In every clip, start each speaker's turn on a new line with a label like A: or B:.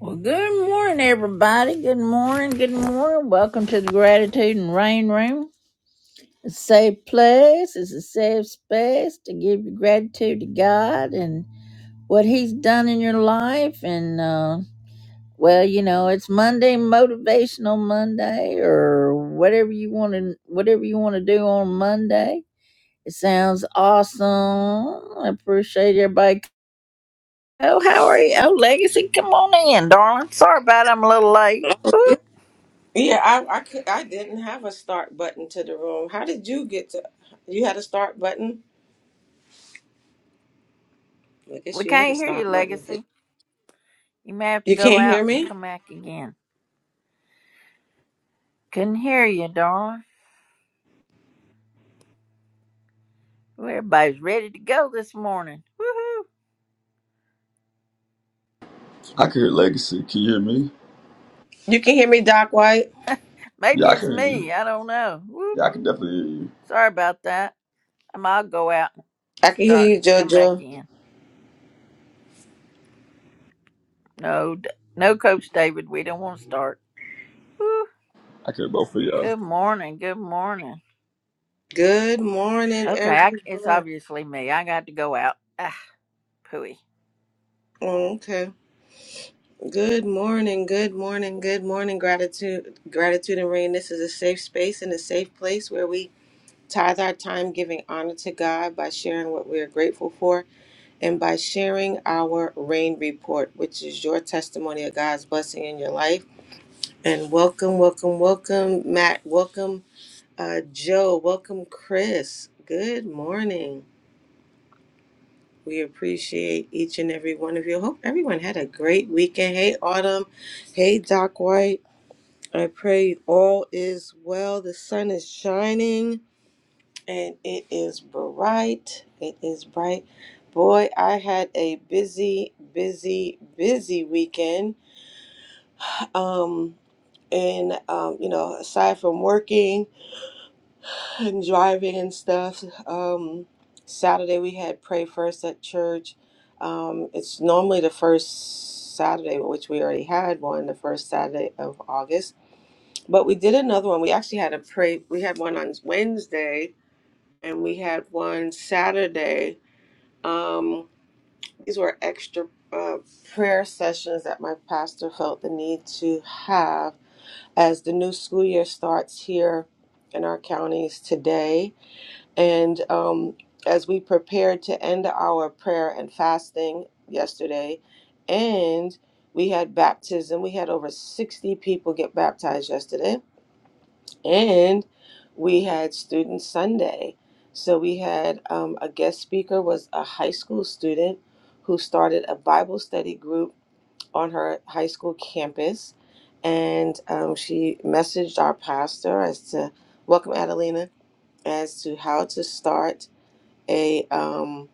A: Well, good morning, everybody. Good morning. Good morning. Welcome to the Gratitude and Rain Room. It's a safe place. It's a safe space to give your gratitude to God and what He's done in your life. And, uh, well, you know, it's Monday, Motivational Monday, or whatever you want to, whatever you want to do on Monday. It sounds awesome. I appreciate everybody. Oh, how are you? Oh, Legacy, come on in, darling. Sorry about it. I'm a little late.
B: Yeah, I I could I didn't have a start button to the room. How did you get to? You had a start button. I guess
A: We
B: you had a
A: can't hear you,
B: start button.
A: Legacy. You may have to
B: You
A: go
B: can't
A: out
B: hear
A: and
B: me.
A: come back again. Couldn't hear you, darling. Well, everybody's ready to go this morning. Woohoo!
C: I can hear Legacy. Can you hear me?
B: You can hear me, Doc White.
C: Yeah,
A: Maybe
C: I
A: it's
C: can hear you.
A: me. I don't know. Whoop.
C: Yeah, I can definitely hear you.
A: Sorry about that. Um, I'll go out and
B: I can
A: start.
B: hear you,
A: Come back
B: JoJo.
A: in. No, D- no, Coach David. We don't want to start. Woo.
C: I can hear both of y'all.
A: Good morning. Good morning.
B: Good morning,
A: Okay, I, it's
B: everyone.
A: obviously me. I got to go out. Ah, pooey.
B: Oh, okay. Good morning. Good morning. Good morning. Gratitude, gratitude, and rain. This is a safe space and a safe place where we tithe our time, giving honor to God by sharing what we are grateful for and by sharing our rain report, which is your testimony of God's blessing in your life. And welcome, welcome, welcome, Matt. Welcome, uh, Joe. Welcome, Chris. Good morning. We appreciate each and every one of you. Hope everyone had a great weekend. Hey, Autumn. Hey, Doc White. I pray all is well. The sun is shining. And it is bright. It is bright. Boy, I had a busy, busy, busy weekend. Um, and um, you know, aside from working and driving and stuff, um, Saturday we had pray first at church. Um, it's normally the first Saturday, which we already had one, the first Saturday of August. But we did another one. We actually had a pray. We had one on Wednesday, and we had one Saturday Um, these were extra uh, prayer sessions that my pastor felt the need to have as the new school year starts here in our counties today. And um, as we prepared to end our prayer and fasting yesterday, and we had baptism, we had over 60 people get baptized yesterday and we had student sunday so we had um, a guest speaker was a high school student who started a bible study group on her high school campus and um, she messaged our pastor as to welcome adelina as to how to start a um,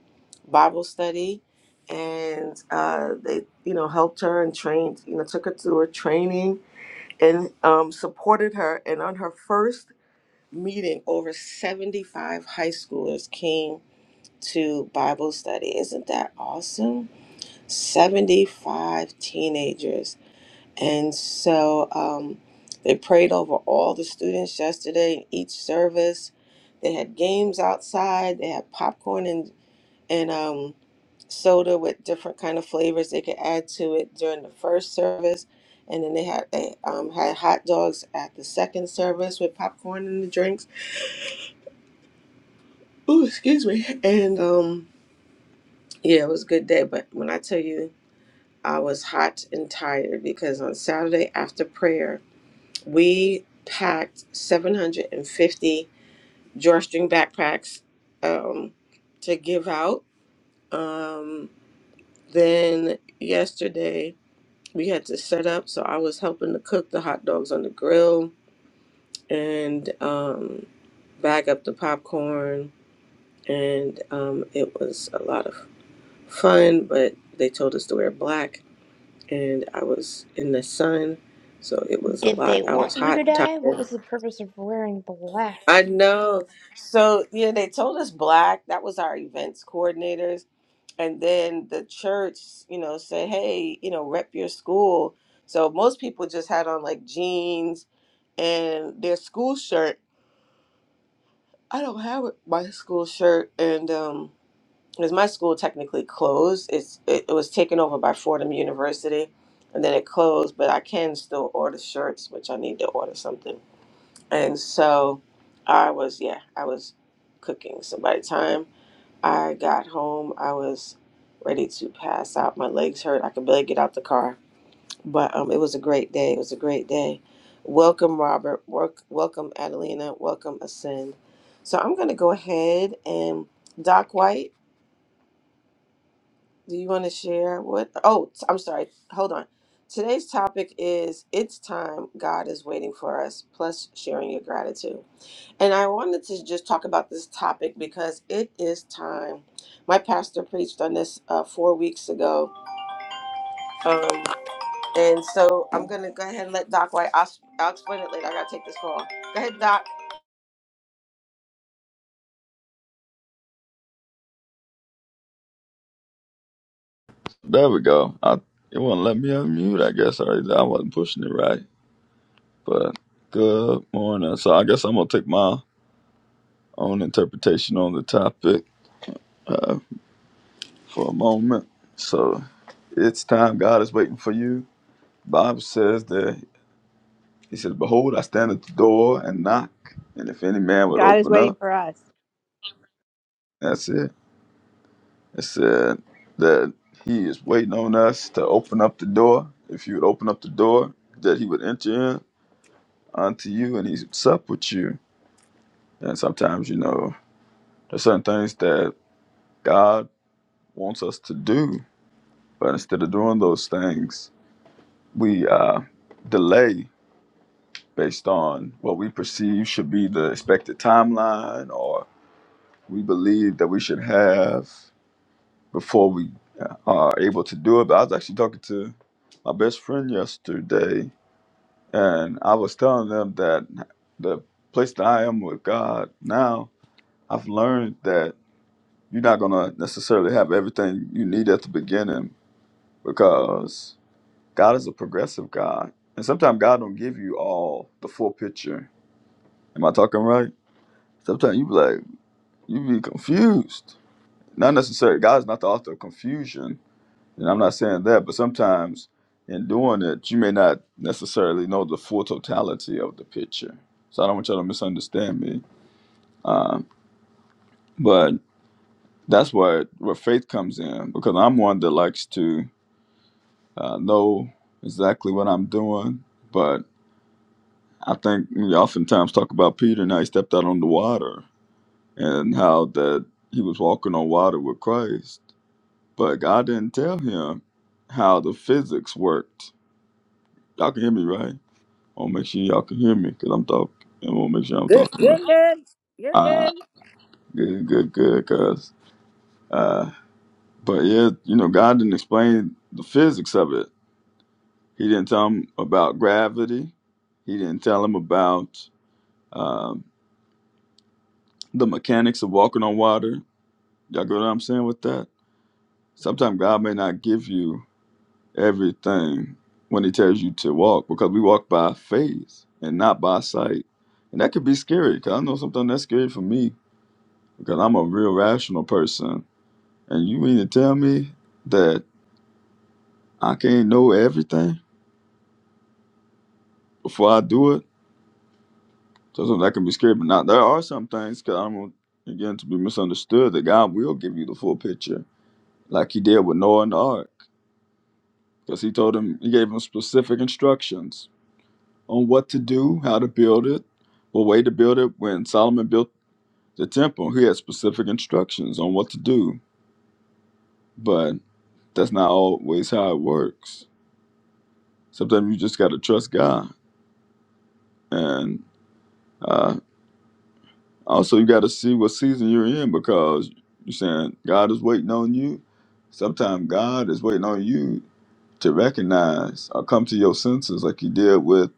B: bible study and uh, they you know helped her and trained you know took her through her training and um, supported her and on her first meeting, over 75 high schoolers came to Bible study. Isn't that awesome? 75 teenagers. And so um, they prayed over all the students yesterday in each service. They had games outside, they had popcorn and, and um, soda with different kind of flavors they could add to it during the first service. And then they had they um, had hot dogs at the second service with popcorn and the drinks Ooh, excuse me. And um, yeah, it was a good day. But when I tell you, I was hot and tired because on Saturday after prayer, we packed 750 drawstring backpacks um, to give out. Um, then yesterday, we had to set up. So I was helping to cook the hot dogs on the grill and um, bag up the popcorn. And um, it was a lot of fun, but they told us to wear black, and I was in the sun, so it was a
D: Did they
B: lot. I was
D: want you
B: hot,
D: to
B: and
D: die? What
B: tired.
D: was the purpose of wearing black?
B: I know. So yeah, they told us black. That was our events coordinators, and then the church, you know, said, hey, you know, rep your school. So most people just had on like jeans and their school shirt. I don't have it- my school shirt, and um, because my school technically closed. It's it, it was taken over by Fordham University, and then it closed. But I can still order shirts, which I need to order something. And so, I was yeah, I was cooking. So by the time I got home, I was ready to pass out. My legs hurt. I could barely get out the car. But um, it was a great day. It was a great day. Welcome, Robert. Work, welcome, Adelina. Welcome, Ascend. So I'm gonna go ahead and Doc White. Do you want to share what? Oh, t- I'm sorry. Hold on. Today's topic is It's Time God is Waiting for Us, plus sharing your gratitude. And I wanted to just talk about this topic because it is time. My pastor preached on this uh, four weeks ago. Um, and so I'm going to go ahead and let Doc White, I'll, I'll explain it later. I got to take this call. Go ahead, Doc.
C: There we go. I, it wouldn't let me unmute. I guess I, I wasn't pushing it right. But good morning. So I guess I'm gonna take my own interpretation on the topic uh, for a moment. So it's time. God is waiting for you. Bible says that He says, "Behold, I stand at the door and knock, and if any man would
E: God is
C: open
E: waiting
C: up,
E: for us.
C: that's it." It said that he is waiting on us to open up the door. If you would open up the door, that he would enter in unto you and he's sup with you. And sometimes, you know, there's certain things that God wants us to do, but instead of doing those things, we uh, delay based on what we perceive should be the expected timeline or we believe that we should have. before we uh, are able to do it. But I was actually talking to my best friend yesterday, and I was telling them that the place that I am with God now, I've learned that you're not going to necessarily have everything you need at the beginning because God is a progressive God. And sometimes God don't give you all the full picture. Am I talking right? Sometimes you be like, you be confused. Not necessarily. God's not the author of confusion And I'm not saying that, but sometimes in doing it, you may not necessarily know the full totality of the picture. So I don't want y'all to misunderstand me. Um, but that's where where faith comes in because I'm one that likes to uh, know exactly what I'm doing. But I think we oftentimes talk about Peter and how he stepped out on the water and how that he was walking on water with Christ. But God didn't tell him how the physics worked. Y'all can hear me, right? I want to make sure y'all can hear me because I'm talking. I want to make sure I'm
A: Good.
C: talking
A: You're
C: right.
A: good. You're
C: Ah,
A: good.
C: good, good, good, cuz. Uh, but yeah, you know, God didn't explain the physics of it. He didn't tell him about gravity. He didn't tell him about um, the mechanics of walking on water. Y'all get what I'm saying with that? Sometimes God may not give you everything when He tells you to walk because we walk by faith and not by sight. And that could be scary because I know sometimes that's scary for me because I'm a real rational person. And you mean to tell me that I can't know everything before I do it? Sometimes that can be scary, but now there are some things because I'm gonna- again to be misunderstood that God will give you the full picture, like He did with Noah and the ark, because He told him He gave him specific instructions on what to do, how to build it, what way to build it. When Solomon built the temple, he had specific instructions on what to do, but that's not always how it works. Sometimes you just gotta trust God And uh, also, you got to see what season you're in because you're saying God is waiting on you. Sometimes God is waiting on you to recognize or come to your senses, like He did with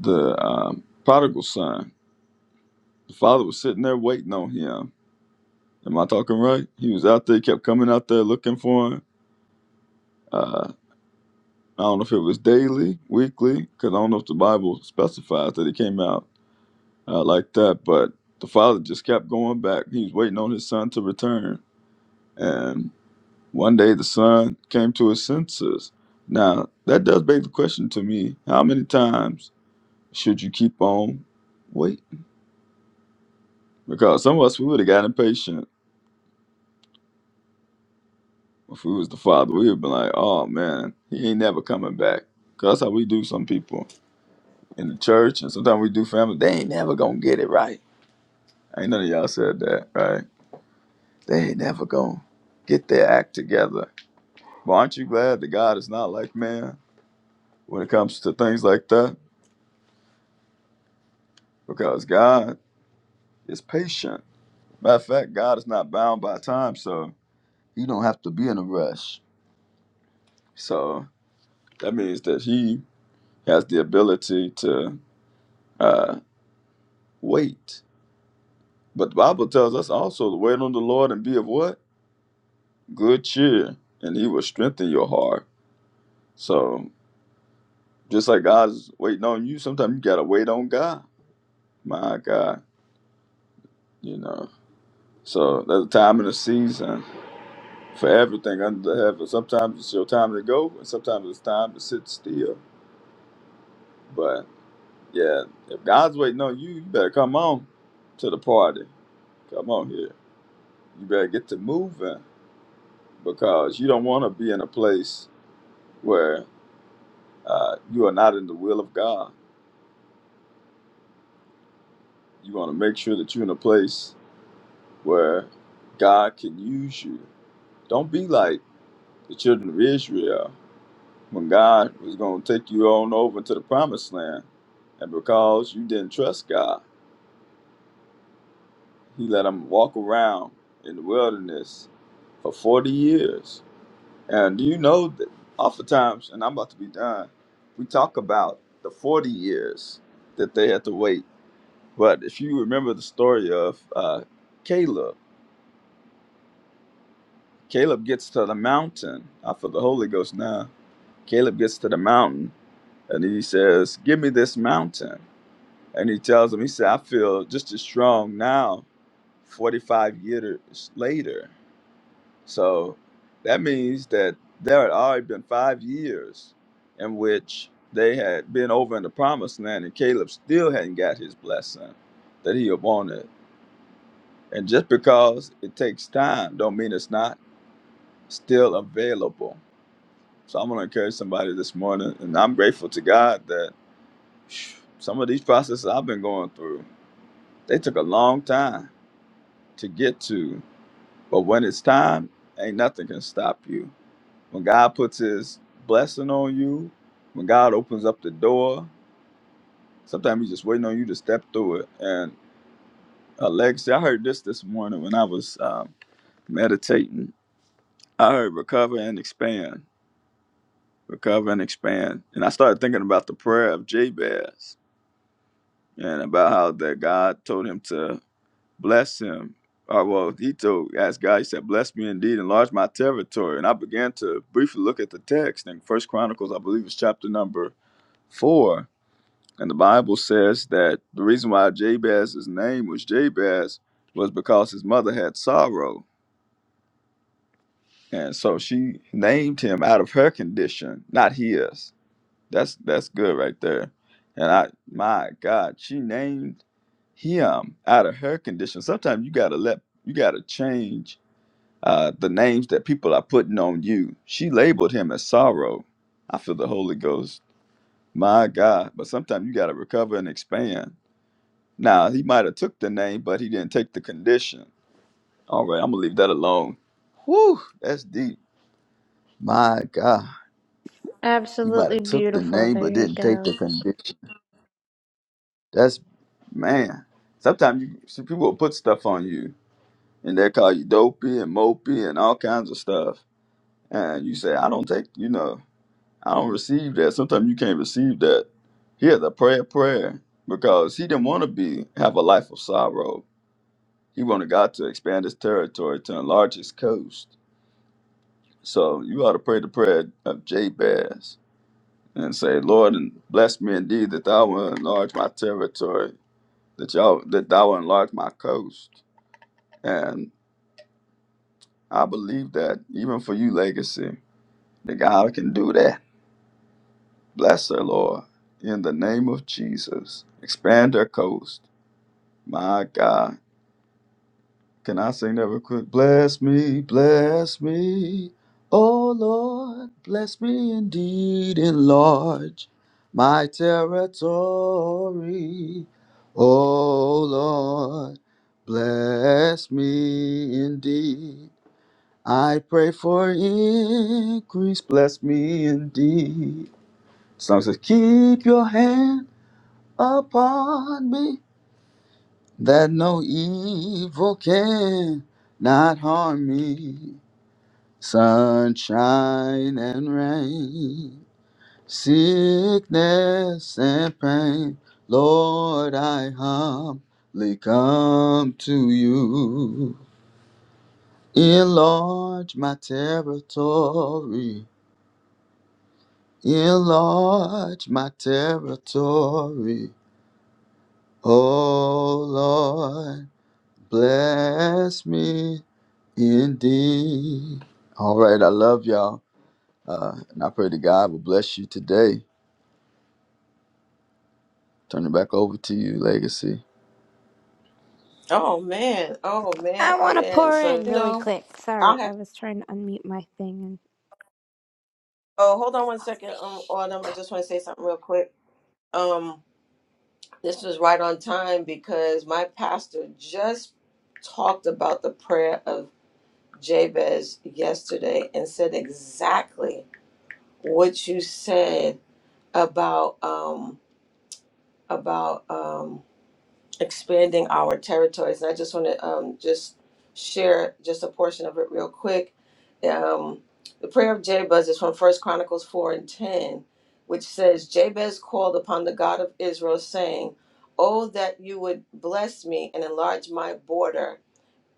C: the um, prodigal son. The father was sitting there waiting on him. Am I talking right? He was out there, he kept coming out there looking for him. Uh, I don't know if it was daily, weekly, because I don't know if the Bible specifies that he came out uh, like that, but the father just kept going back. He was waiting on his son to return And one day the son came to his senses. Now, that does beg the question to me how many times should you keep on waiting? Because some of us, we would have got impatient if we was the father. We would have been like, oh man, he ain't never coming back. Because that's how we do some people in the church, and sometimes we do family. They ain't never going to get it right. Ain't none of y'all said that, right? They ain't never going to get their act together. But aren't you glad that God is not like man when it comes to things like that? Because God It's patient. Matter of fact, God is not bound by time, so you don't have to be in a rush. So that means that He has the ability to uh, wait. But the Bible tells us also to wait on the Lord and be of what? Good cheer, and He will strengthen your heart. So just like God's waiting on you, sometimes you gotta wait on God. My God, you know. So there's a time and a season for everything under the heaven. Sometimes it's your time to go, and sometimes it's time to sit still But yeah, if God's waiting on you, you better come on to the party. Come on here. You better get to moving because you don't want to be in a place where uh, you are not in the will of God. You want to make sure that you're in a place where God can use you. Don't be like the children of Israel when God was going to take you on over to the promised land. And because you didn't trust God, He let them walk around in the wilderness for 40 years And do you know that oftentimes, and I'm about to be done, we talk about the 40 years that they had to wait. But if you remember the story of uh, Caleb, Caleb gets to the mountain. I feel the Holy Ghost now. Caleb gets to the mountain and he says, Give me this mountain. And he tells him, He said, I feel just as strong now, 45 years later. So that means that there had already been five years in which they had been over in the promised land and Caleb still hadn't got his blessing that he had wanted. And just because it takes time don't mean it's not still available. So I'm gonna encourage somebody this morning and I'm grateful to God that phew, some of these processes I've been going through, they took a long time to get to. But when it's time, ain't nothing can stop you When God puts his blessing on you, when God opens up the door, sometimes he's just waiting on you to step through it. And Alexia, I heard this this morning when I was um, meditating. I heard recover and expand, recover and expand. And I started thinking about the prayer of Jabez and about how that God told him to bless him uh, well, he told, asked God, he said, bless me indeed, enlarge my territory. And I began to briefly look at the text in First Chronicles, I believe it's chapter number four And the Bible says that the reason why Jabez's name was Jabez was because his mother had sorrow. And so she named him out of her condition, not his. That's that's good right there. And I my God, she named him out of her condition. Sometimes you gotta let you gotta change uh, the names that people are putting on you. She labeled him as sorrow. I feel the Holy Ghost. My God. But sometimes you gotta recover and expand Now he might have took the name, but he didn't take the condition. All right, I'm gonna leave that alone. Whew, that's deep. My God, he might
D: Absolutely
C: have took the
D: beautiful.
C: name,
D: There
C: but
D: you
C: didn't take
D: go.
C: the condition. That's man. Sometimes you see people will put stuff on you, and they call you dopey and mopey and all kinds of stuff, and you say, "I don't take," you know, "I don't receive that." Sometimes you can't receive that. Here, the prayer, prayer, because he didn't want to be have a life of sorrow He wanted God to expand his territory to enlarge his coast. So you ought to pray the prayer of Jabez and say, Lord, and bless me indeed that thou will enlarge my territory, that y'all that thou will enlarge my coast. And I believe that even for you, legacy, that God can do that. Bless her, Lord, in the name of Jesus. Expand her coast. My God. Can I sing that real quick? Bless me, bless me, oh Lord, bless me indeed, enlarge my territory, oh Lord, bless me indeed. I pray for increase, bless me indeed. Song says, Keep your hand upon me that no evil can not harm me. Sunshine and rain, sickness and pain, Lord, I humbly come to you. Enlarge my territory, enlarge my territory, oh Lord, bless me Indeed. All right. I love y'all. Uh, and I pray to God will bless you today. Turn it back over to you, Legacy.
B: Oh, man. Oh, man.
D: I
B: Oh,
D: want to
B: man.
D: pour
B: So,
D: in
B: you
D: really
B: know,
D: quick. Sorry,
B: I'll
D: I
B: have,
D: was trying to unmute my thing. And
B: oh, hold on one second, um, Autumn. I just want to say something real quick. Um, This was right on time because my pastor just talked about the prayer of Jabez yesterday and said exactly what you said about um about um expanding our territories. And I just want to um, just share just a portion of it real quick. Um, the prayer of Jabez is from First Chronicles 4 and 10, which says, Jabez called upon the God of Israel, saying, Oh, that you would bless me and enlarge my border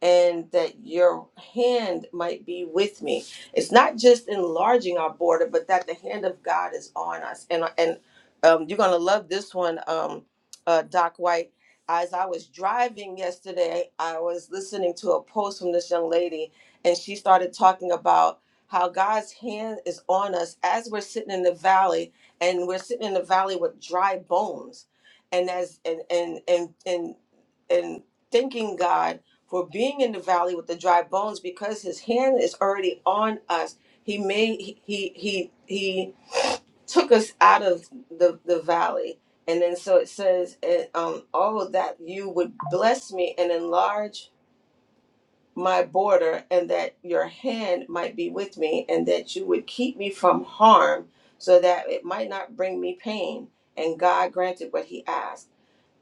B: and that your hand might be with me. It's not just enlarging our border, but that the hand of God is on us. And and um, you're gonna love this one, um, uh, Doc White. As I was driving yesterday, I was listening to a post from this young lady, and she started talking about how God's hand is on us as we're sitting in the valley, and we're sitting in the valley with dry bones, and as and and and and and thanking God for being in the valley with the dry bones because his hand is already on us he made he he he, he took us out of the the valley and then so it says eh, um oh that you would bless me and enlarge my border and that your hand might be with me and that you would keep me from harm so that it might not bring me pain and god granted what he asked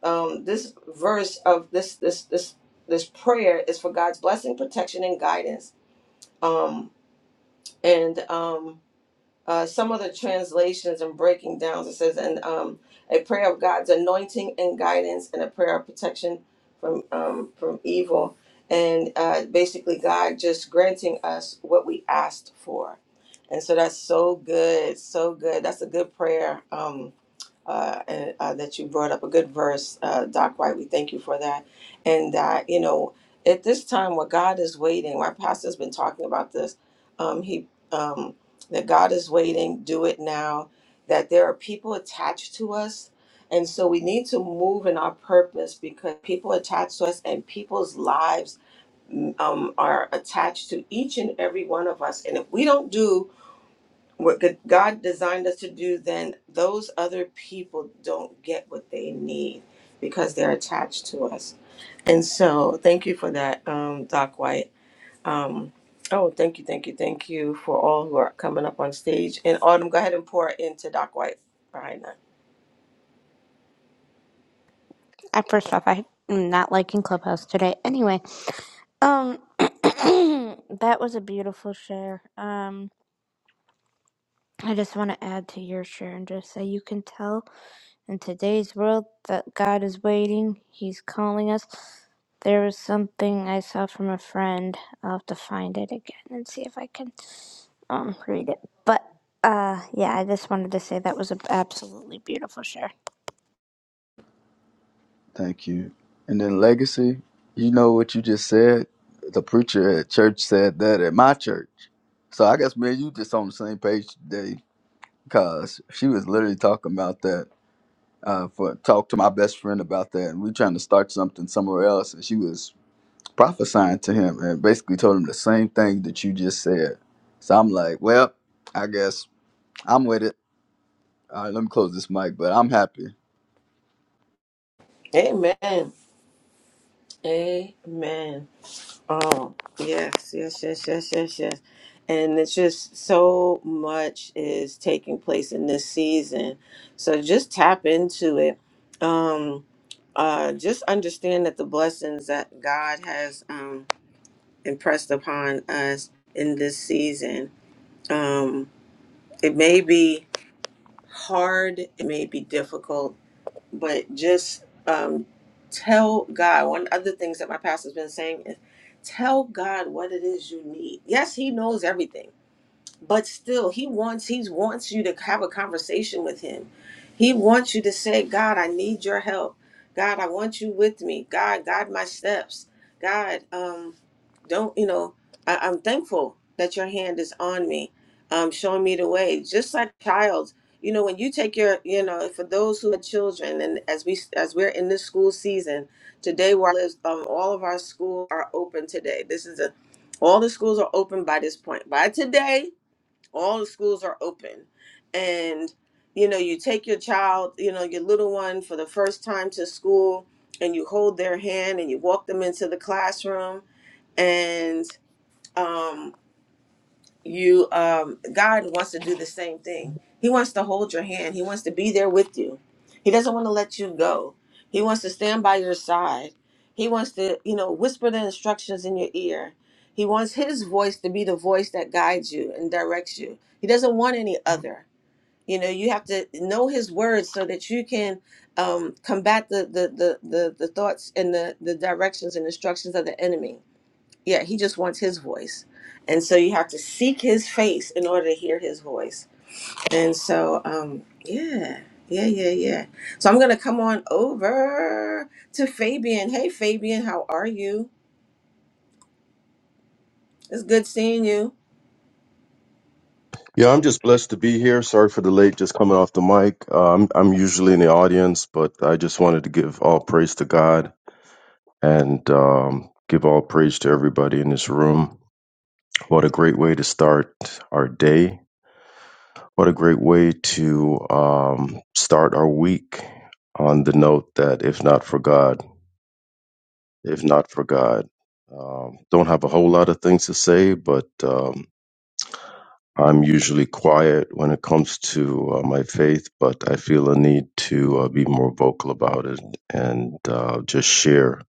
B: um, this verse of this this this this prayer is for God's blessing, protection, and guidance. Um, and um, uh, some of the translations and breaking downs it says, and um, a prayer of God's anointing and guidance, and a prayer of protection from um, from evil, and uh, basically God just granting us what we asked for. And so that's so good, so good. That's a good prayer. Um, uh, and, uh, that you brought up a good verse, uh, Doc White. We thank you for that. And that, you know, at this time where God is waiting, my pastor's been talking about this. Um, he um, that God is waiting. Do it now. That there are people attached to us, and so we need to move in our purpose because people attached to us and people's lives mm, um, are attached to each and every one of us. And if we don't do what good- God designed us to do, then those other people don't get what they need because they're attached to us. And so, thank you for that, um, Doc White. Um, oh, thank you, thank you, thank you for all who are coming up on stage. And Autumn, go ahead and pour into Doc White behind that.
D: I, first off, I'm not liking Clubhouse today. Anyway, um, that was a beautiful share. Um, I just want to add to your share and just say you can tell In today's world that God is waiting, He's calling us. There was something I saw from a friend. I'll have to find it again and see if I can um read it. But uh yeah, I just wanted to say that was an absolutely beautiful share.
C: Thank you. And then, Legacy, you know what you just said? The preacher at church said that at my church. So I guess me and you just on the same page today because she was literally talking about that. Uh, for talk to my best friend about that, and we trying to start something somewhere else, and she was prophesying to him and basically told him the same thing that you just said. So I'm like, well, I guess I'm with it. All right, let me close this mic, but I'm happy.
B: Amen. Amen. Oh, yes, yes, yes, yes, yes, yes. And it's just so much is taking place in this season. So just tap into it. Um, uh, just understand that the blessings that God has um, impressed upon us in this season, um, it may be hard, it may be difficult, but just um, tell God. One of the things that my pastor's been saying is tell God what it is you need. Yes, He knows everything but still he wants he wants you to have a conversation with him he wants you to say god i need your help god i want you with me god guide my steps god um don't you know I, i'm thankful that your hand is on me um showing me the way just like child you know when you take your you know for those who are children and as we as we're in this school season today where um, all of our schools are open today this is a all the schools are open by this point by today all the schools are open and you know you take your child you know your little one for the first time to school and you hold their hand and you walk them into the classroom and um, you um god wants to do the same thing he wants to hold your hand he wants to be there with you he doesn't want to let you go he wants to stand by your side he wants to you know whisper the instructions in your ear he wants his voice to be the voice that guides you and directs you he doesn't want any other you know you have to know his words so that you can um combat the the the the, the thoughts and the the directions and instructions of the enemy yeah, he just wants his voice. And so you have to seek his face in order to hear his voice. And so, um, yeah, yeah, yeah, yeah. So I'm going to come on over to Fabian. Hey, Fabian, how are you? It's good seeing you.
F: Yeah, I'm just blessed to be here. Sorry for the late, just coming off the mic. Uh, I'm I'm usually in the audience, but I just wanted to give all praise to God and um, give all praise to everybody in this room. What a great way to start our day. What a great way to um, start our week on the note that if not for God, if not for God. Um, don't have a whole lot of things to say, but um, I'm usually quiet when it comes to uh, my faith, but I feel a need to uh, be more vocal about it and uh, just share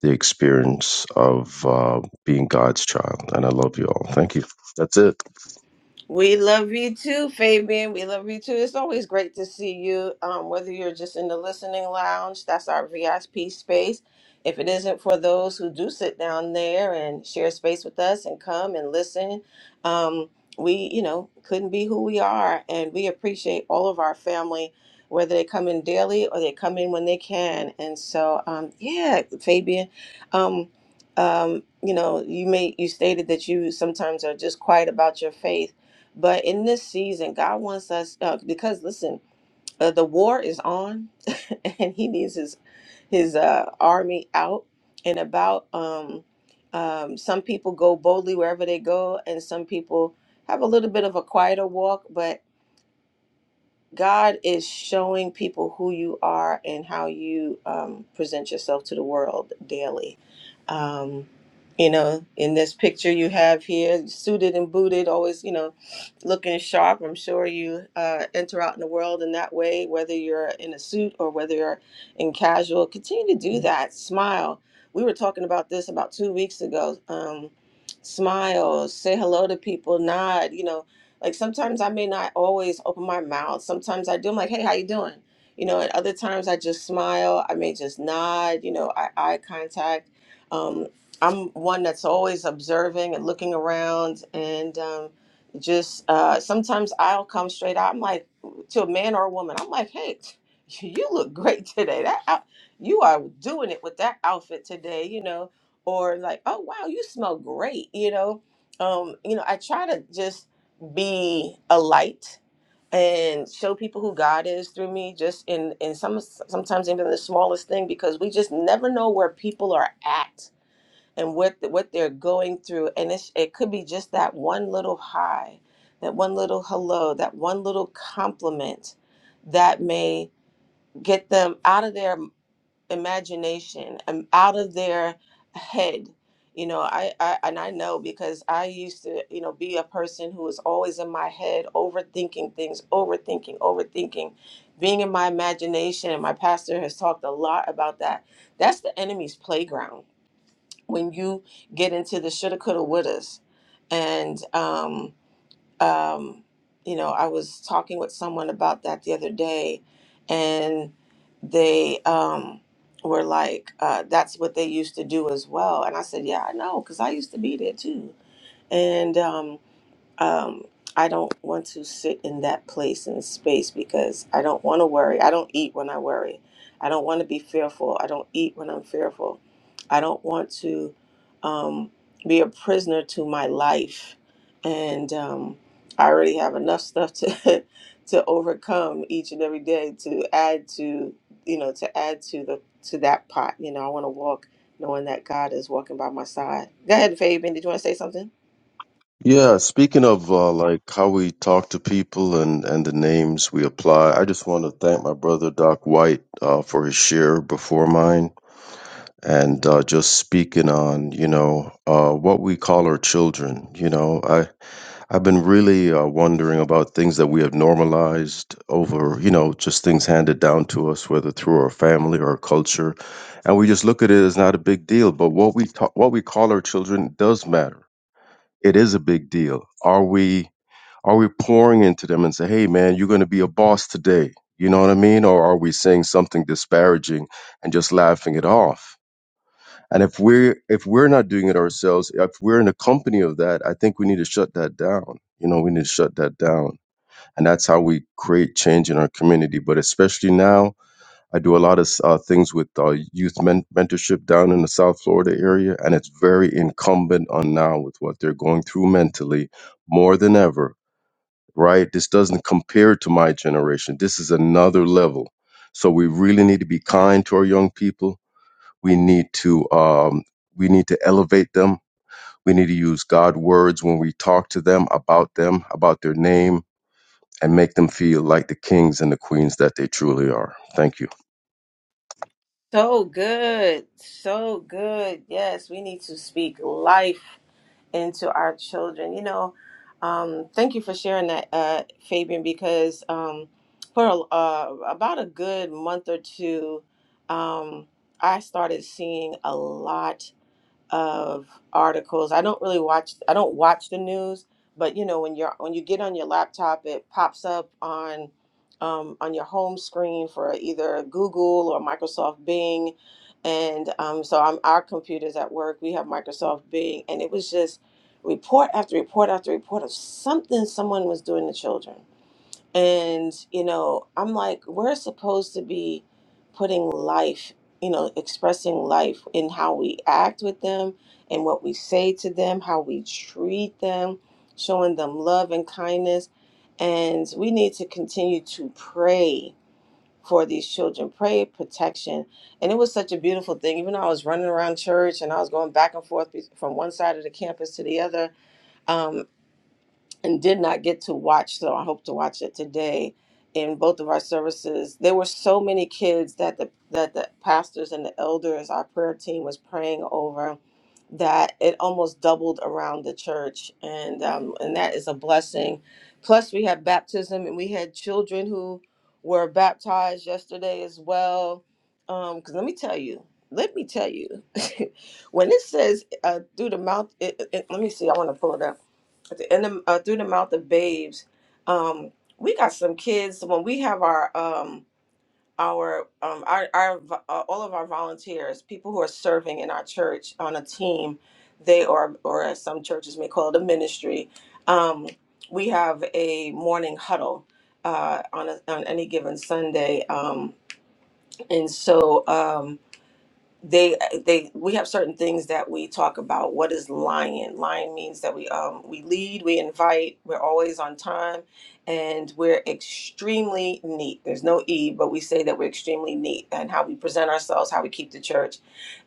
F: the experience of uh, being God's child. And I love you all. Thank you. That's it.
B: We love you too, Fabian. We love you too. It's always great to see you. Um, whether you're just in the listening lounge, that's our VIP space. If it isn't for those who do sit down there and share space with us and come and listen, um, we, you know, couldn't be who we are. And we appreciate all of our family, whether they come in daily or they come in when they can. And so, um, yeah, Fabian, um, um, you know, you may you stated that you sometimes are just quiet about your faith but in this season, God wants us uh, because listen, uh, the war is on, and He needs His His uh, army out and about. Um, um, some people go boldly wherever they go, and some people have a little bit of a quieter walk. but. God is showing people who you are and how you um, present yourself to the world daily. Um, you know, in this picture you have here, suited and booted, always, you know, looking sharp. I'm sure you uh, enter out in the world in that way, whether you're in a suit or whether you're in casual. Continue to do that. Smile. We were talking about this about two weeks ago. Um, smile, say hello to people, nod, you know like sometimes I may not always open my mouth. Sometimes I do. I'm like, hey, how you doing? You know, and other times I just smile. I may just nod. You know, eye, eye contact. Um, I'm one that's always observing and looking around, and um, just uh, sometimes I'll come straight out. I'm like to a man or a woman. I'm like, hey, you look great today. That out- you are doing it with that outfit today. You know, or like, oh wow, you smell great. You know, um, you know, I try to just be a light and show people who God is through me just in in some sometimes even the smallest thing because we just never know where people are at and what what they're going through and it's, it could be just that one little hi that one little hello that one little compliment that may get them out of their imagination um, out of their head you know I, I and i know because i used to you know be a person who was always in my head overthinking things overthinking overthinking being in my imagination and my pastor has talked a lot about that that's the enemy's playground when you get into the shoulda coulda wouldas and um, um, you know, I was talking with someone about that the other day, and they um, were like, uh, "That's what they used to do as well." And I said, "Yeah, I know, because I used to be there too." And um, um, I don't want to sit in that place and space because I don't want to worry. I don't eat when I worry. I don't want to be fearful. I don't eat when I'm fearful. I don't want to um, be a prisoner to my life. And um, I already have enough stuff to to overcome each and every day to add to you know to add to the to that pot. You know, I want to walk knowing that God is walking by my side. Go ahead, Fabian. Did you want to say something?
F: Yeah. Speaking of uh, like how we talk to people and, and the names we apply, I just want to thank my brother Doc White uh, for his share before mine. And uh, just speaking on, you know, uh, what we call our children. You know, I I've been really uh, wondering about things that we have normalized over, you know, just things handed down to us, whether through our family or our culture, and we just look at it as not a big deal. But what we ta- what we call our children does matter. It is a big deal. Are we are we pouring into them and say, "Hey, man, you're going to be a boss today," you know what I mean? Or are we saying something disparaging and just laughing it off? And if we're if we're not doing it ourselves, if we're in the company of that, I think we need to shut that down. You know, we need to shut that down, and that's how we create change in our community. But especially now, I do a lot of uh, things with uh, youth men- mentorship down in the South Florida area, and it's very incumbent on now with what they're going through mentally more than ever. Right? This doesn't compare to my generation. This is another level. So we really need to be kind to our young people we need to um, we need to elevate them we need to use god words when we talk to them about them about their name and make them feel like the kings and the queens that they truly are thank you
B: So good. So good. Yes, we need to speak life into our children. You know, um, thank you for sharing that, uh, Fabian, because um, for uh, about a good month or two, um, I started seeing a lot. of articles. I don't really watch I don't watch the news, but you know when you're when you get on your laptop, it pops up on um, on your home screen for either Google or Microsoft Bing, and um, so I'm our computers at work. We have Microsoft Bing, and it was just report after report after report of something someone was doing to children and, you know, I'm like, we're supposed to be putting life, you know, expressing life in how we act with them and what we say to them, how we treat them, showing them love and kindness. And we need to continue to pray for these children, pray protection. And it was such a beautiful thing. Even though I was running around church and I was going back and forth be- from one side of the campus to the other, um, and did not get to watch, so I hope to watch it today in both of our services. There were so many kids that the that the pastors and the elders, our prayer team was praying over that it almost doubled around the church and um, and that is a blessing. Plus we had baptism and we had children who were baptized yesterday as well. Um, cuz let me tell you, let me tell you, when it says uh, through the mouth, it, it, let me see, I want to pull it up at the end of, uh, through the mouth of babes. Um, we got some kids when we have our um, our um, our, our vo- uh, all of our volunteers, people who are serving in our church on a team, they are or as some churches may call it a ministry. Um, we have a morning huddle uh, on a, on any given Sunday, um, and so. Um, they they we have certain things that we talk about what is lying lying means that we um we lead we invite we're always on time and we're extremely neat there's no e but we say that we're extremely neat and how we present ourselves how we keep the church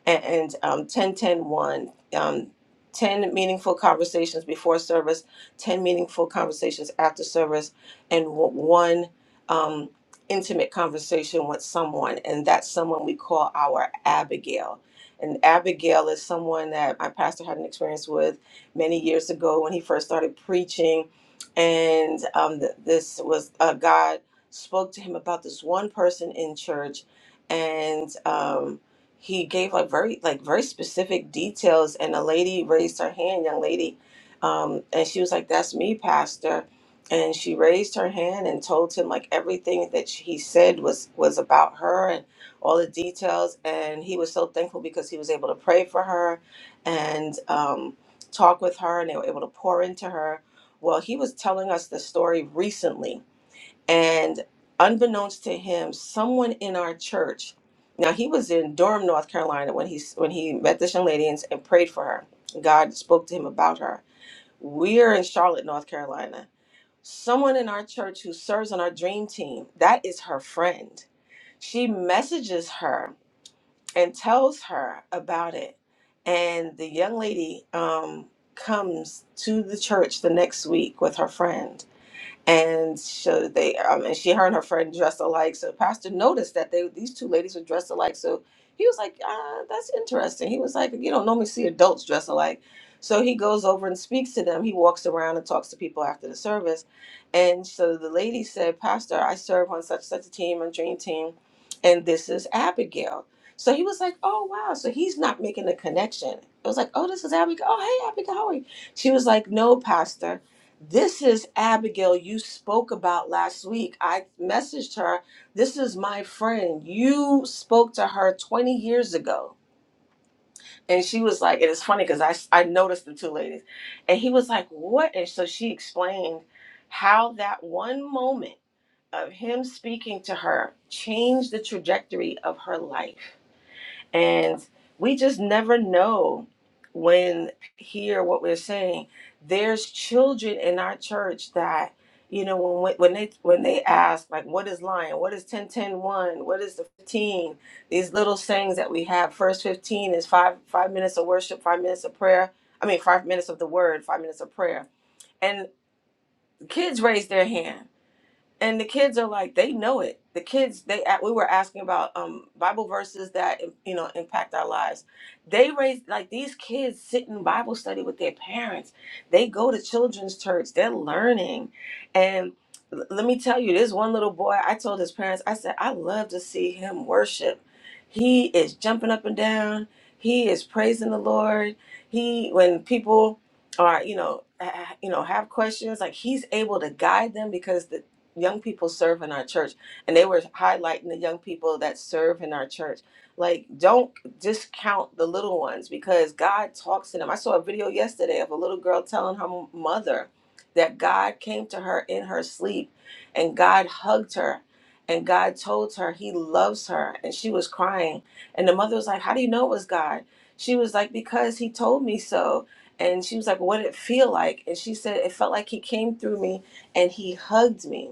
B: and, and um, 10 ten one, um, 10 meaningful conversations before service 10 meaningful conversations after service and w- one um, intimate conversation with someone and that someone we call our abigail and abigail is someone that my pastor had an experience with many years ago when he first started preaching and um, th- this was uh, god spoke to him about this one person in church and Um, he gave like very like very specific details and a lady raised her hand young lady um and she was like that's me pastor and she raised her hand and told him like everything that she- he said was was about her and all the details and he was so thankful because he was able to pray for her and um talk with her and they were able to pour into her well he was telling us the story recently and unbeknownst to him, someone in our church, now he was in Durham, North Carolina when he when he met this young lady and, and prayed for her. God spoke to him about her. We're in Charlotte, North Carolina. Someone in our church who serves on our dream team, that is her friend. She messages her and tells her about it. And the young lady um, comes to the church the next week with her friend and so they um, and she her and her friend dressed alike so pastor noticed that they these two ladies were dressed alike so he was like ah, that's interesting he was like you don't normally see adults dressed alike so he goes over and speaks to them he walks around and talks to people after the service and so the lady said pastor i serve on such such a team a dream team and this is abigail so he was like oh wow so he's not making a connection it was like oh this is abigail oh hey abigail how are you she was like no pastor this is Abigail you spoke about last week. I messaged her. This is my friend. You spoke to her 20 years ago. And she was like, and it's funny because I, I noticed the two ladies. And he was like, what? And so she explained how that one moment of him speaking to her changed the trajectory of her life. And we just never know when hear what we're saying. There's children in our church that, you know, when when they when they ask like, what is lying? What is ten ten one? What is the 15? These little sayings that we have. First 15 is five five minutes of worship, five minutes of prayer. I mean, five minutes of the word, five minutes of prayer. And kids raise their hand and the kids are like they know it the kids they we were asking about um bible verses that you know impact our lives they raise like these kids sit in bible study with their parents they go to children's church they're learning and l- let me tell you this one little boy i told his parents i said i love to see him worship he is jumping up and down he is praising the lord he when people are you know ha- you know have questions like he's able to guide them because young people serve in our church and they were highlighting the young people that serve in our church like don't discount the little ones because god talks to them i saw a video yesterday of a little girl telling her mother that god came to her in her sleep and god hugged her and god told her he loves her and she was crying and the mother was like how do you know it was god she was like because he told me so and she was like what did it feel like and she said it felt like he came through me and he hugged me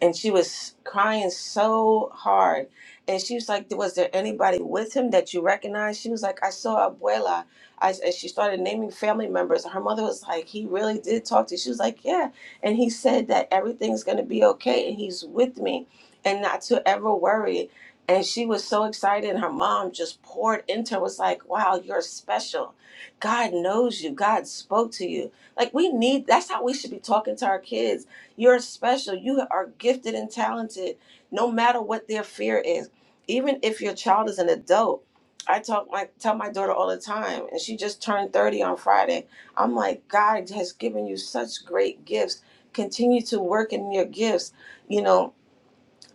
B: and she was crying so hard. And she was like, "Was there anybody with him that you recognize?" She was like, "I saw Abuela." I, and she started naming family members. Her mother was like, "He really did talk to." You. She was like, "Yeah," and he said that everything's gonna be okay, and he's with me, and not to ever worry. And she was so excited, and her mom just poured into her. Was like, "Wow, you're special. God knows you. God spoke to you. Like we need. That's how we should be talking to our kids." You're special. You are gifted and talented, no matter what their fear is. Even if your child is an adult, I talk my tell my daughter all the time, and she just turned 30 on Friday. I'm like, God has given you such great gifts. Continue to work in your gifts. You know,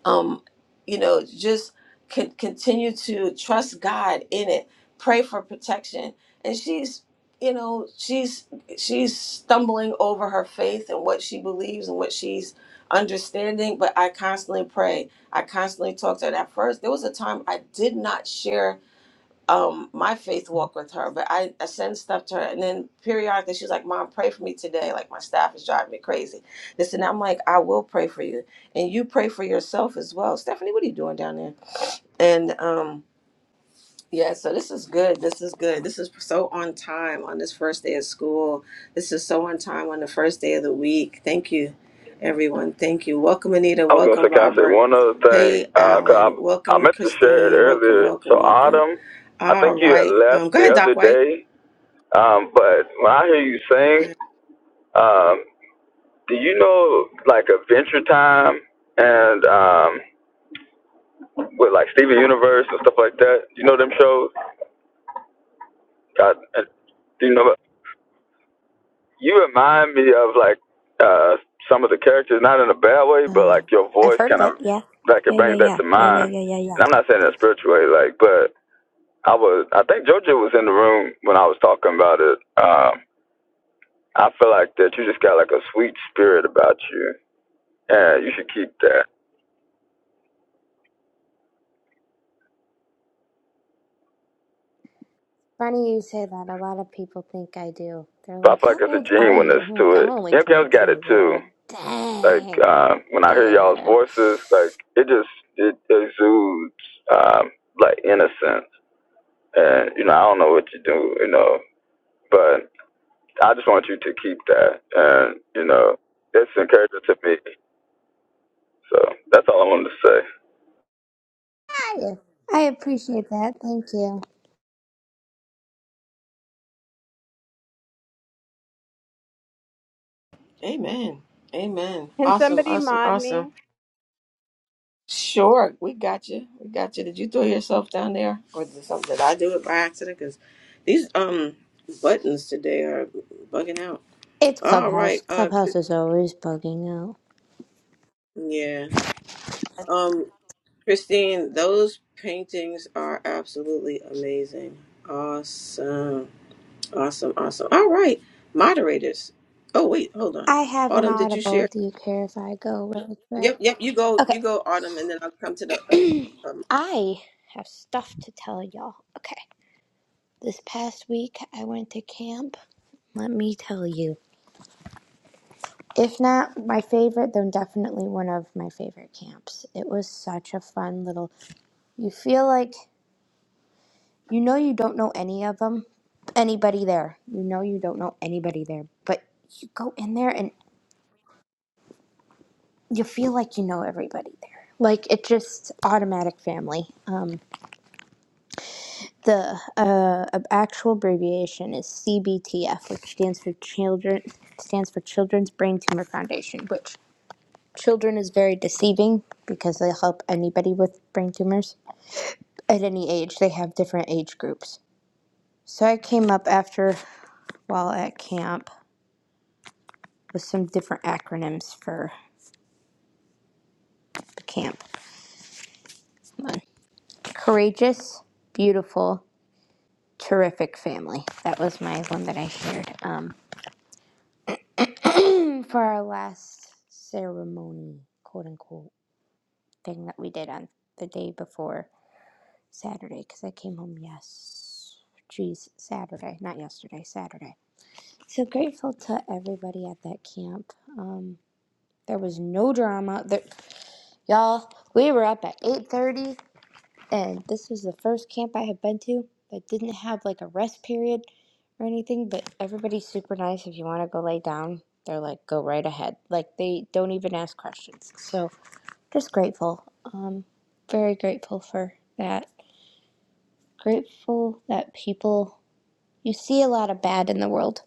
B: um, you know, just con- continue to trust God in it. Pray for protection. And she's, you know, she's she's stumbling over her faith and what she believes and what she's understanding. But I constantly pray. I constantly talk to her. And At first, there was a time I did not share um my faith walk with her but I, I send stuff to her and then periodically she's like mom pray for me today like my staff is driving me crazy this and that. i'm like i will pray for you and you pray for yourself as well stephanie what are you doing down there and um yeah so this is good this is good this is so on time on this first day of school this is so on time on the first day of the week thank you everyone thank you welcome anita
C: I was gonna say,
B: welcome
C: can I say
B: robert
C: one other thing?
B: hey
C: Uh, 'cause
B: alan
C: I I
B: welcome
C: meant to share it
B: christine welcome
C: earlier. So
B: welcome welcome
C: Autumn, I
B: all
C: think you had
B: right.
C: left
B: Um, go
C: the
B: ahead,
C: other
B: Doc White.
C: day. Um, but when I hear you sing, um, do you know like Adventure Time and um, with like Steven Universe and stuff like that? Do you know them shows? I, do you know you remind me of like uh some of the characters, not in a bad way, but
D: Uh,
C: like your
D: I've
C: voice
D: heard of
C: kind of
D: it, yeah.
C: like it
D: Yeah, yeah,
C: brings that
D: yeah.
C: to
D: Yeah, yeah,
C: mind.
D: yeah, yeah, yeah.
C: And I'm not saying that spiritual way, like, but I was I think Jojo was in the room when I was talking about it. Um, I feel like that you just got like a sweet spirit about you, and you should keep that.
D: Funny you say that. A lot of people think I do. They're
C: But I
D: like,
C: feel like
D: How
C: there's a
D: old are you?
C: genuineness
D: I'm
C: to
D: like, I'm
C: it.
D: only twenty
C: MKM's got it
D: two." They're
C: too.
D: like,
C: Like
D: Dang. I'm
C: uh,
D: like,
C: when I hear y'all's
D: Yeah.
C: voices, like it just it exudes um, like innocence and you know I don't know what you do, you know, but I just want you to keep that, and you know it's encouraging to me. So that's all I wanted to say.
D: Hi. I appreciate that. Thank you.
B: Amen. Amen.
E: Can
B: Awesome.
E: somebody
B: Awesome.
E: mod
B: Awesome.
E: me?
B: Sure, we got you. We got you. Did you throw yourself down there, or did something? Did I do it by accident? Because these um buttons today are bugging out.
D: It's
B: All
D: Clubhouse.
B: right. Uh,
D: Clubhouse is always bugging out.
B: yeah. Um, Christine, those paintings are absolutely amazing. Awesome. Awesome. Awesome. All right, moderators. Oh wait, hold on.
D: I have an
B: Autumn, did you share?
D: audible. Do you care if I go really
B: Yep,
D: quick?
B: yep. You go, you
D: Okay.
B: go, Autumn, and then I'll come to the. Uh, um,
D: I have stuff to tell y'all. Okay. This past week I went to camp. Let me tell you. If not my favorite, then definitely one of my favorite camps. It was such a fun little. You feel like you know you don't know any of them, anybody there. You know you don't know anybody there, but you go in there and you feel like you know everybody there. Like it just automatic family. Um, the uh, actual abbreviation is CBTF, which stands for children stands for Children's Brain Tumor Foundation. Which children is very deceiving because they help anybody with brain tumors at any age. They have different age groups. So I came up after while at camp with some different acronyms for the camp. Courageous, beautiful, terrific family. That was my one that I shared um, for our last ceremony, quote unquote, thing that we did on the day before Saturday because I came home yes, geez, Saturday, not yesterday, Saturday. So grateful to everybody at that camp. Um, there was no drama. There, y'all, we were up at 8:30. and this was the first camp I had been to that didn't have like a rest period or anything, but everybody's super nice. If you want to go lay down, they're like, go right ahead. Like, they don't even ask questions. So, just grateful. Um, very grateful for that. Grateful that people, you see a lot of bad in the world.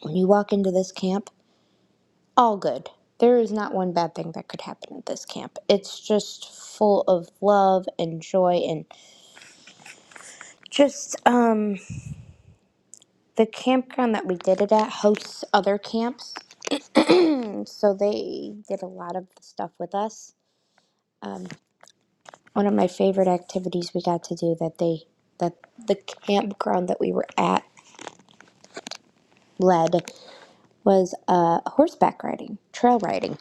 D: When you walk into this camp, all good. There is not one bad thing that could happen at this camp. It's just full of love and joy and just, um, the campground that we did it at hosts other camps. so they did a lot of the stuff with us. One of my favorite activities we got to do that they that the campground that we were at led was uh, horseback riding, trail riding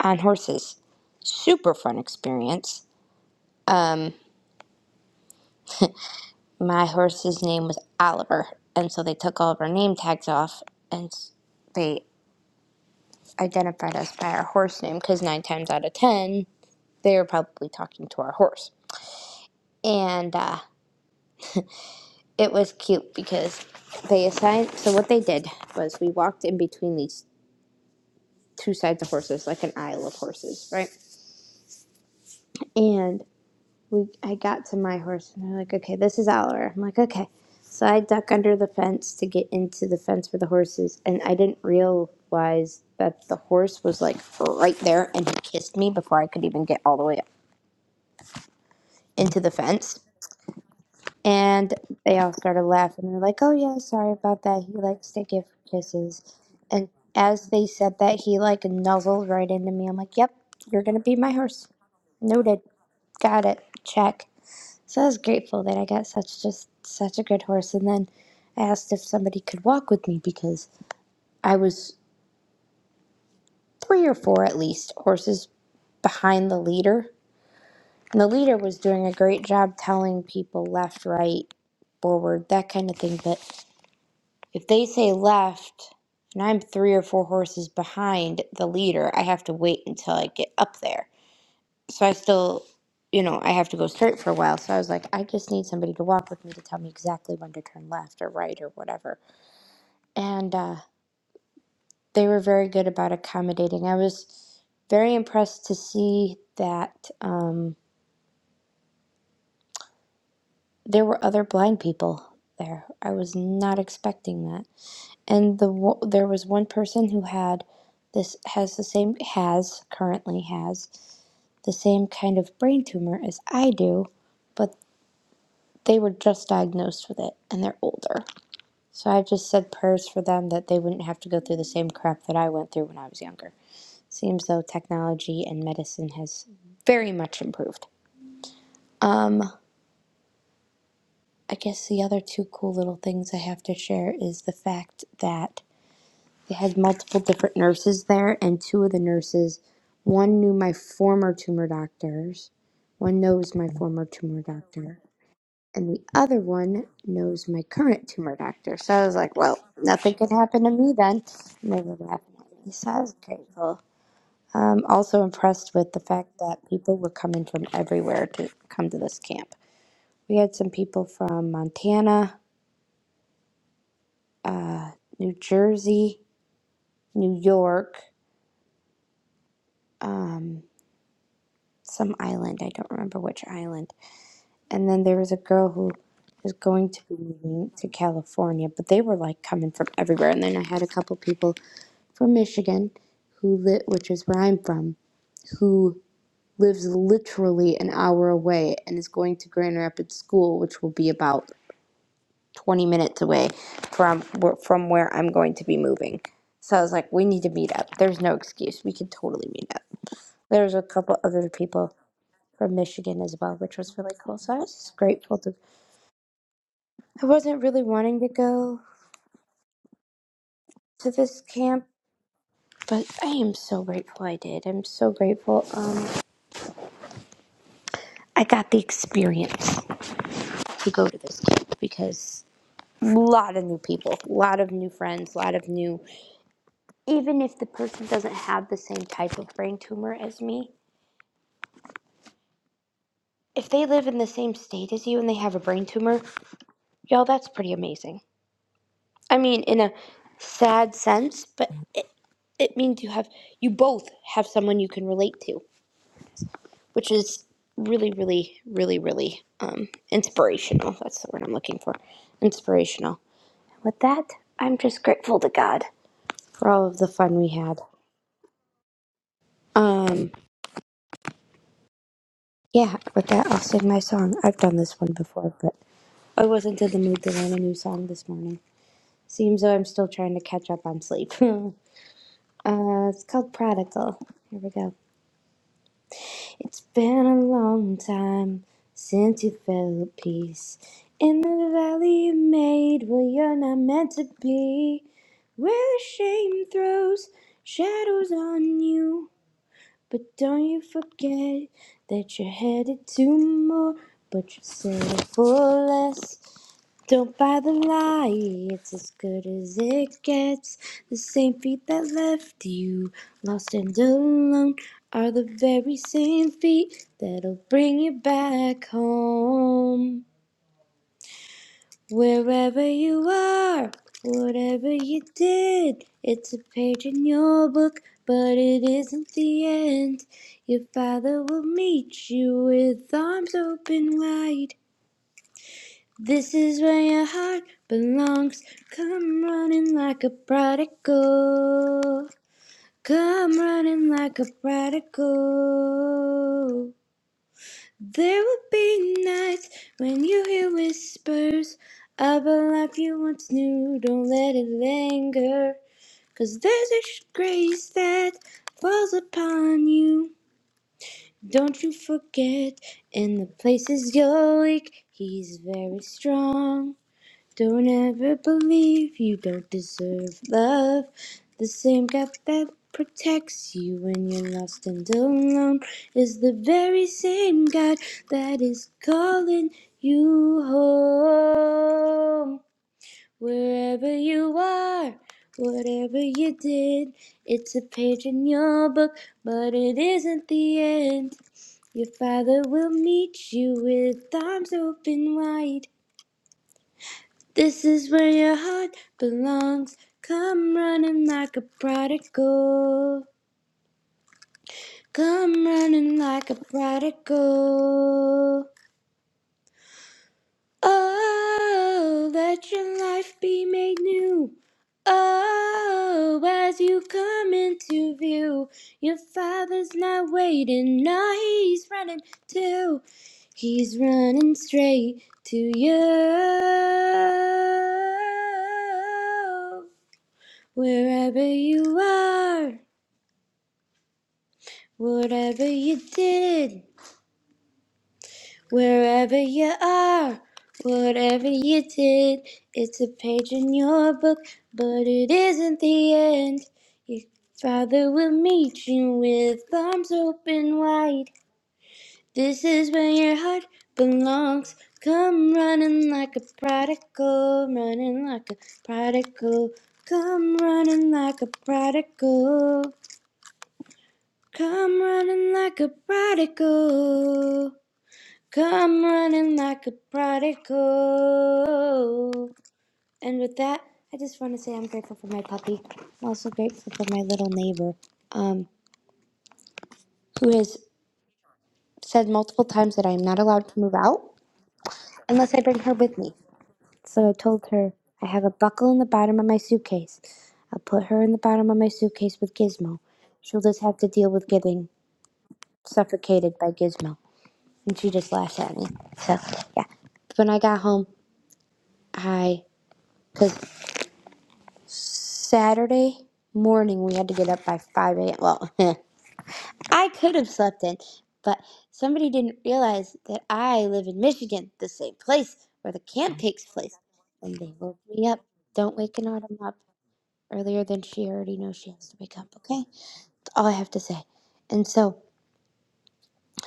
D: on horses. Super fun experience. My horse's name was Oliver, and so they took all of our name tags off and they identified us by our horse name because nine times out of ten they were probably talking to our horse. and uh, it was cute because they assigned. So what they did was we walked in between these two sides of horses, like an aisle of horses, right? And we, I got to my horse, and they're like, "Okay, this is Oliver." I'm like, "Okay." So I duck under the fence to get into the fence for the horses, and I didn't realize that the horse was like right there, and he kissed me before I could even get all the way up into the fence And they all started laughing. They're like, "Oh yeah, sorry about that. He likes to give kisses." And as they said that, he like nuzzled right into me. I'm like, "Yep, you're gonna be my horse. Noted. Got it. Check." So I was grateful that I got such just such a good horse. And then I asked if somebody could walk with me because I was three or four at least horses behind the leader. And the leader was doing a great job telling people left, right, forward, that kind of thing. But If they say left and I'm three or four horses behind the leader, I have to wait until I get up there. So I still, you know, I have to go straight for a while. So I was like, I just need somebody to walk with me to tell me exactly when to turn left or right or whatever. And uh, they were very good about accommodating. I was very impressed to see that um, there were other blind people there. I was not expecting that. and the wo- there was one person who had this has the same has currently has the same kind of brain tumor as I do, but they were just diagnosed with it and they're older. So I just said prayers for them that they wouldn't have to go through the same crap that I went through when I was younger. Seems though technology and medicine has very much improved. Um I guess the other two cool little things I have to share is the fact that They had multiple different nurses there, and two of the nurses, one knew my former tumor doctors, one knows my former tumor doctor, and the other one knows my current tumor doctor. So I was like, well, nothing could happen to me then. And they were laughing at me, so I was grateful. Um, also impressed with the fact that people were coming from everywhere to come to this camp. We had some people from Montana, New Jersey, New York. Um, some island. I don't remember which island. And then there was a girl who is going to be moving to California, but they were like coming from everywhere. And then I had a couple people from Michigan, who lit, which is where I'm from, who lives literally an hour away and is going to Grand Rapids School, which will be about 20 minutes away from where- from where I'm going to be moving. So I was like, we need to meet up. There's no excuse. We can totally meet up. There's a couple other people from Michigan as well, which was really cool. So I was just grateful to. I wasn't really wanting to go to this camp, but I am so grateful I did. I'm so grateful. Um, I got the experience to go to this camp because a lot of new people, a lot of new friends, a lot of new. Even if the person doesn't have the same type of brain tumor as me, if they live in the same state as you and they have a brain tumor, y'all, that's pretty amazing. I mean, in a sad sense, but. it, it means you have you both have someone you can relate to, which is really, really, really, really um, inspirational. That's the word I'm looking for. Inspirational. With that, I'm just grateful to God for all of the fun we had. Um, yeah. With that, I'll sing my song. I've done this one before, but I wasn't in the mood to learn a new song this morning. Seems though I'm still trying to catch up on sleep. uh, it's called Prodigal. Here we go. It's been a long time since you felt at peace in the valley you made where you're not meant to be, where the shame throws shadows on you. But don't you forget that you're headed to more, but you settle for less. Don't buy the lie, it's as good as it gets. The same feet that left you lost and alone are the very same feet that'll bring you back home. Wherever you are, whatever you did, it's a page in your book, but it isn't the end. Your father will meet you with arms open wide. This is where your heart belongs. Come running like a prodigal. Come running like a prodigal. There will be nights when you hear whispers of a life you once knew. Don't let it linger, 'cause there's a grace that falls upon you. Don't you forget, in the places you're weak, He's very strong. Don't ever believe you don't deserve love. The same God that protects you when you're lost and alone is the very same God that is calling you home. Wherever you are, whatever you did, it's a page in your book, but it isn't the end. Your father will meet you with arms open wide. This is where your heart belongs. Come running like a prodigal. Come running like a prodigal. Oh, let your life be made new. Oh, as you come into view, your father's not waiting. No, he's running too. He's running straight to you. Wherever you are, whatever you did, wherever you are, whatever you did, it's a page in your book, but it isn't the end. Your father will meet you with arms open wide. This is where your heart belongs. Come running like a prodigal, running like a prodigal. Come running like a prodigal. Come running like a prodigal. Come running like a prodigal. And with that, I just want to say I'm grateful for my puppy. I'm also grateful for my little neighbor, um, who has said multiple times that I am not allowed to move out unless I bring her with me. So I told her I have a buckle in the bottom of my suitcase. I'll put her in the bottom of my suitcase with Gizmo. She'll just have to deal with getting suffocated by Gizmo. and she just laughed at me. So yeah. When I got home, I because Saturday morning we had to get up by five a.m. Well, I could have slept in, but somebody didn't realize that I live in Michigan, the same place where the camp takes place, and they woke me up. Don't wake an autumn up earlier than she already knows she has to wake up. Okay, that's all I have to say. And so.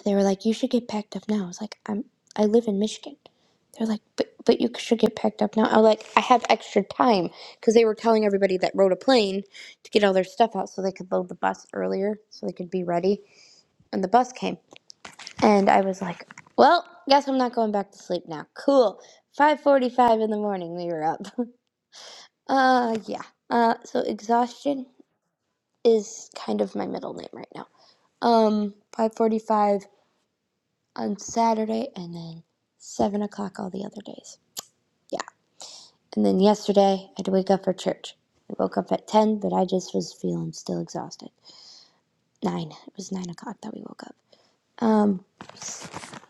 D: They were like, "You should get packed up now." I was like, "I'm I live in Michigan." They're like, "But but you should get packed up now." I was like, "I have extra time because they were telling everybody that rode a plane to get all their stuff out so they could load the bus earlier so they could be ready." And the bus came, and I was like, "Well, guess I'm not going back to sleep now." Cool. 5:45 in the morning we were up. uh yeah. Uh so exhaustion is kind of my middle name right now. Um 5:45 on Saturday and then seven o'clock all the other days. Yeah. And then yesterday I had to wake up for church. I woke up at ten, but I just was feeling still exhausted. Nine. It was nine o'clock that we woke up. Um,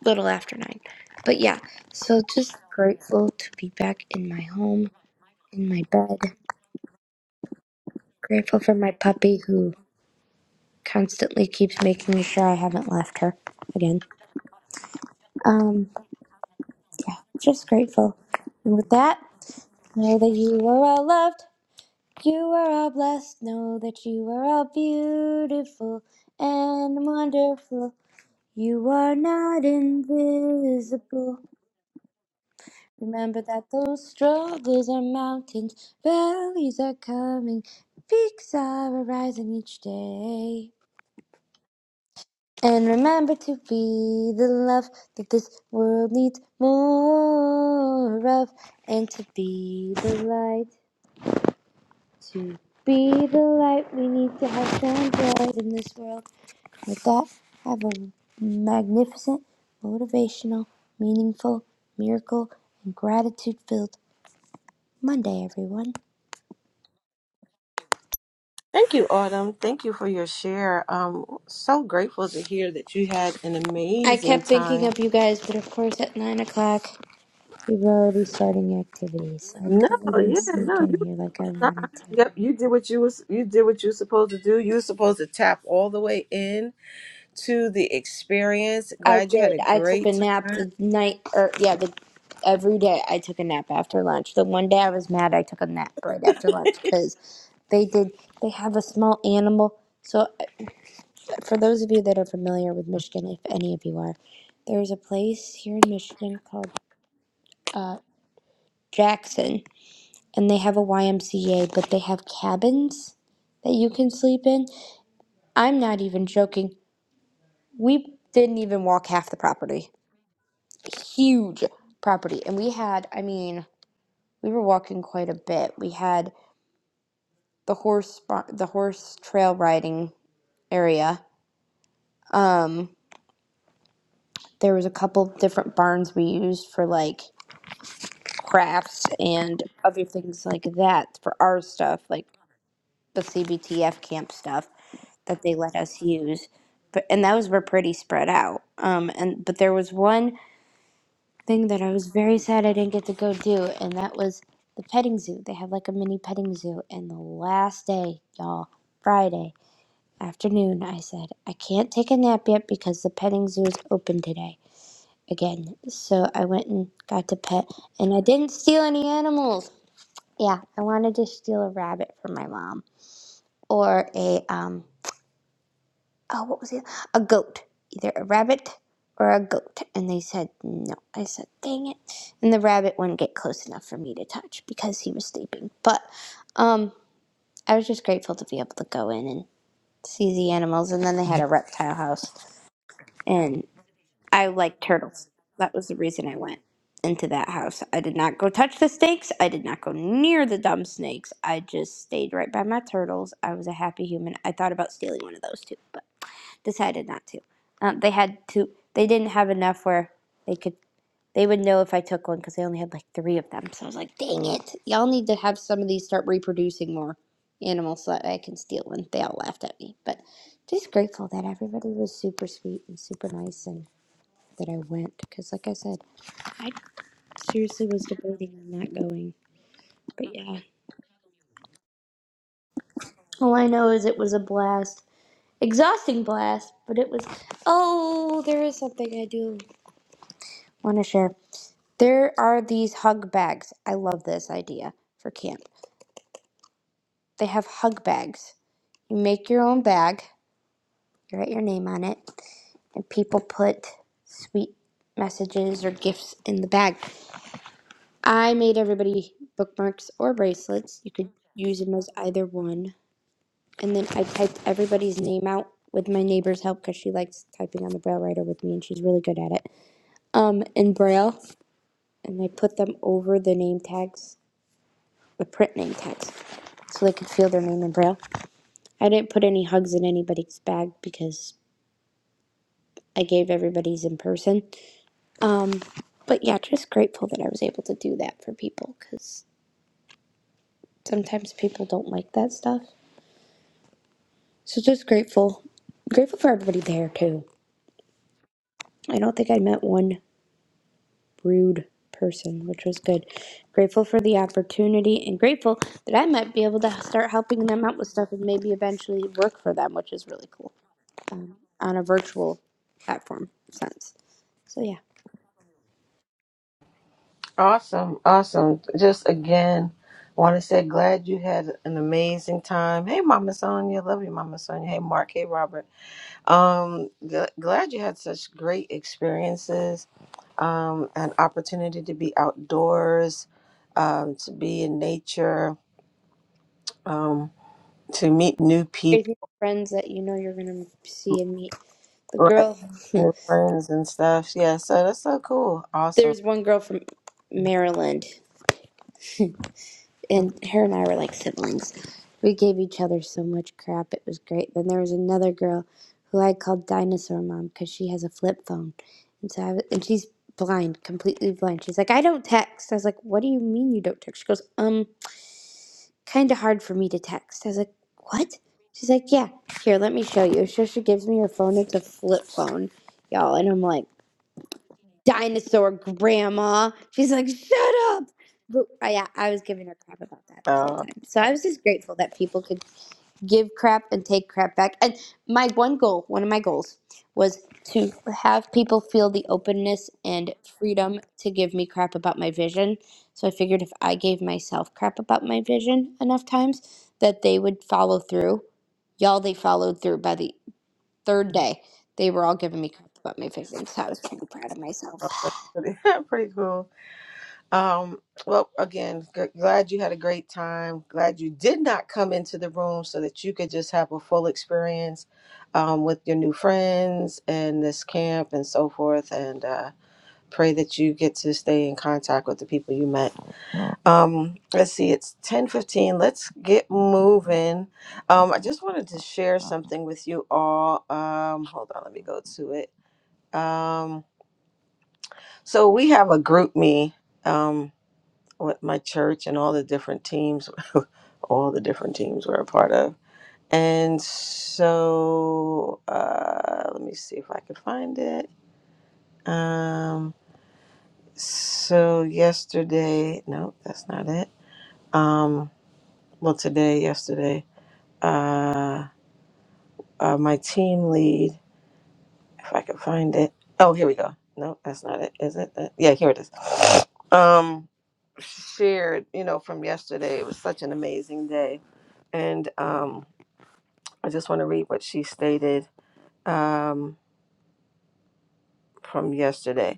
D: little after nine. But yeah. So just grateful to be back in my home, in my bed. Grateful for my puppy who constantly keeps making sure I haven't left her again. Um, yeah, just grateful. And with that, know that you are all loved. You are all blessed, know that you are all beautiful and wonderful. You are not invisible. Remember that those struggles are mountains, valleys are coming, peaks are arising each day. And remember to be the love that this world needs more of, and to be the light, to be the light we need to have shine bright in this world. With that, have a magnificent, motivational, meaningful, miracle, and gratitude filled Monday, everyone.
B: Thank you, Autumn. Thank you for your share. Um, so grateful to hear that you had an
D: I
B: amazing
D: kept thinking
B: time.
D: of you guys, but of course, at 9 o'clock, we were already starting activities. I
B: No,
D: couldn't even
B: yeah,
D: sneak
B: no, you're
D: in here like I
B: not.
D: wanted to.
B: Yep, you did what you was you did what you were supposed to do. You were supposed to tap all the way in to the experience.
D: I
B: Glad you had
D: did.
B: a
D: I took a
B: great
D: nap
B: time.
D: the night, or yeah, the, every day I took a nap after lunch. The one day I was mad, I took a nap right after lunch because they did, they have a small animal. So for those of you that are familiar with Michigan, if any of you are, there's a place here in Michigan called uh, Jackson, and they have a YMCA, but they have cabins that you can sleep in. I'm not even joking. We didn't even walk half the property. Huge property, and we had, I mean, we were walking quite a bit. We had the horse, bar- the horse trail riding area. Um, there was a couple different barns we used for like crafts and other things like that for our stuff, like the CBTF camp stuff that they let us use. But and those were pretty spread out. Um, and but there was one thing that I was very sad I didn't get to go do, and that was the petting zoo. They had like a mini petting zoo, and the last day, y'all, Friday afternoon, I said I can't take a nap yet because the petting zoo is open today again. So I went and got to pet, and I didn't steal any animals Yeah, I wanted to steal a rabbit from my mom or a um oh what was it? A goat. Either a rabbit or a goat. And they said no. I said, "Dang it." And the rabbit wouldn't get close enough for me to touch because he was sleeping. But um I was just grateful to be able to go in and see the animals and then they had a reptile house. and. I like turtles. That was the reason I went into that house. I did not go touch the snakes. I did not go near the dumb snakes. I just stayed right by my turtles. I was a happy human. I thought about stealing one of those too, but decided not to. Um, they had to. They didn't have enough where they could. They would know if I took one because they only had like three of them. So I was like, "Dang it! Y'all need to have some of these start reproducing more animals so that I can steal one." They all laughed at me, but just grateful that everybody was super sweet and super nice and that I went because, like I said, I seriously was debating on not going. But yeah, all I know is it was a blast, exhausting blast. But it was. Oh, there is something I do want to share. There are these hug bags. I love this idea for camp. They have hug bags. You make your own bag. You write your name on it, and people put sweet messages or gifts in the bag. I made everybody bookmarks or bracelets. You could use them as either one. And then I typed everybody's name out with my neighbor's help because she likes typing on the braille writer with me and she's really good at it. Um, in braille, and I put them over the name tags, the print name tags, so they could feel their name in braille. I didn't put any hugs in anybody's bag because I gave everybody's in person. Um, but yeah, just grateful that I was able to do that for people because sometimes people don't like that stuff. So just grateful. Grateful for everybody there too. I don't think I met one rude person, which was good. Grateful for the opportunity and grateful that I might be able to start helping them out with stuff and maybe eventually work for them, which is really cool on a virtual platform sense. So yeah.
B: Awesome, awesome. Just again, want to say glad you had an amazing time. Hey, Mama Sonia, love you, Mama Sonia. Hey, Mark. Hey, Robert. Um, gl- glad you had such great experiences, um, an opportunity to be outdoors, um, to be in nature, um, to meet new people,
D: Crazy friends that you know you're gonna see and meet. The
B: right?
D: girl
B: New friends and stuff. Yeah, so that's so cool. Awesome.
D: there's one girl from
B: Mm.
D: Maryland
B: Mm.
D: and her and I were like siblings. We gave each other so much crap. It was great. Then there was another girl who I called Dinosaur Mom because she has a flip phone, and so I was, and she's blind, completely blind. She's like, I don't text. I was like, What do you mean you don't text? She goes, Um, kind of hard for me to text. I was like, What? She's like, Yeah, here, let me show you. So she gives me her phone. It's a flip phone, y'all, and I'm like dinosaur grandma. She's like, shut up. But I, yeah, I was giving her crap about that the whole
B: Uh,
D: time. So I was just grateful that people could give crap and take crap back. And my one goal, one of my goals, was to have people feel the openness and freedom to give me crap about my vision. So I figured if I gave myself crap about my vision enough times, that they would follow through. Y'all, they followed through by the third day. They were all giving me crap about my vision. So I was pretty proud of myself.
B: uh, that's pretty, pretty cool. Um, well, again, g- glad you had a great time. Glad you did not come into the room so that you could just have a full experience um, with your new friends and this camp and so forth. And uh, pray that you get to stay in contact with the people you met. Um, let's see, it's ten fifteen. Let's get moving. Um, I just wanted to share something with you all. Um, hold on, let me go to it. Um, so we have a group me. um, with my church and all the different teams, all the different teams we're a part of. And so, uh, let me see if I could find it. Um, so yesterday, no, that's not it. Um, well, today, yesterday, uh, uh, my team lead. if I can find it. Oh, here we go. No, that's not it. Is it? That? Yeah, here it is. Um, shared, you know, from yesterday. It was such an amazing day, and um, I just want to read what she stated um, from yesterday.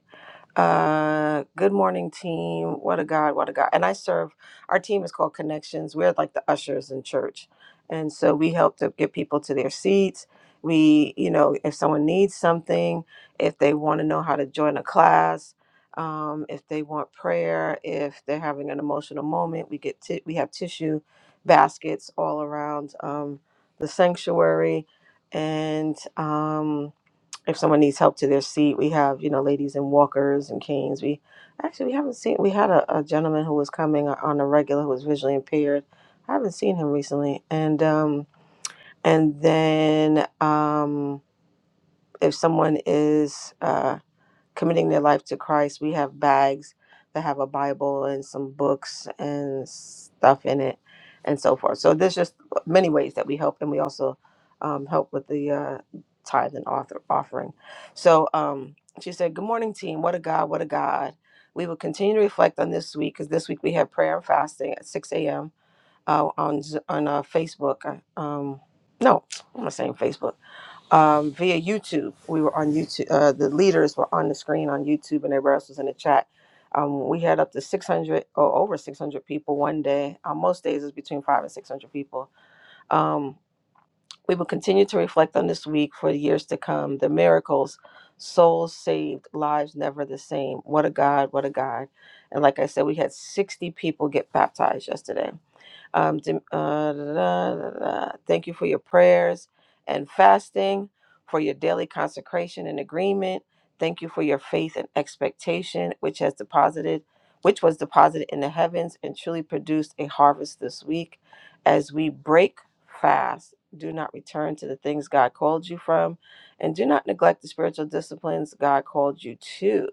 B: Uh, good morning, team. What a God, what a God. And I serve, our team is called Connections. We're like the ushers in church. And so we help to get people to their seats. We, you know, if someone needs something, if they want to know how to join a class, um, if they want prayer, if they're having an emotional moment, we get ti we have tissue baskets all around um, the sanctuary, and um, if someone needs help to their seat, we have you know ladies in walkers and canes. We actually we haven't seen we had a, a gentleman who was coming on a regular who was visually impaired. I haven't seen him recently, and um, and then um, if someone is uh committing their life to Christ. We have bags that have a Bible and some books and stuff in it, and so forth. So there's just many ways that we help, and we also um, help with the uh, tithe and author offering. So um, she said, "Good morning, team. What a God! What a God." We will continue to reflect on this week because this week we have prayer and fasting at 6 a.m. Uh, on Z- on uh, Facebook. uh, Um, no, I'm not saying Facebook um, via YouTube. We were on YouTube. Uh, the leaders were on the screen on YouTube, and everybody else was in the chat. Um, we had up to 600 or over 600 people one day. Uh, most days is between five and 600 people. Um, we will continue to reflect on this week for years to come. The miracles, souls saved, lives never the same. What a God! What a God! And like I said, we had 60 people get baptized yesterday. Um, dim- uh, da- da- da- da. Thank you for your prayers and fasting, for your daily consecration and agreement. Thank you for your faith and expectation, which has deposited, which was deposited in the heavens and truly produced a harvest this week. As we break fast, do not return to the things God called you from, and do not neglect the spiritual disciplines God called you to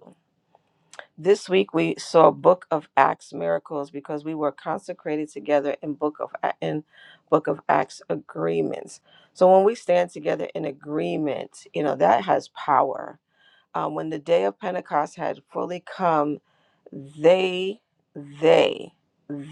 B: this week we saw Book of Acts miracles because we were consecrated together in Book of A- in Book of Acts agreements. So when we stand together in agreement, you know that has power. Um, when the day of Pentecost had fully come, they they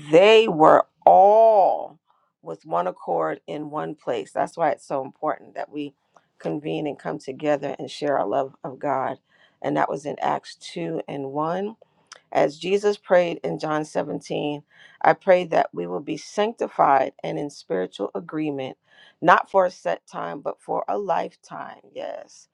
B: they were all with one accord in one place. That's why it's so important that we convene and come together and share our love of God. And that was in Acts two and one as Jesus prayed in John 17, I pray that we will be sanctified and in spiritual agreement, not for a set time, but for a lifetime. Yes.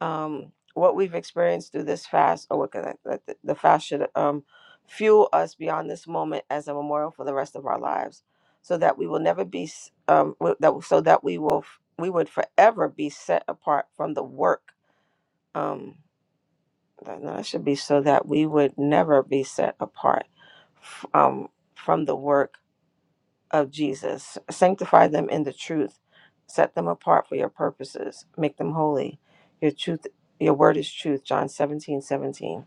B: Um, what we've experienced through this fast, or what can I, that the the fast should um, fuel us beyond this moment as a memorial for the rest of our lives, so that we will never be, s- um, wi- that, so that we will, f- we would forever be set apart from the work. Um, that no, that should be so that we would never be set apart f- um, from the work of Jesus. Sanctify them in the truth. Set them apart for your purposes. Make them holy. Your truth, your word is truth. John 17 17.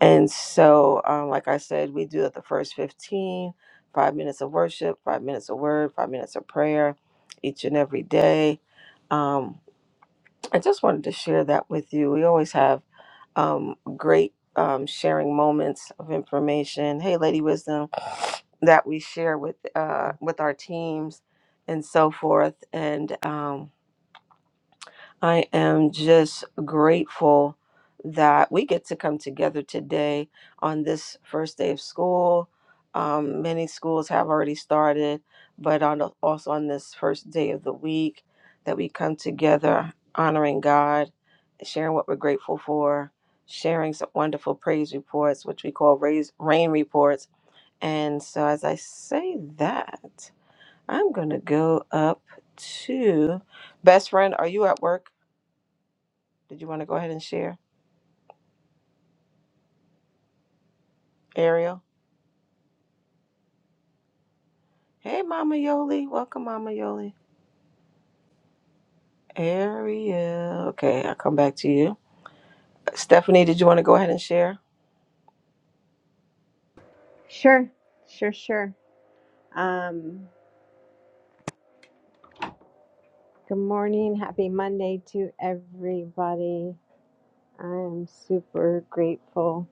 B: And so, um, like I said, we do the first fifteen, five minutes of worship, five minutes of word, five minutes of prayer each and every day. Um, I just wanted to share that with you. We always have um, great um, sharing moments of information. Hey, Lady Wisdom, that we share with uh, with our teams and so forth. And um, I am just grateful that we get to come together today on this first day of school. Um, many schools have already started, but on the- also on this first day of the week that we come together honoring God, sharing what we're grateful for, sharing some wonderful praise reports, which we call raise, rain reports. And so, as I say that, I'm going to go up to best friend. Are you at work? Did you want to go ahead and share, Ariel? Hey, Mama Yoli. Welcome, Mama Yoli. Ariel. Okay, I'll come back to you. Stephanie, did you want to go ahead and share?
E: Sure, sure, sure. Um, Good morning. Happy Monday to everybody. I am super grateful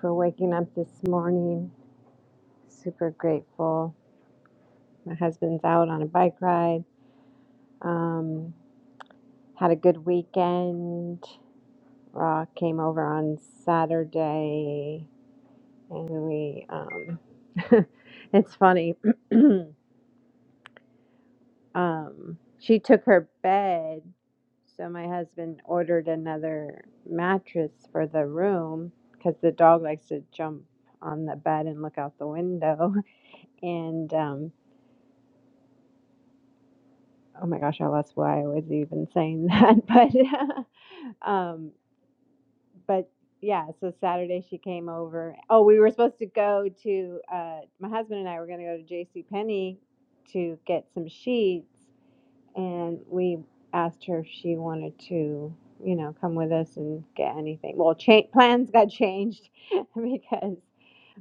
E: for waking up this morning. Super grateful. My husband's out on a bike ride. Um, had a good weekend. Raw came over on Saturday and we, um, it's funny. um, she took her bed, so my husband ordered another mattress for the room because the dog likes to jump on the bed and look out the window. And um, oh my gosh, I lost why I was even saying that, but um, but yeah. So Saturday she came over. Oh, we were supposed to go to uh, my husband and I were going to go to J C Penney to get some sheets And we asked her if she wanted to, you know, come with us and get anything. Well, cha- plans got changed because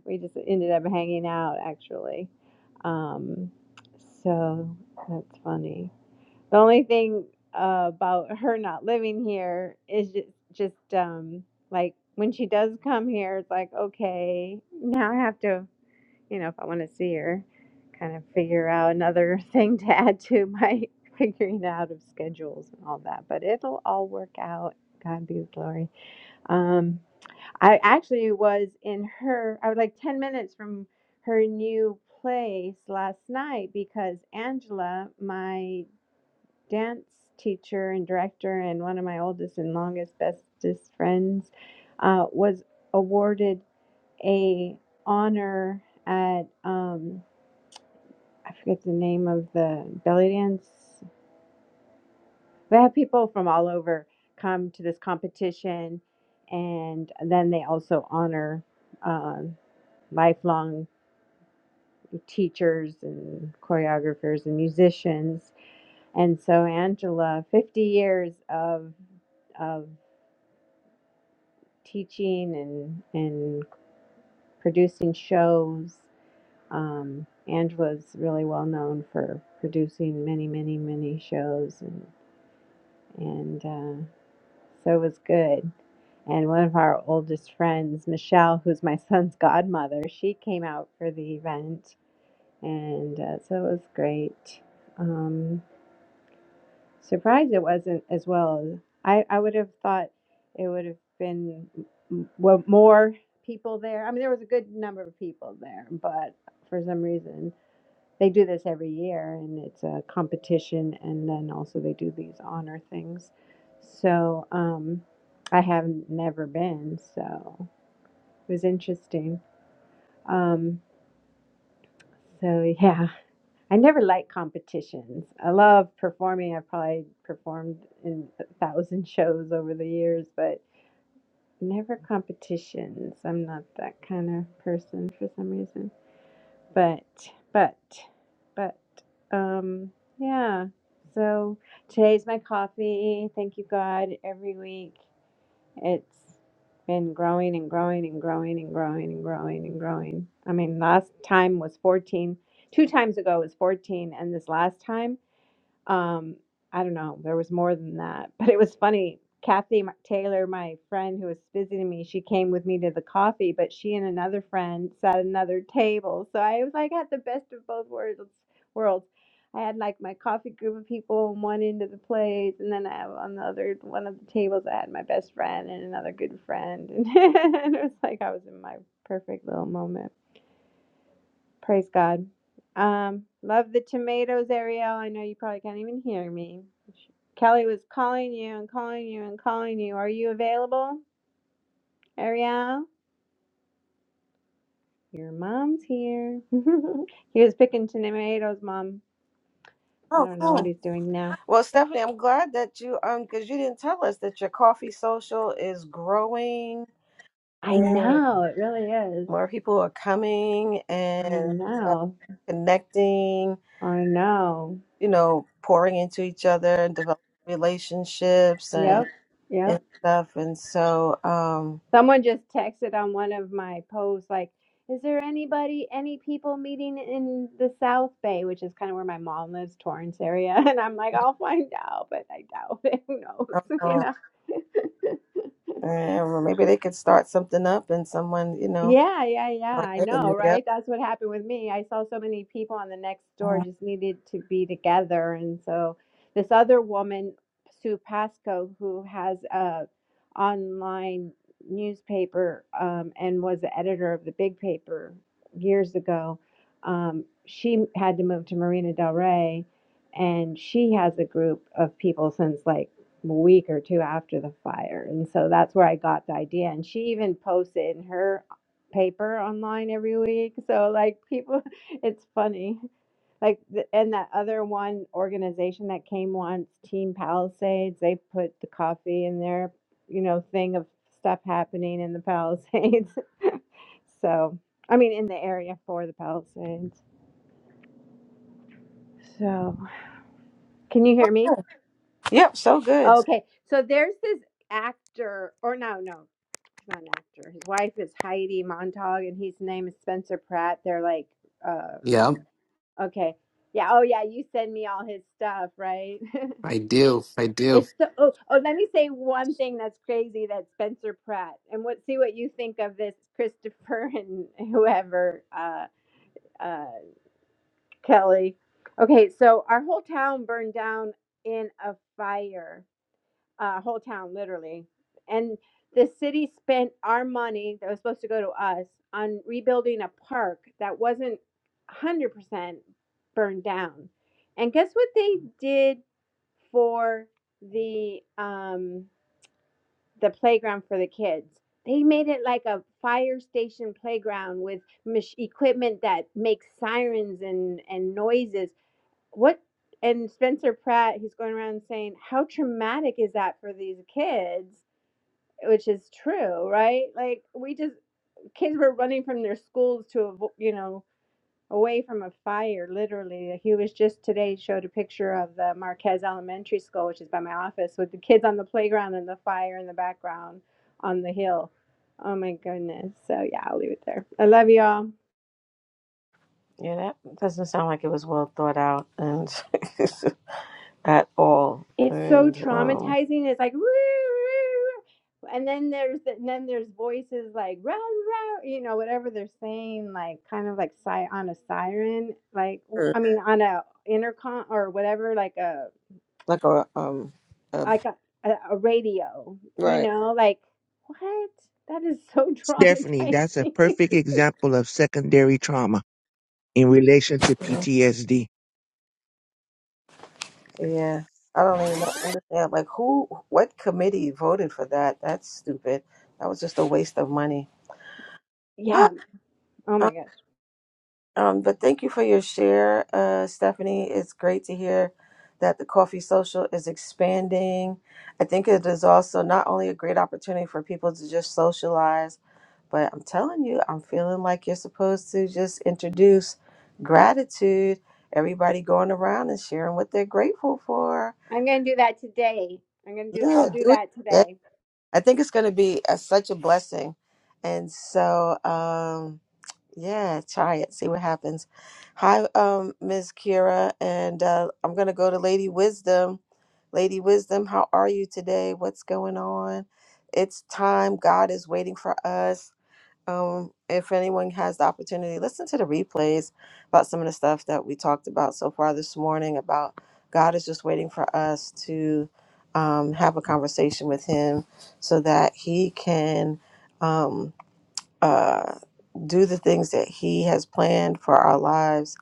E: we just ended up hanging out actually. Um, so that's funny. The only thing uh, about her not living here is just, just um, like when she does come here, it's like, okay, now I have to you know, if I want to see her, kind of figure out another thing to add to my figuring out of schedules and all that. But it'll all work out. God be the glory. Um, I actually was in her, I was like 10 minutes from her new place last night because Angela, my dance teacher and director, and one of my oldest and longest, bestest friends, uh, was awarded a honor at um, I forget the name of the belly dance. They have people from all over come to this competition, and then they also honor um, lifelong teachers and choreographers and musicians. And so Angela, 50 years of of teaching and and producing shows. Um, Angela's really well known for producing many, many, many shows and and. uh, So it was good. And one of our oldest friends, Michelle, who's my son's godmother, she came out for the event. And uh, so it was great. Um, surprised it wasn't as well. as- I, I would have thought it would have been m- well, more people there. I mean, there was a good number of people there, but for some reason. They do this every year, and it's a competition, and then also they do these honor things. So um, I have never been, so it was interesting. Um, so yeah, I never like competitions. I love performing. I've probably performed in a thousand shows over the years, but never competitions. I'm not that kind of person for some reason. But, but, but, um, yeah. So today's my coffee. Thank you, God. Every week it's been growing and growing and growing and growing and growing and growing. I mean, last time was 14. Two times ago was 14, and this last time um, I don't know. There was more than that, but it was funny. Kathy M- Taylor, my friend who was visiting me, she came with me to the coffee, but she and another friend sat at another table. So I was like, had the best of both worlds. Worlds. I had like my coffee group of people on one end of the place, and then I, on the other one of the tables, I had my best friend and another good friend, and it was like I was in my perfect little moment. Praise God. Um, love the tomatoes, Ariel. I know you probably can't even hear me. Kelly was calling you and calling you and calling you. Are you available, Ariel? Your mom's here. he was picking tomatoes, mom. I
B: Oh,
E: don't know what
B: cool.
E: he's doing now.
B: Well, Stephanie, I'm glad that you um because you didn't tell us that your coffee social is growing
E: I
B: and
E: know, it really is.
B: more people are coming
E: I
B: and uh,
E: know.
B: connecting.
E: I know.
B: You know, pouring into each other and developing relationships
E: Yep.
B: and
E: Yep.
B: and stuff. And so, um,
E: Someone just texted on one of my posts, like, is there anybody, any people meeting in the South Bay, which is kind of where my mom lives, Torrance area? And I'm like, I'll find out, but I doubt it. Who knows? You
B: Oh,
E: know?
B: eh, well, maybe they could start something up and someone, you know,
E: Yeah, yeah, yeah.
B: go
E: I
B: ahead and
E: know,
B: meet up.
E: right? That's what happened with me. I saw so many people on the next door
B: Mhm.
E: just needed to be together. And so this other woman, Sue Pasco, who has a online newspaper um, and was the editor of the big paper years ago, um, she had to move to Marina Del Rey. And she has a group of people since like a week or two after the fire. And so that's where I got the idea. And she even posted in her paper online every week. So like people, it's funny. Like th- and that other one organization that came once, Team Palisades, they put the coffee in their you know thing of stuff happening in the Palisades. so I mean in the area for the Palisades. So can you hear me?
B: Yep, so good.
E: Okay. So there's this actor, or no, no, he's not an actor. His wife is Heidi Montag, and his name is Spencer Pratt. They're like. uh.
G: Yeah,
E: Okay. Yeah. Oh, yeah. You send me all his stuff, right?
G: I do. I do.
E: it's the oh oh. Let me say one thing that's crazy. That Spencer Pratt and what see what you think of this Christopher and whoever uh uh Kelly. Okay, so our whole town burned down in a fire uh, whole town, literally. And the city spent our money that was supposed to go to us on rebuilding a park that wasn't 100% burned down. And guess what they did for the um, the playground for the kids? They made it like a fire station playground with mach- equipment that makes sirens and, and noises. What and Spencer Pratt, he's going around saying, How traumatic is that for these kids? which is true, right? Like we just kids were running from their schools to avo- you know away from a fire. Literally, Like, he was just today showed a picture of the Marquez Elementary School, which is by my office, with the kids on the playground and the fire in the background on the hill. Oh my goodness! So yeah, I'll leave it there. I love y'all.
B: Yeah, that doesn't sound like it was well thought out and at all.
E: it's so
B: And um,
E: traumatizing. It's like, "Woo, woo, woo." and then there's the, and then there's voices like, rah, rah, you know, whatever they're saying, like kind of like si- on a siren, like w-
B: Mm.
E: I mean, on a intercom or whatever, like a
B: like a um, a,
E: like a, a, a radio, you
B: right.
E: know, like what? That is so
H: Stephanie, that's a
E: traumatizing.
H: perfect example of secondary trauma in relation to PTSD.
B: Yeah, I don't even know- understand. Like, who? What committee voted for that? That's stupid. That was just a waste of money.
E: yeah. Oh my gosh.
B: Um, but thank you for your share, uh, Stephanie. It's great to hear that the coffee social is expanding. I think it is also not only a great opportunity for people to just socialize, but I'm telling you, I'm feeling like you're supposed to just introduce gratitude. Everybody going around and sharing what they're grateful for.
E: I'm gonna do that today. I'm gonna do. I'll
B: Yeah,
E: do
B: do
E: that
B: it.
E: today.
B: I think it's going to be a, such a blessing. And so, um, yeah, try it. See what happens. Hi, um, Miss Kira, and uh, I'm gonna go to Lady Wisdom. Lady Wisdom, how are you today? What's going on? It's time. God is waiting for us. Um, if anyone has the opportunity, listen to the replays about some of the stuff that we talked about so far this morning. About God is just waiting for us to um, have a conversation with Him so that He can. um uh, do the things that He has planned for our lives,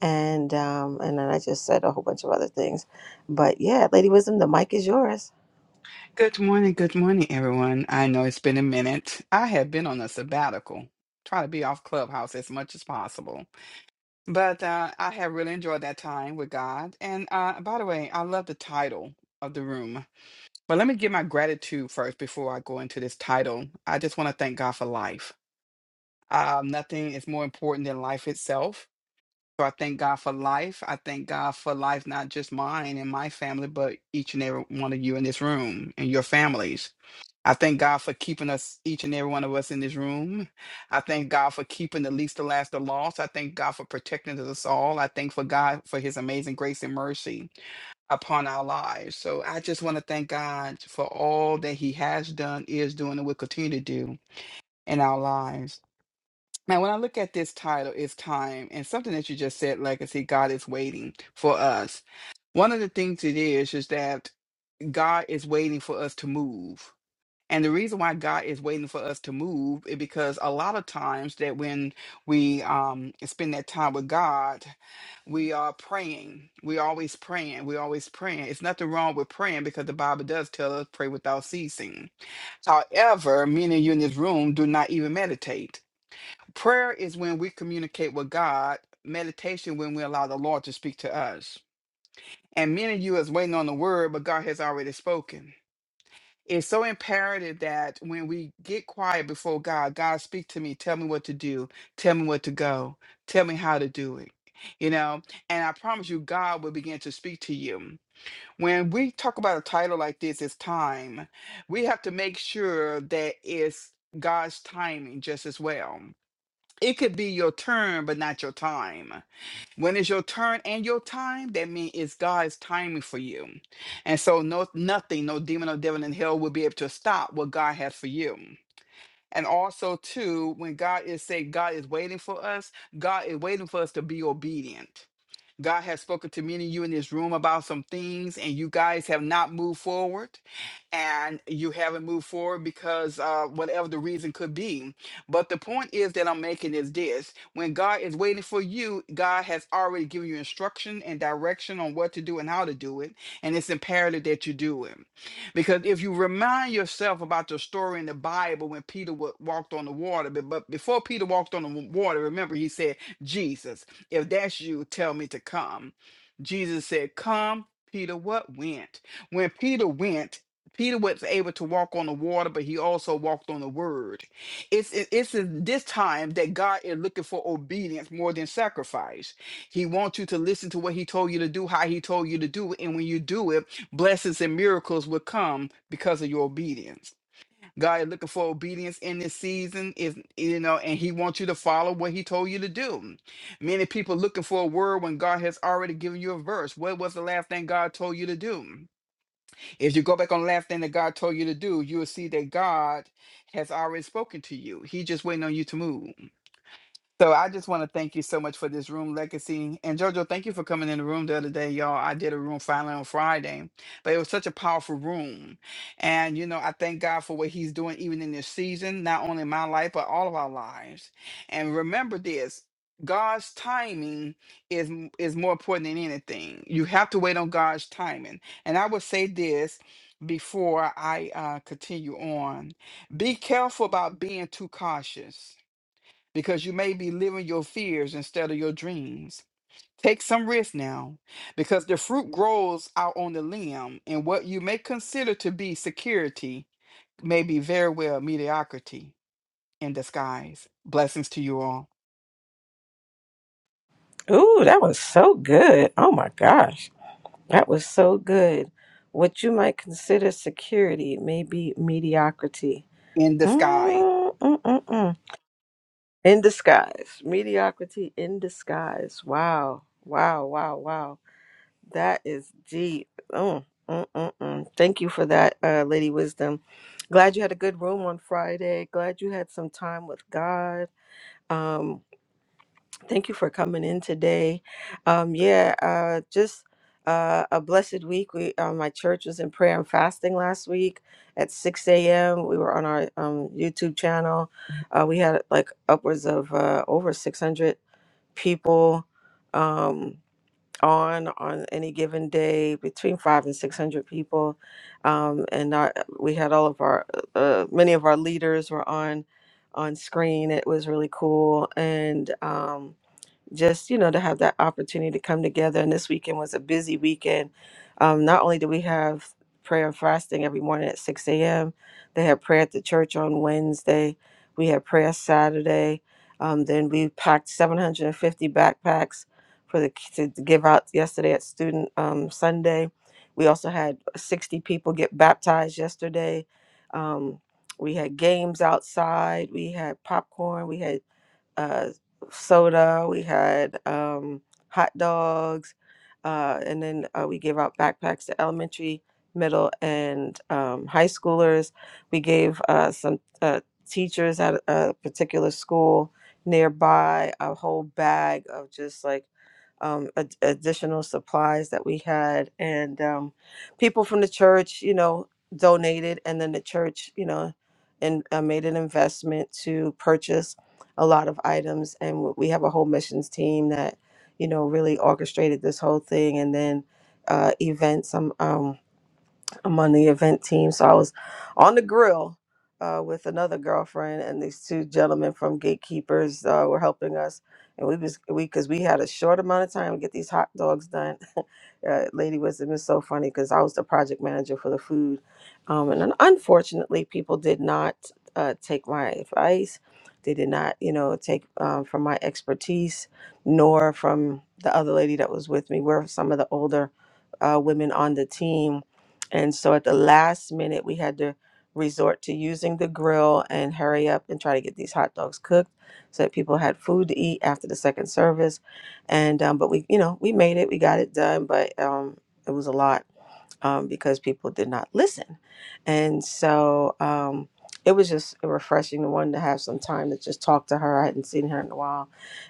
B: and um, and then I just said a whole bunch of other things, but yeah, Lady Wisdom, the mic is yours.
I: Good morning, good morning, everyone. I know it's been a minute. I have been on a sabbatical, try to be off Clubhouse as much as possible. But uh, I have really enjoyed that time with God. And uh, by the way, I love the title of the room. But let me give my gratitude first before I go into this title. I just want to thank God for life. Um, nothing is more important than life itself. So I thank God for life. I thank God for life, not just mine and my family, but each and every one of you in this room and your families. I thank God for keeping us, each and every one of us in this room. I thank God for keeping the least, the last, the lost. I thank God for protecting us all. I thank for God for his amazing grace and mercy upon our lives. So I just want to thank God for all that he has done, is doing, and will continue to do in our lives. Now, when I look at this title, it's time, and something that you just said, legacy, God is waiting for us. One of the things it is, is that God is waiting for us to move. And the reason why God is waiting for us to move is because a lot of times that when we um, spend that time with God, we are praying. We always praying. We always praying. It's nothing wrong with praying because the Bible does tell us pray without ceasing. However, many of you in this room do not even meditate. Prayer is when we communicate with God. Meditation when we allow the Lord to speak to us. And many of you is waiting on the word, but God has already spoken it's so imperative that when we get quiet before God, God speak to me, tell me what to do, tell me what to go, tell me how to do it. You know, and I promise you, God will begin to speak to you. When we talk about a title like this, it's time. We have to make sure that it's God's timing just as well. It could be your turn, but not your time. When it's your turn and your time, that means it's God's timing for you. And so no nothing, no demon or devil in hell will be able to stop what God has for you. And also too, when God is saying God is waiting for us, God is waiting for us to be obedient. God has spoken to many of you in this room about some things, and you guys have not moved forward, and you haven't moved forward because uh, whatever the reason could be. But the point is that I'm making is this when God is waiting for you, God has already given you instruction and direction on what to do and how to do it, and it's imperative that you do it. Because if you remind yourself about the story in the Bible when Peter wa- walked on the water, but, but before Peter walked on the wa- water, remember he said, Jesus. If that's you, tell me to come. Jesus said, Come. Peter, what went? When Peter went, Peter was able to walk on the water, but he also walked on the word. It's, it- it's in this time that God is looking for obedience more than sacrifice. He wants you to listen to what he told you to do, how he told you to do it. And when you do it, blessings and miracles will come because of your obedience. God is looking for obedience in this season is you know, and He wants you to follow what He told you to do. Many people looking for a word when God has already given you a verse. What was the last thing God told you to do? If you go back on the last thing that God told you to do, you will see that God has already spoken to you. He just waiting on you to move. So I just want to thank you so much for this room legacy. And Jojo, thank you for coming in the room the other day, y'all. I did a room finally on Friday, but it was such a powerful room. And, you know, I thank God for what he's doing even in this season, not only in my life, but all of our lives. And remember this. God's timing is m- is more important than anything. You have to wait on God's timing. And I would say this before I uh, continue on: Be careful about being too cautious because you may be living your fears instead of your dreams. Take some risk now because the fruit grows out on the limb, and what you may consider to be security may be very well mediocrity in disguise. Blessings to you all
B: Ooh, that was so good. Oh my gosh. That was so good. What you might consider security may be mediocrity.
I: in disguise.
B: Mm-mm-mm-mm. In disguise. Mediocrity in disguise. Wow. Wow. Wow. Wow. That is deep. Oh, mm, mm, mm. thank you for that, uh, Lady Wisdom. Glad you had a good room on Friday. Glad you had some time with God. Um, thank you for coming in today. Um, yeah, uh, just uh, a blessed week. We, uh, my church was in prayer and fasting last week at 6 a.m. We were on our um, YouTube channel. Uh, we had like upwards of uh, over 600 people. Um, on on any given day between five and six hundred people, um, and our, we had all of our uh, many of our leaders were on on screen. It was really cool, and um, just you know to have that opportunity to come together and this weekend was a busy weekend um, not only do we have prayer and fasting every morning at 6 a.m they had prayer at the church on wednesday we had prayer saturday um, then we packed 750 backpacks for the ki- to give out yesterday at student um, sunday we also had 60 people get baptized yesterday um, we had games outside we had popcorn we had uh, soda, we had um, hot dogs, uh, and then uh, we gave out backpacks to elementary, middle, and um, high schoolers. We gave uh, some uh, teachers at a particular school nearby a whole bag of just like um, ad- additional supplies that we had, and um, people from the church, you know, donated, and then the church, you know, and uh, made an investment to purchase a lot of items and w- we have a whole missions team that you know really orchestrated this whole thing and then uh events um, um I'm on the event team. So I was on the grill uh, with another girlfriend, and these two gentlemen from Gatekeepers uh, were helping us. And we was we because we had a short amount of time to get these hot dogs done. uh, Lady Wisdom is so funny because I was the project manager for the food, um, and un- unfortunately, people did not uh, take my advice. They did not, you know, take um, from my expertise, nor from the other lady that was with me. We're some of the older uh, women on the team, and so at the last minute, we had to resort to using the grill and hurry up and try to get these hot dogs cooked so that people had food to eat after the second service. And um, but we, you know, we made it, we got it done, but um, it was a lot um, because people did not listen. And so um, it was just refreshing to one to have some time to just talk to her. I hadn't seen her in a while.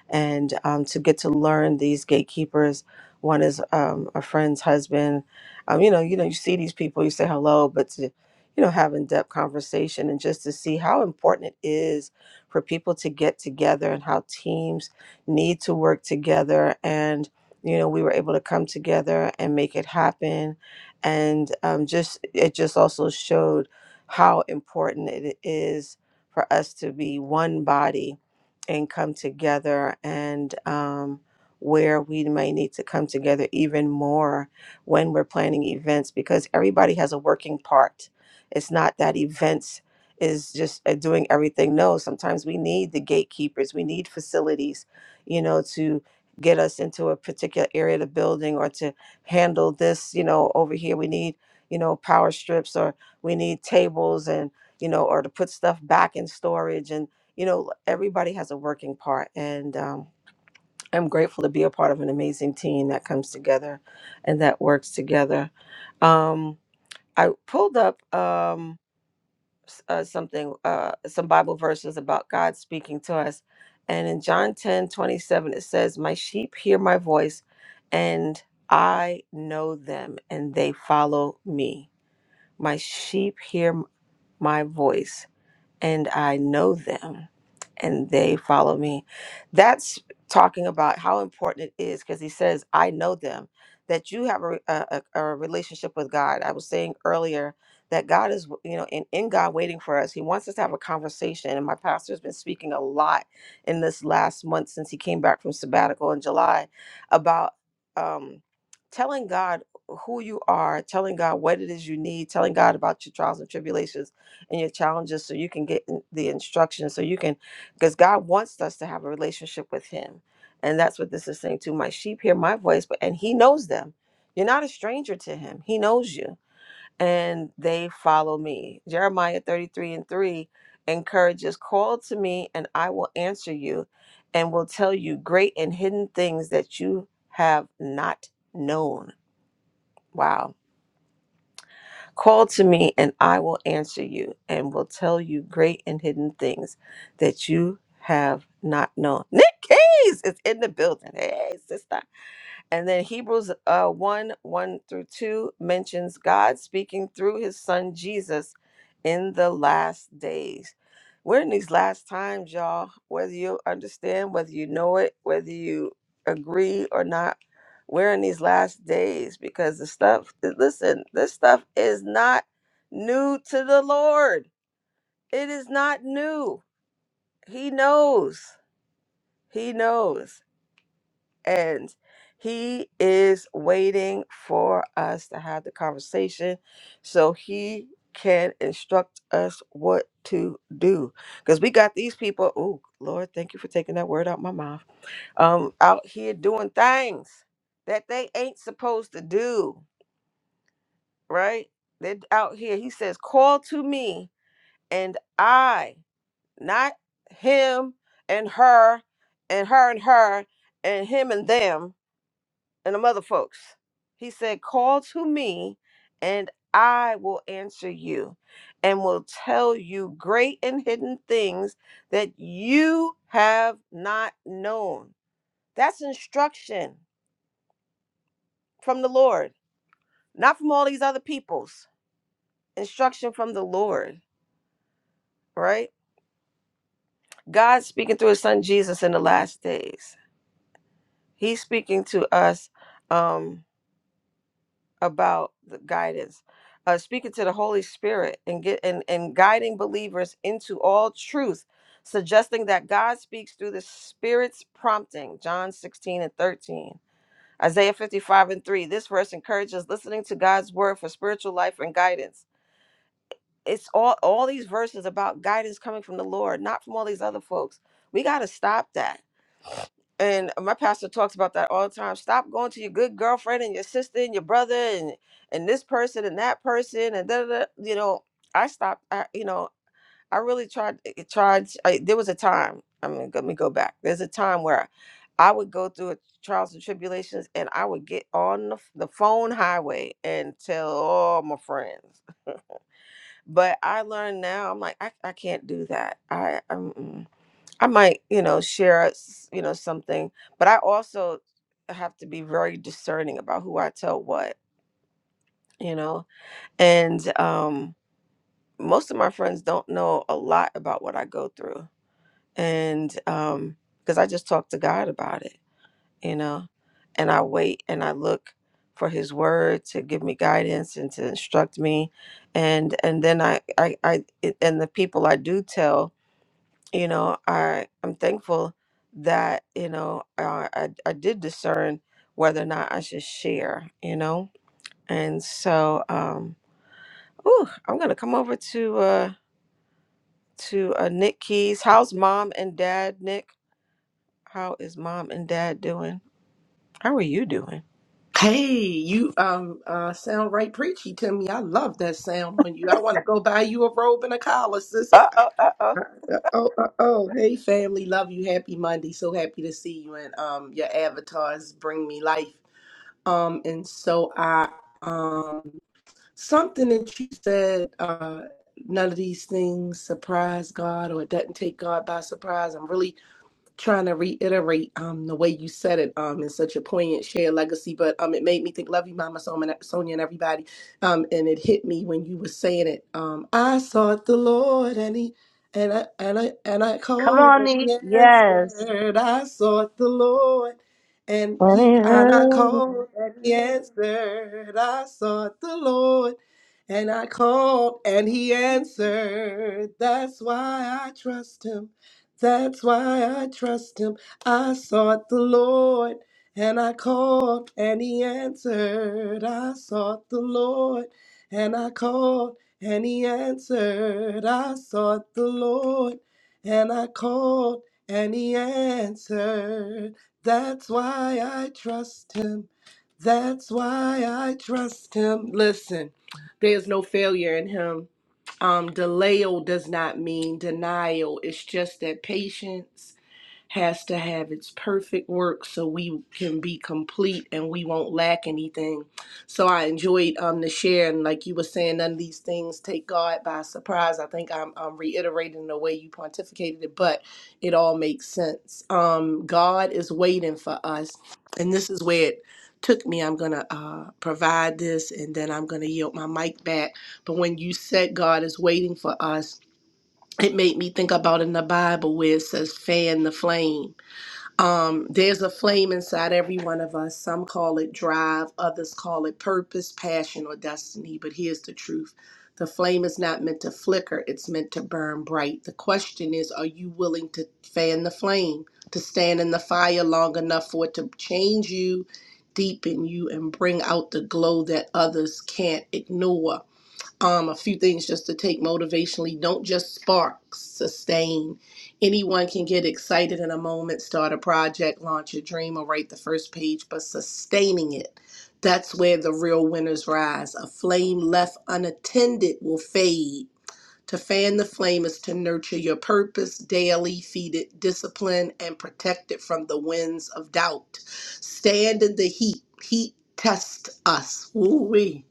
B: And um, to get to learn these gatekeepers. One is um, a friend's husband. Um, you know, you know, you see these people, you say hello, but to, you know, have in-depth conversation and just to see how important it is for people to get together and how teams need to work together. And, you know, we were able to come together and make it happen and um, just it just also showed how important it is for us to be one body and come together and um, where we may need to come together even more when we're planning events because everybody has a working part it's not that events is just uh, doing everything no sometimes we need the gatekeepers we need facilities you know to get us into a particular area of the building or to handle this you know over here we need you know power strips or we need tables and you know or to put stuff back in storage and you know everybody has a working part and um, i'm grateful to be a part of an amazing team that comes together and that works together um, i pulled up Um, s- uh, something, uh, some Bible verses about God speaking to us. And in John 10 27 it says, My sheep hear my voice, and I know them, and they follow me. My sheep hear m- my voice and I know them and they follow me. That's talking about how important it is because he says, I know them, that you have a, a, a a relationship with God. I was saying earlier that God is, you know, in, in God waiting for us. He wants us to have a conversation. And my pastor's been speaking a lot in this last month since he came back from sabbatical in July about um, telling God who you are, telling God what it is you need, telling God about your trials and tribulations and your challenges so you can get in- the instruction so you can because god wants us to have a relationship with him and that's what this is saying too. my sheep hear my voice but and he knows them you're not a stranger to him he knows you and they follow me jeremiah 33 and 3 encourages call to me and i will answer you and will tell you great and hidden things that you have not known wow Call to me, and I will answer you and will tell you great and hidden things that you have not known. Nick Case is in the building. Hey, sister. And then Hebrews uh, 1 1 through 2 mentions God speaking through his son Jesus in the last days. We're in these last times, y'all. Whether you understand, whether you know it, whether you agree or not, we're in these last days because the stuff, eh, listen, this stuff is not new to the Lord. It is not new. He knows. He knows. And he is waiting for us to have the conversation so he can instruct us what to do. Because we got these people, oh Lord, thank you for taking that word out my mouth. Um out here doing things that they ain't supposed to do, right? They're out here. He says, call to me and I, not him and her and her and her and him and them and them other folks. He said, Call to me, and I will answer you and will tell you great and hidden things that you have not known. That's instruction from the Lord, not from all these other peoples. Instruction from the Lord, right? God's speaking through his son Jesus in the last days. He's speaking to us. Um, about the guidance uh, speaking to the holy spirit and get and, and guiding believers into all truth suggesting that god speaks through the spirit's prompting john 16 and 13 isaiah 55 and 3 this verse encourages listening to god's word for spiritual life and guidance it's all all these verses about guidance coming from the lord not from all these other folks we got to stop that and my pastor talks about that all the time. Stop going to your good girlfriend and your sister and your brother and and this person and that person and da da. da. You know, I stopped. I, you know, I really tried. I Tried. I, there was a time. I mean, let me go back. There's a time where I would go through a, trials and tribulations, and I would get on the, f- the phone highway and tell all my friends. But I learned now. I'm like, I, I can't do that. I I might, you know, share, s- you know, something, but I also have to be very discerning about who I tell what, you know, and um, most of my friends don't know a lot about what I go through, and um, because I just talk to God about it, you know, and I wait and I look for His Word to give me guidance and to instruct me, and and then I I, I it- and the people I do tell you know i i'm thankful that you know uh, i i did discern whether or not i should share you know and so um ooh, i'm gonna come over to uh to uh nick keys how's mom and dad nick how is mom and dad doing how are you doing
J: Hey, you um uh sound right preachy to me. I love that sound on you. I want to go buy you a robe and a collar, sis. Uh,
B: uh oh uh
J: Oh, uh, oh, hey family, love you. Happy Monday. So happy to see you and um your avatars bring me life. Um and so I um something that you said uh none of these things surprise God or it doesn't take God by surprise. I'm really trying to reiterate um the way you said it um in such a poignant shared legacy but um it made me think love you mama Sonia, sonia and everybody um and it hit me when you were saying it um i sought the lord and he and i and i and i
K: Come
J: called
K: on,
J: and
K: Nick.
J: he
K: Yes.
J: answered i sought the lord and
K: Let me
J: he
K: hear
J: and i
K: it.
J: called and he answered i sought the lord and I called and he answered. That's why I trust him. That's why I trust him. I sought the Lord and I called and he answered. I sought the Lord and I called and he answered. I sought the Lord and I called and he answered. That's why I trust him. That's why I trust him. Listen. There is no failure in him. Um, delayo does not mean denial. It's just that patience has to have its perfect work so we can be complete and we won't lack anything. So I enjoyed um the share and like you were saying, none of these things take God by surprise. I think I'm, I'm reiterating the way you pontificated it, but it all makes sense. Um, God is waiting for us, and this is where it took me. I'm gonna uh, provide this, and then I'm gonna yield my mic back. But when you said God is waiting for us. It made me think about in the Bible where it says, fan the flame um, there's a flame inside every one of us. Some call it drive, others call it purpose, passion, or destiny. But here's the truth the flame is not meant to flicker, it's meant to burn bright. The question is are you willing to fan the flame, to stand in the fire long enough for it to change you, deepen you, and bring out the glow that others can't ignore? um, a few things just to take motivationally. Don't just spark, sustain. Anyone can get excited in a moment, start a project, launch a dream, or write the first page, but sustaining it. That's where the real winners rise. A flame left unattended will fade to fan the flame is to nurture your purpose, daily feed it discipline, and protect it from the winds of doubt. Stand in the heat. Heat tests us. Woo-wee.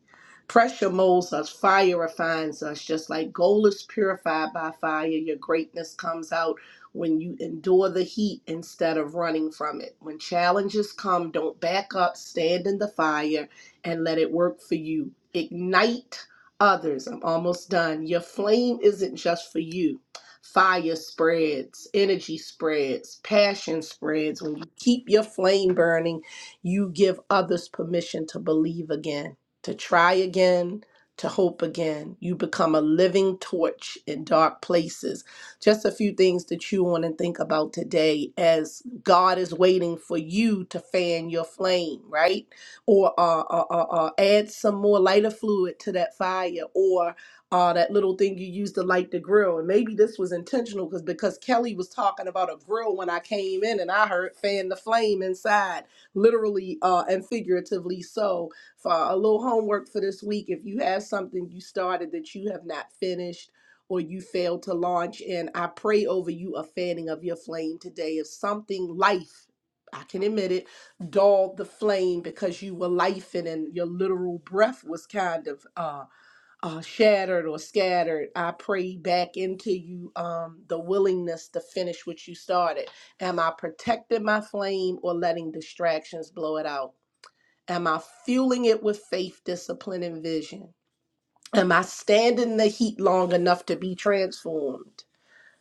J: Pressure molds us, fire refines us. Just like gold is purified by fire, your greatness comes out when you endure the heat instead of running from it. When challenges come, don't back up, stand in the fire and let it work for you. Ignite others. I'm almost done. Your flame isn't just for you. Fire spreads, energy spreads, passion spreads. When you keep your flame burning, you give others permission to believe again, to try again, to hope again. You become a living torch in dark places. Just a few things to chew on and think about today as God is waiting for you to fan your flame, right? or uh, uh, uh, uh, add some more lighter fluid to that fire or uh, that little thing you use to light the grill. And maybe this was intentional because because Kelly was talking about a grill when I came in and I heard fan the flame inside, literally uh, and figuratively. So for a little homework for this week, if you have something you started that you have not finished or you failed to launch and I pray over you a fanning of your flame today. If something life, I can admit it dulled the flame because you were life and your literal breath was kind of uh, uh, shattered or scattered. I pray back into you um, the willingness to finish what you started. Am I protecting my flame or letting distractions blow it out? Am I fueling it with faith, discipline, and vision? Am I standing the heat long enough to be transformed?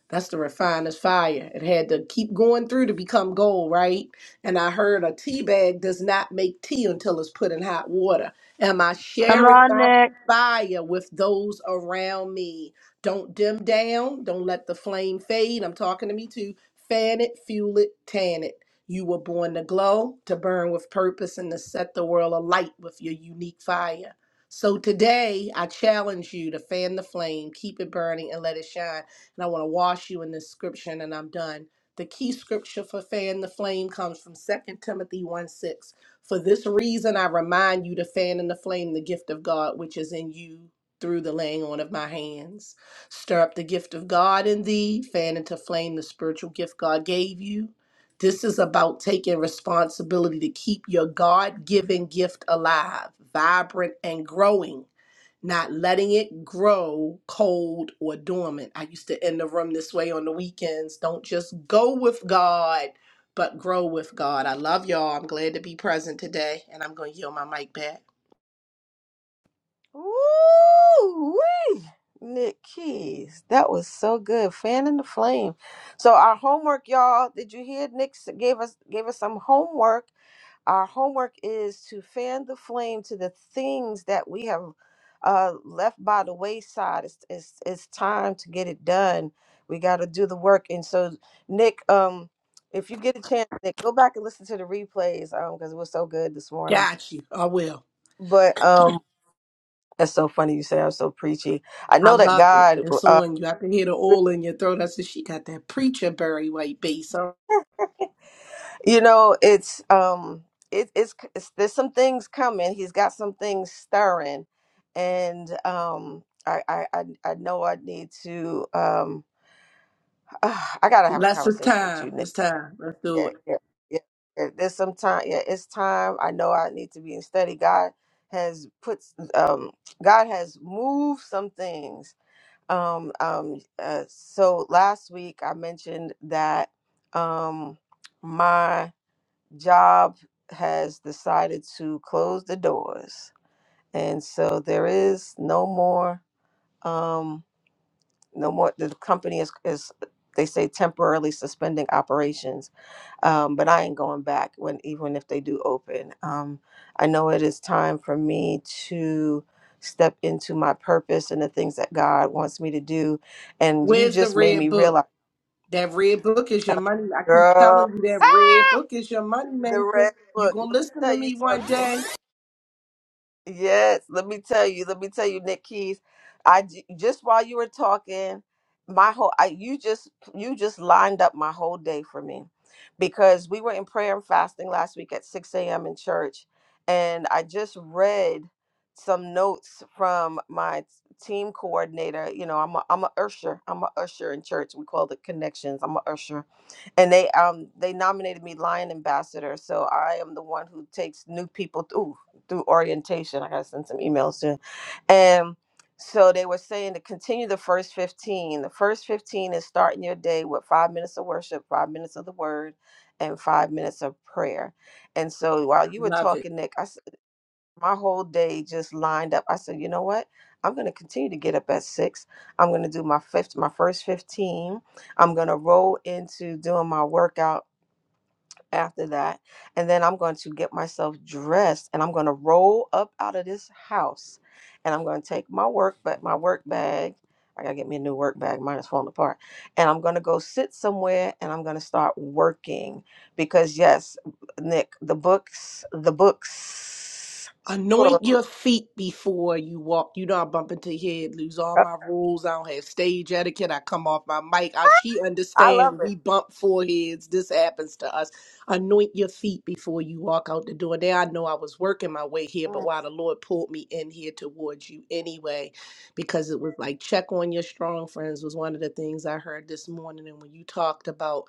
J: That's the refiner's fire. It had to keep going through to become gold, right? And I heard a tea bag does not make tea until it's put in hot water. Am I
K: Come
J: sharing
K: on,
J: my
K: Nick.
J: fire with those around me? Don't dim down. Don't let the flame fade. I'm talking to me too. Fan it, fuel it, tan it. You were born to glow, to burn with purpose, and to set the world alight with your unique fire. So today, I challenge you to fan the flame, keep it burning, and let it shine and I want to wash you in this scripture, and I'm done. The key scripture for fan the flame comes from Second Timothy 1 6. For this reason, I remind you to fan in the flame the gift of God which is in you through the laying on of my hands. Stir up the gift of God in thee, fan into flame the spiritual gift God gave you. This is about taking responsibility to keep your God given gift alive, vibrant, and growing not letting it grow cold or dormant. I used to end the room this way on the weekends. Don't just go with God, but grow with God. I love y'all. I'm glad to be present today, and I'm going to yield my mic back.
B: oh Woo Nick Keys, that was so good. Fan in the flame. So our homework, y'all. Did you hear? Nick s- gave us gave us some homework our homework is to fan the flame to the things that we have uh, left by the wayside. It's, it's, it's time to get it done. We got to do the work. And so, Nick, um, if you get a chance, Nick, go back and listen to the replays because it was so good this morning.
J: Got you. I will.
B: But um, that's so funny you say I'm so preachy. I
J: I
B: know that
J: love it.
B: God
J: It's
B: uh,
J: on you. I can hear the oil in your throat. I said, she got that preacher Barry White bass. So,
B: You know, it's um, it, it's, it's there's some things coming. He's got some things stirring, and um, I I I I know I need to um, I gotta have a
J: less of
B: conversation with
J: time.
B: you, Nick.
J: It's time. Let's do
B: Yeah,
J: it.
B: yeah, yeah. yeah. There's some time. Yeah, it's time. I know I need to be in study. God has put um, God has moved some things. Um, um, uh, so last week I mentioned that um, my job has decided to close the doors, and so there is no more, um, no more. The company is is they say temporarily suspending operations, um, but I ain't going back when even if they do open. Um, I know it is time for me to step into my purpose and the things that God wants me to do, and you
J: Where's the
B: just made me
J: red book?
B: realize,
J: That red book is your money. I keep telling
B: girl,
J: you that red book is your money
B: the
J: maker.
B: red
J: You
B: book.
J: gonna
B: Let me
J: listen to
B: tell you
J: me one
B: something.
J: day?
B: Yes, let me tell you, let me tell you, Nick Keys. I j- just while you were talking, my whole I you just you just lined up my whole day for me because we were in prayer and fasting last week at 6 a.m. in church, and I just read some notes from my t- team coordinator. You know, I'm a I'm a usher. I'm a usher in church. We call it connections. I'm a usher and they um they nominated me lion ambassador so i am the one who takes new people through through orientation. I gotta send some emails soon. And so they were saying to continue the first 15. The first 15 is starting your day with five minutes of worship, five minutes of the word, and five minutes of prayer. And so while you were
J: Love it.
B: talking, Nick, I, s- my whole day just lined up. I said, you know what? I'm going to continue to get up at six. I'm going to do my fifth, my first 15. I'm going to roll into doing my workout after that. And then I'm going to get myself dressed and I'm going to roll up out of this house and I'm going to take my work but my work bag. I got to get me a new work bag. Mine is falling apart. And I'm going to go sit somewhere and I'm going to start working because yes, Nick, the books, the books.
J: Anoint your feet before you walk. You know, I bump into your head, lose all my rules. I don't have stage etiquette. I come off my mic. I, she
B: I love
J: understand we
B: it.
J: bump foreheads. This happens to us. Anoint your feet before you walk out the door. There, I know I was working my way here, but
B: Mm.
J: why the Lord pulled me in here towards you anyway, because it was like check on your strong friends was one of the things I heard this morning. And when you talked about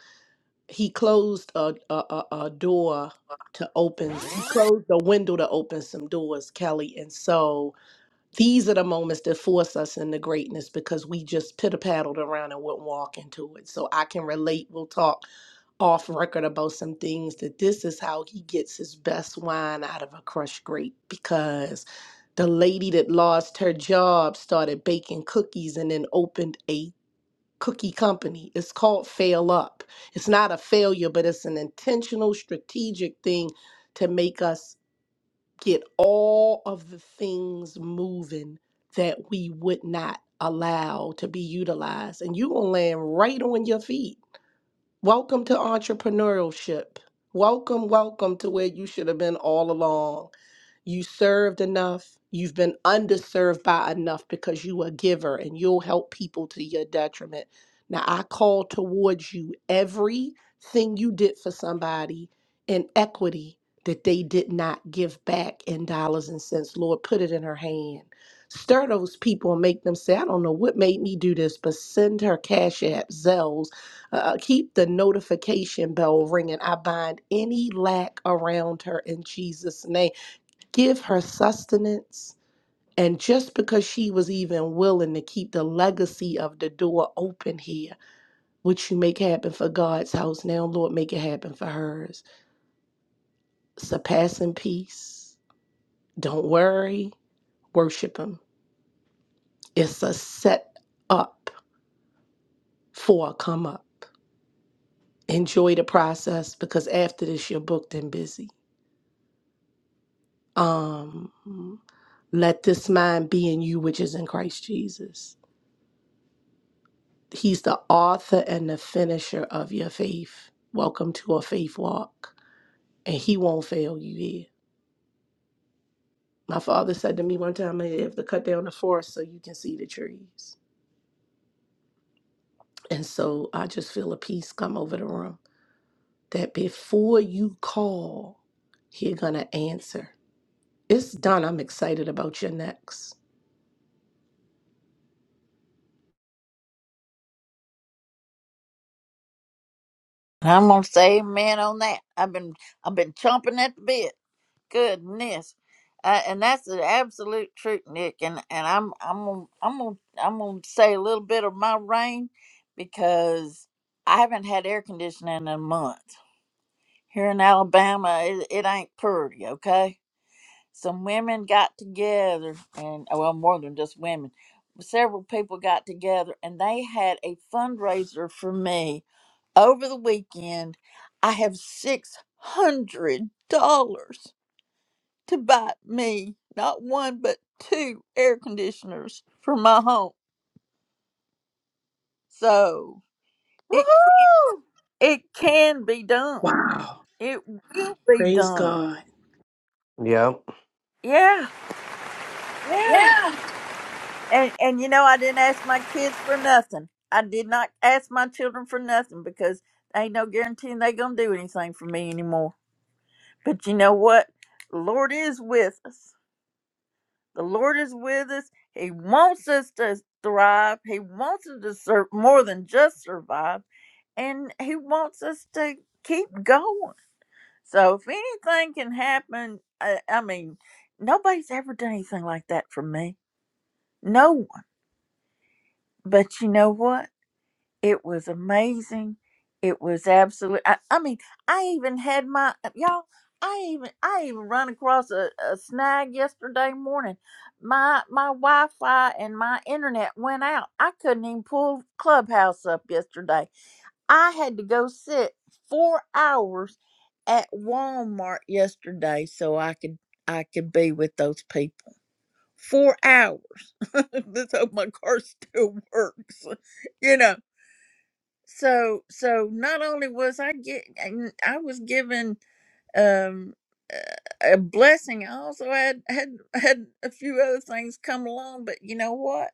J: he closed a, a, a, a door to open he closed a window to open some doors kelly and so these are the moments that force us into greatness because we just pitter paddled around and wouldn't walk into it so i can relate we'll talk off record about some things that this is how he gets his best wine out of a crushed grape because the lady that lost her job started baking cookies and then opened a cookie company. It's called Fail Up. It's not a failure, but it's an intentional, strategic thing to make us get all of the things moving that we would not allow to be utilized. And you're going to land right on your feet Welcome to entrepreneurship. Welcome, welcome to where you should have been all along. You served enough. You've been underserved by enough because you are a giver and you'll help people to your detriment. Now, I call towards you everything you did for somebody in equity that they did not give back in dollars and cents. Lord, put it in her hand. Stir those people and make them say, I don't know what made me do this, but send her Cash App, Zells uh, keep the notification bell ringing. I bind any lack around her in Jesus' name. Give her sustenance. And just because she was even willing to keep the legacy of the door open here, which you make happen for God's house now, Lord, make it happen for hers. Surpassing peace. Don't worry. Worship Him. It's a set up for a come up. Enjoy the process because after this, you're booked and busy. Um, Let this mind be in you, which is in Christ Jesus. He's the author and the finisher of your faith. Welcome to a faith walk. And he won't fail you here. My father said to me one time, I have to cut down the forest so you can see the trees. And so I just feel a peace come over the room that before you call, he's going to answer. It's done. I'm excited about your next.
A: I'm gonna say amen on that. I've been I've been chomping at the bit. goodness, uh, and that's the absolute truth, Nick. And and I'm I'm gonna, I'm gonna I'm gonna say a little bit of my rain because I haven't had air conditioning in a month here in Alabama. It, it ain't pretty, okay. Some women got together, and well, more than just women. Several people got together, and they had a fundraiser for me over the weekend. I have six hundred dollars to buy me not one but two air conditioners for my home. So it
B: Woohoo!
A: it can be done.
J: Wow.
A: It will be
J: Praise
A: done.
J: God.
G: Yeah.
A: Yeah, yeah. And and you know I didn't ask my kids for nothing. I did not ask my children for nothing because ain't no guaranteeing they gonna do anything for me anymore. But you know what? Lord is with us The Lord is with us. He wants us to thrive. He wants us to serve more than just survive. And He wants us to keep going. So if anything can happen, I, I mean, nobody's ever done anything like that for me. No one. But you know what? It was amazing. It was absolute. I, I mean, I even had my uh, y'all. I even I even run across a, a snag yesterday morning. My my Wi-Fi and my internet went out. I couldn't even pull Clubhouse up yesterday. I had to go sit four hours at Walmart yesterday so I could I could be with those people. Four hours. Let's hope my car still works. You know so so not only was i get and i was given um a a blessing i also had had had a few other things come along but you know what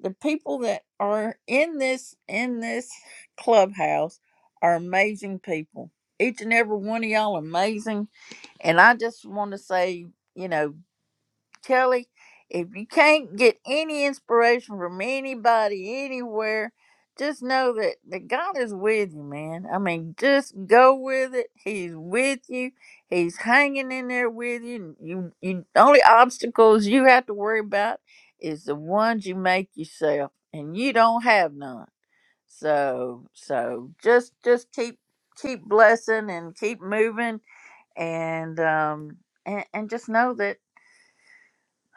A: the people that are in this in this clubhouse are amazing people each and every one of y'all amazing and i just want to say you know Kelly, if you can't get any inspiration from anybody anywhere, just know that, that God is with you, man. I mean, just go with it. He's with you. He's hanging in there with you. You, you the only obstacles you have to worry about is the ones you make yourself, and you don't have none. So, so just just keep keep blessing and keep moving, and um and, and just know that.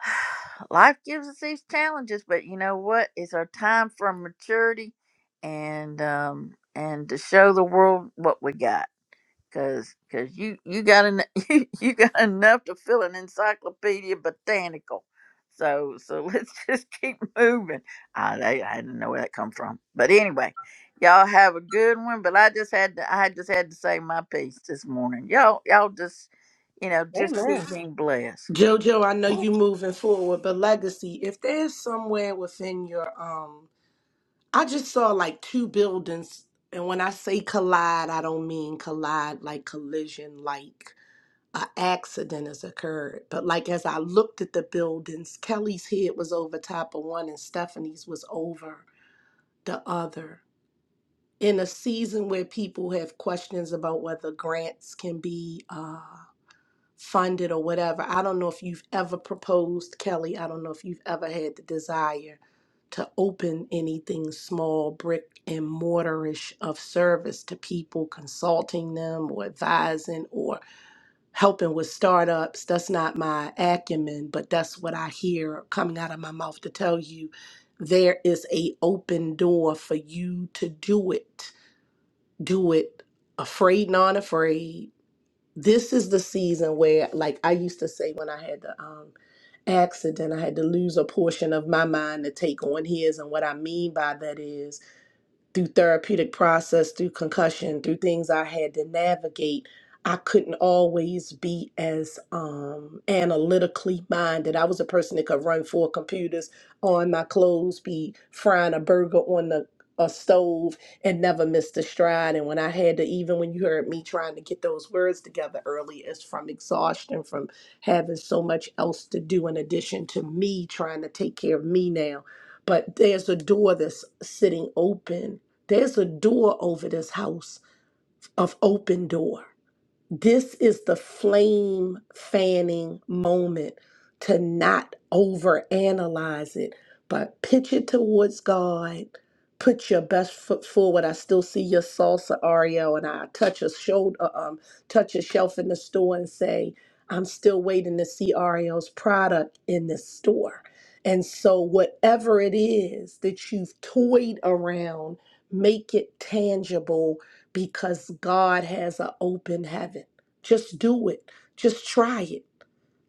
A: Life gives us these challenges, but you know what? It's our time for maturity and um and to show the world what we got. Cause, Cause you you got en- you, you got enough to fill an encyclopedia botanical. So so let's just keep moving. I I I didn't know where that come from, but anyway, y'all have a good one. But I just had to I just had to say my piece this morning. Y'all y'all just you know just keep
B: Amen.
A: being blessed.
J: Jojo, I know you moving forward, but legacy, if there's somewhere within your um I just saw like two buildings and when I say collide, I don't mean collide like collision like a accident has occurred. But like as I looked at the buildings, Kelly's head was over top of one and Stephanie's was over the other. In a season where people have questions about whether grants can be uh funded or whatever. I don't know if you've ever proposed, Kelly. I don't know if you've ever had the desire to open anything small, brick and mortarish of service to people, consulting them or advising or helping with startups. That's not my acumen, but that's what I hear coming out of my mouth to tell you there is a open door for you to do it. Do it afraid, non afraid this is the season where like i used to say when i had the um accident i had to lose a portion of my mind to take on his and what i mean by that is through therapeutic process, through concussion, through things I had to navigate, I couldn't always be as um, analytically minded. I was a person that could run four computers on my clothes, be frying a burger on the a stove and never missed a stride. And when I had to, even when you heard me trying to get those words together early, it's from exhaustion, from having so much else to do in addition to me trying to take care of me now. But there's a door that's sitting open there's a door over this house of open door this is the flame fanning moment to not overanalyze it, but pitch it towards God. Put your best foot forward. I still see your salsa Oreo, and I touch a shoulder, um, touch a shelf in the store, and say, "I'm still waiting to see Oreo's product in this store." And so, whatever it is that you've toyed around, make it tangible because God has an open heaven. Just do it. Just try it.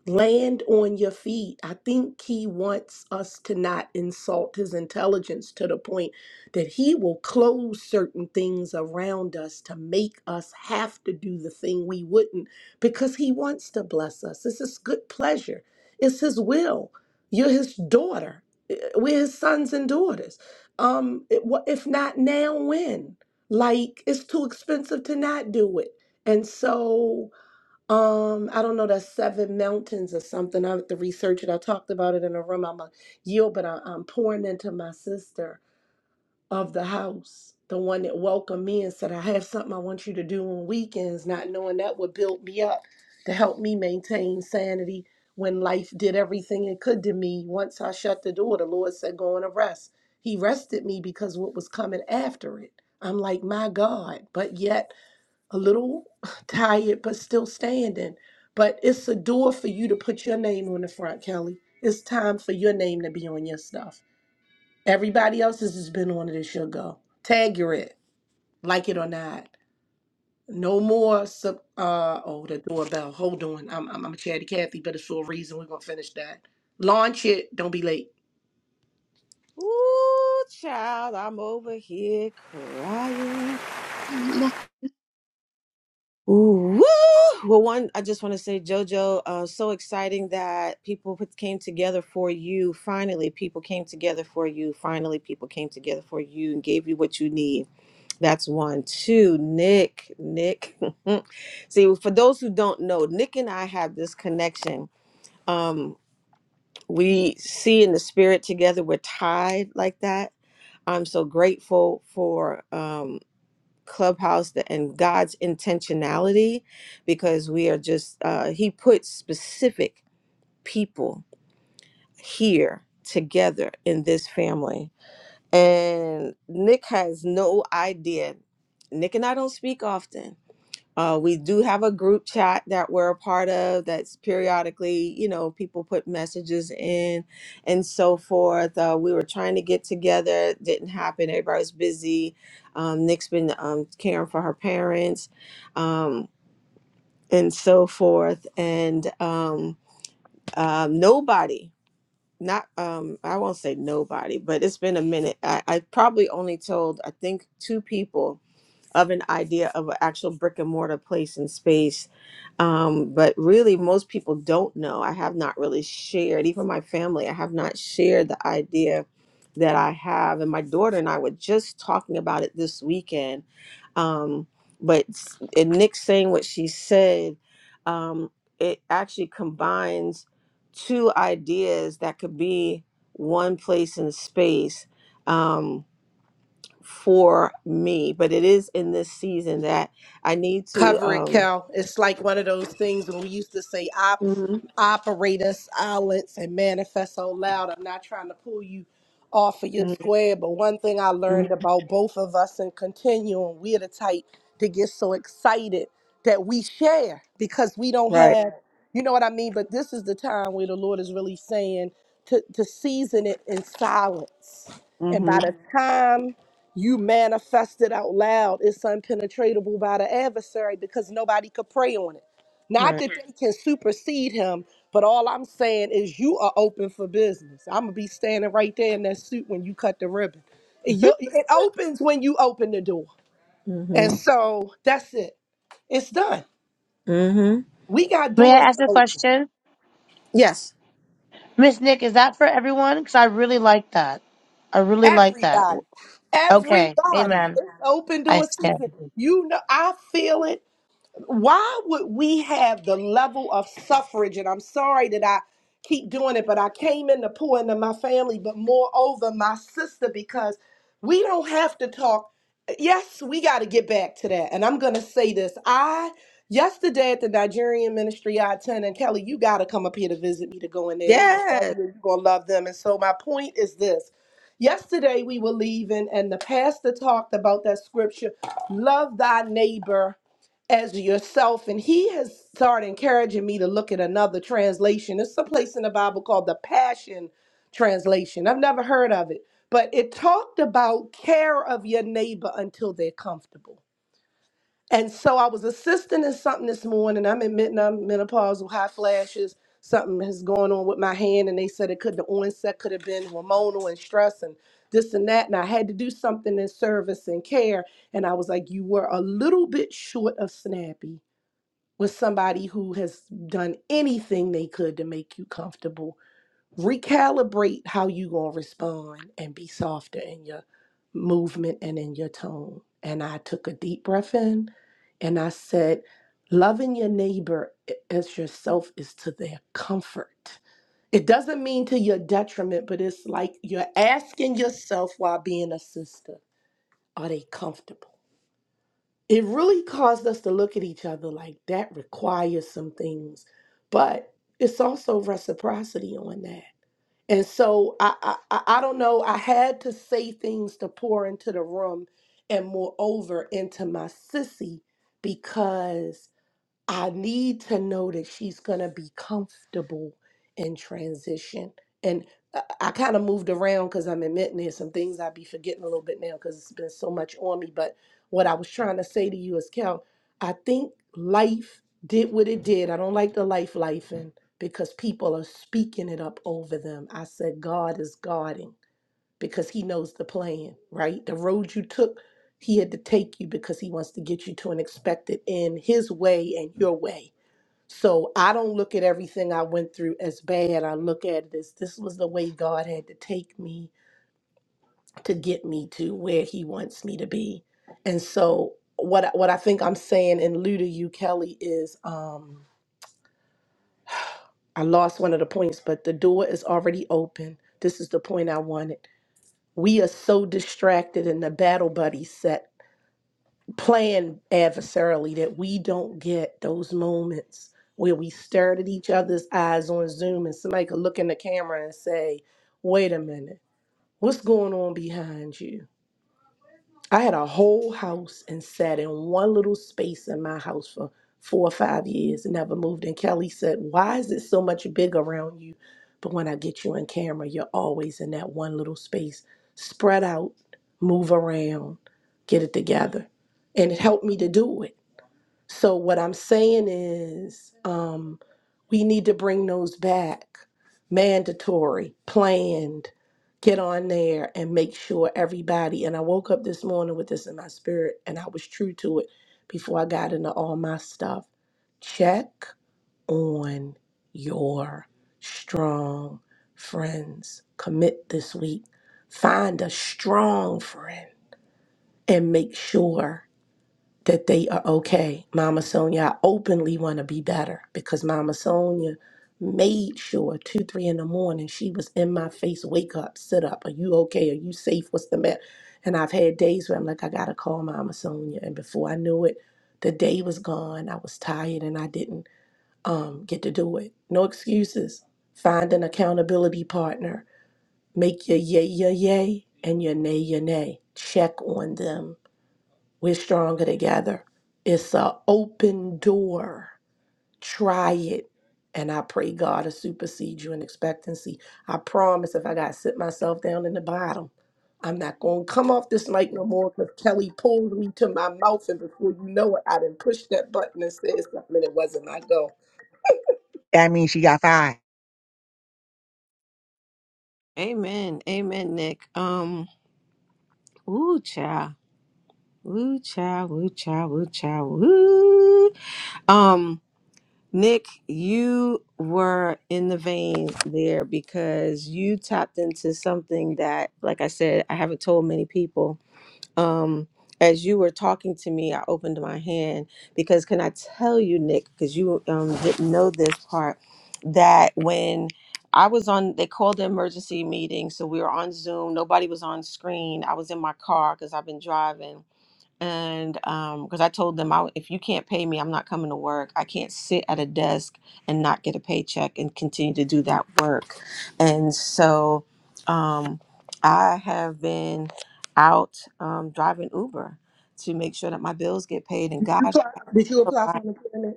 J: Land on your feet. I think he wants us to not insult his intelligence to the point that he will close certain things around us to make us have to do the thing we wouldn't because he wants to bless us. It's his good pleasure, it's his will. You're his daughter. Eh, eh, We're his sons and daughters. Um, it- wha- if not now, when? Like, it's too expensive to not do it. And so. Um, I don't know, that's Seven Mountains or something. I have to research it. I talked about it in a room. I'm a yield, but I, I'm pouring into my sister of the house, the one that welcomed me and said, I have something I want you to do on weekends, not knowing that would build me up to help me maintain sanity when life did everything it could to me. Once I shut the door, the Lord said, Go on and rest. He rested me because what was coming after it. I'm like, my God, but yet a little tired, but still standing. But it's a door for you to put your name on the front, Kelly. It's time for your name to be on your stuff. Everybody else has just been on it. It's your go. Tag your it, like it or not. No more sub. Uh oh, the doorbell. Hold on. I'm I'm, I'm a chatty Cathy, but it's for a reason. We're gonna finish that. Launch it. Don't be late.
B: Ooh, child, I'm over here crying. Ooh, woo! Well, one, I just want to say, JoJo, uh, so exciting that people put- came together for you. Finally, people came together for you. Finally, people came together for you and gave you what you need. That's one. Two, Nick, Nick. See, well, for those who don't know, Nick and I have this connection. Um, we see in the spirit together. We're tied like that. I'm so grateful for. Um, clubhouse th- and god's intentionality because we are just uh, he put specific people here together in this family and nick has no idea nick and i don't speak often uh, we do have a group chat that we're a part of that's periodically, you know, people put messages in and so forth. Uh, we were trying to get together, it didn't happen. Everybody's busy. Um, Nick's been um, caring for her parents um, and so forth. And um, um, nobody, not, um, I won't say nobody, but it's been a minute. I, I probably only told, I think, two people of an idea of an actual brick and mortar place in space. Um, but really, most people don't know. I have not really shared, even my family, I have not shared the idea that I have. And my daughter and I were just talking about it this weekend. Um, but s- and Nick saying what she said, um, it actually combines two ideas that could be one place in space. Um, for me, but it is in this season that I need to
J: cover it,
B: um
J: Cal. It's like one of those things when we used to say op
B: hmm
J: operator silence and manifest so loud. I'm not trying to pull you off of your square, but one thing I
B: hmm
J: learned about both of us and continuing, we're the type to get so excited that we share because we don't
B: Right.
J: have you know what I mean? But this is the time where the Lord is really saying to, to season it in silence. And by
B: hmm
J: the time you manifest it out loud. It's unpenetratable by the adversary because nobody could pray on it. Not
B: right.
J: that they can supersede him, but all I'm saying is you are open for business. I'm gonna be standing right there in that suit when you cut the ribbon. It, you- it opens when you open the door,
B: hmm
J: and so that's it. It's done.
B: hmm
J: We got
K: May I
J: doors
K: ask
J: to
K: a
J: open.
K: question?
B: Yes.
K: Miss Nick, is that for everyone? Because I really like that. I really like that.
J: Everybody,
K: Okay.
J: everybody.
K: Amen.
J: It's open
K: I
J: door
K: stand.
J: season. You know, I feel it. why would we have the level of suffrage? And I'm sorry that I keep doing it, but I came in to pour into my family, but moreover, my sister, because we don't have to talk. Yes, we got to get back to that. And I'm going to say this. I, yesterday at the Nigerian ministry I attend, and Kelly, you got to come up here to visit me to go in there. they going to love
B: Yes.
J: you and you going to love them. And so my point is this. Yesterday we were leaving, and the pastor talked about that scripture love thy neighbor as yourself. And he has started encouraging me to look at another translation. It's a place in the Bible called the Passion Translation. I've never heard of it, but it talked about care of your neighbor until they're comfortable. And so I was assisting in something this morning. I'm admitting I'm menopausal, high flashes. Something is going on with my hand, and they said it could the onset could have been hormonal and stress and this and that. And I had to do something in service and care. And I was like, you were a little bit short of snappy with somebody who has done anything they could to make you comfortable. Recalibrate how you gonna respond and be softer in your movement and in your tone. And I took a deep breath in and I said, loving your neighbor as yourself is to their comfort. It doesn't mean to your detriment, but it's like you're asking yourself while being a sister, are they comfortable? it really caused us to look at each other like that requires some things, but it's also reciprocity on that. And so I, I I I don't know. I had to say things to pour into the room, and moreover into my sissy, because I need to know that she's going to be comfortable in transition. And I, I kind of moved around because I'm admitting there's some things I'd be forgetting a little bit now because it's been so much on me. But what I was trying to say to you is, Cal, I think life did what it did. I don't like the life life in because people are speaking it up over them. I said, God is guarding because he knows the plan, right? The road you took, he had to take you because he wants to get you to an expected end his way and your way. So I don't look at everything I went through as bad. I look at it as this was the way God had to take me to get me to where he wants me to be. And so what I- what I think I'm saying in lieu to you, Kelly, is um I lost one of the points, but the door is already open. This is the point I wanted. We are so distracted in the battle buddy set playing adversarially that we don't get those moments where we stared at each other's eyes on Zoom and somebody could look in the camera and say, wait a minute, what's going on behind you? I had a whole house and sat in one little space in my house for four or five years and never moved. And Kelly said, Why is it so much big around you? But when I get you in camera, you're always in that one little space. Spread out, move around, get it together. And it helped me to do it so what I'm saying is, um, we need to bring those back, mandatory, planned. Get on there and make sure everybody. And I woke up this morning with this in my spirit, and I was true to it before I got into all my stuff. Check on your strong friends. Commit this week. Find a strong friend and make sure that they are okay. Mama Sonia, I openly want to be better because Mama Sonia made sure two, three in the morning she was in my face, wake up, sit up. Are you okay? Are you safe? What's the matter? And I've had days where I'm like, I gotta call Mama Sonia. And before I knew it, the day was gone. I was tired and I didn't um get to do it. No excuses. Find an accountability partner. Make your yay your yay and your nay your nay. Check on them we're stronger together. It's an open door. Try it. And I pray God to supersede you in expectancy. I promise if I got to sit myself down in the bottom, I'm not going to come off this mic no more because Kelly pulled me to my mouth. And before you know it, I didn't push that button and said something and it wasn't my goal.
H: That means she got five.
B: Amen. Amen, Nick. Um ooh cha. Woo cha woo cha woo cha woo. Um Nick, you were in the vein there because you tapped into something that, like I said, I haven't told many people. um as you were talking to me i opened my hand because can i tell you nick because you um didn't know this part that when i was on they called the emergency meeting so we were on zoom nobody was on screen i was in my car because i've been driving and um because i told them I, if you can't pay me i'm not coming to work i can't sit at a desk and not get a paycheck and continue to do that work and so um i have been out um, driving uber to make sure that my bills get paid and
J: Did you
B: god
J: apply, did you apply for
B: provide-
J: unemployment?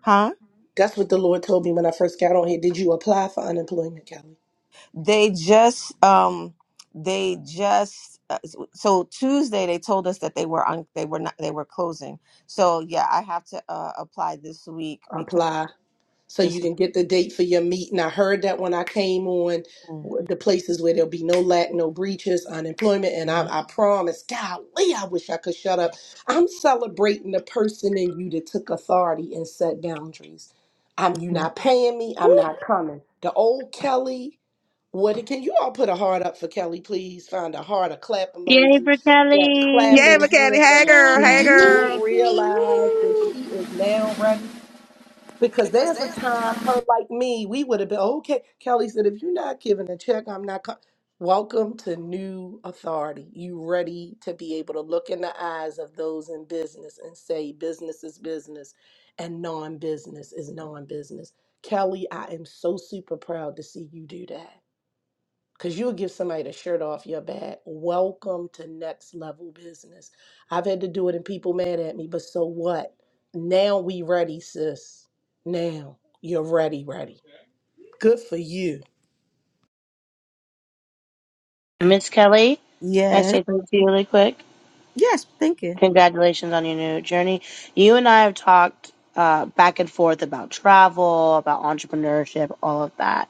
B: huh
J: That's what the Lord told me when I first got on here. Did you apply for unemployment, Kelly?
B: they just um they just uh, so tuesday they told us that they were on they were not they were closing so yeah i have to uh, apply this week because
J: Apply. so
B: this is.
J: you can get the date for your meeting. I heard that when I came on
B: Mm.
J: w- the places where there'll be no lack, no breaches, unemployment, and I, I promise, golly, I wish I could shut up. I'm celebrating the person in you that took authority and set boundaries. I'm you
B: Woo.
J: not paying me. I'm not coming. The old Kelly. What can you all put a heart up for Kelly, please? Find a heart, a clap
K: Yay
J: emoji,
K: for
J: that
H: Yeah,
J: clapping
K: Kelly.
H: McKelly.
J: hand.
H: Hey,
J: Do
H: girl. Hey,
B: Yay,
J: you
H: girl.
B: thank you.
J: realize that
B: Woo.
J: she is now ready? Because there's a time, her like me, we would have been "Oh, okay. Kelly said, if you're not giving a check, I'm not. Co-. Welcome to new authority. You ready to be able to look in the eyes of those in business and say, business is business and non business is non business. Kelly, I am so super proud to see you do that. Because you'll give somebody the shirt off your back. Welcome to next level business. I've had to do it and people mad at me, but so what? Now we ready, sis. Now you're ready, ready. Good for you.
K: Miss Kelly, I
B: Yes.
K: say thank you really quick.
B: Yes. Thank you.
K: Congratulations on your new journey. You and I have talked uh, back and forth about travel, about entrepreneurship, all of that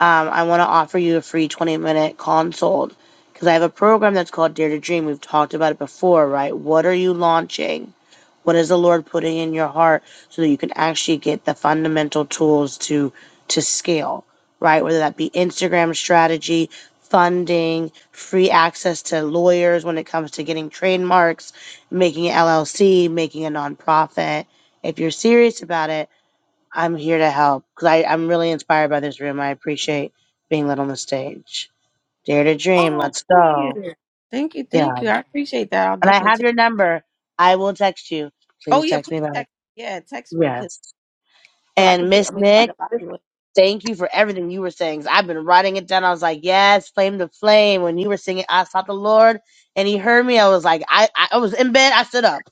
K: um, I want to offer you a free 20 minute consult because I have a program that's called Dare to Dream. We've talked about it before, right? What are you launching? What is the Lord putting in your heart so that you can actually get the fundamental tools to to scale, right? Whether that be Instagram strategy, funding, free access to lawyers when it comes to getting trademarks, making an LLC, making a nonprofit. If you're serious about it, I'm here to help because I'm really inspired by this room. I appreciate being lit on the stage. Dare to dream.
B: Oh,
K: Let's
B: thank
K: go.
B: you. Thank you. Thank
K: Yeah.
B: you. I appreciate that. I'll
K: And I
B: definitely
K: have
B: take.
K: your number. I will text you.
B: Oh
K: Please
B: yeah,
K: text me
B: please
K: about it.
B: text. Yeah, text me 'cause-
K: Yes.
B: so I
K: And
B: can put.
K: Miss
B: I make sure I
K: Nick,
B: can lock you in.
K: thank you for everything you were saying. 'cause I've been writing it down. I was like, yes, flame to flame. When you were singing, I sought the Lord and he heard me. I was like, I, I, I was in bed. I stood up.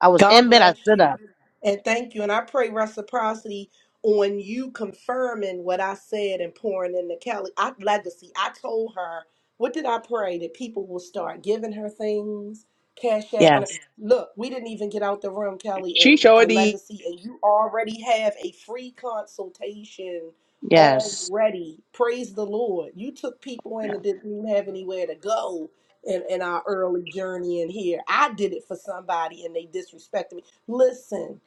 K: I was
J: God
K: in bed. I
J: bless
K: stood
J: you.
K: up.
J: And thank you. And I pray reciprocity on you confirming what I said and pouring into Kelly. I legacy. I told her, what did I pray? That people will start giving her things, cash app. And
K: Yes.
J: look, we didn't even get out the room, Kelly,
H: She
J: and
H: sure
J: uh,
H: did.
J: legacy. And you already have a free consultation
K: Yes.
J: already. Praise the Lord. You took people in that didn't even have anywhere to go in, in our early journey in here. I did it for somebody and they disrespected me. Listen,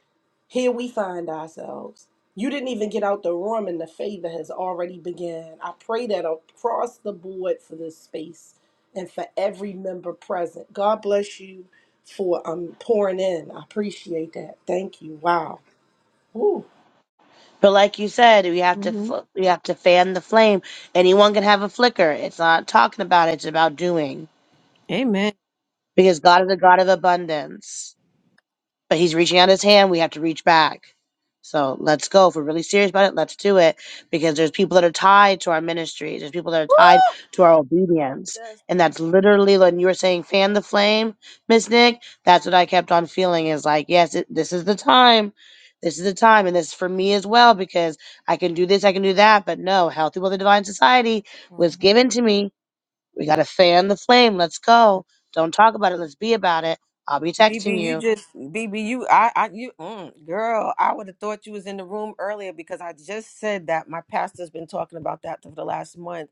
J: here we find ourselves. You didn't even get out the room and the favor has already begun. I pray that across the board for this space and for every member present. God bless you for um pouring in. I appreciate that. Thank you. Wow. Ooh,
K: But like you said, we have to
B: hmm
K: fl- we have to fan the flame. Anyone can have a flicker. It's not talking about it, it's about doing.
B: Amen.
K: Because God is a God of abundance but he's reaching out his hand. We have to reach back. So let's go. If we're really serious about it, let's do it because there's people that are tied to our ministry. There's people that are
B: Woo!
K: tied to our obedience.
B: Yes.
K: And that's literally when you were saying fan the flame, Miss Nick. That's what I kept on feeling is like, yes, it, this is the time. This is the time. And this is for me as well because I can do this, I can do that. But no, Healthy Wealthy Divine Society
B: Mm-hmm.
K: was given to me. We got to fan the flame. Let's go. Don't talk about it. Let's be about it. I'll be texting
B: BB, you
K: you.
B: just BB, you I I you mm, girl, I would have thought you was in the room earlier because I just said that my pastor's been talking about that for the last month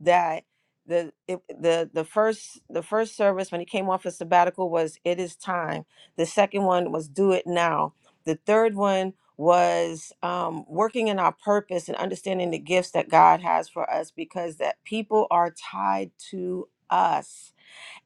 B: that the it, the the first the first service when he came off his sabbatical was it is time. The second one was do it now. The third one was um, working in our purpose and understanding the gifts that God has for us because that people are tied to us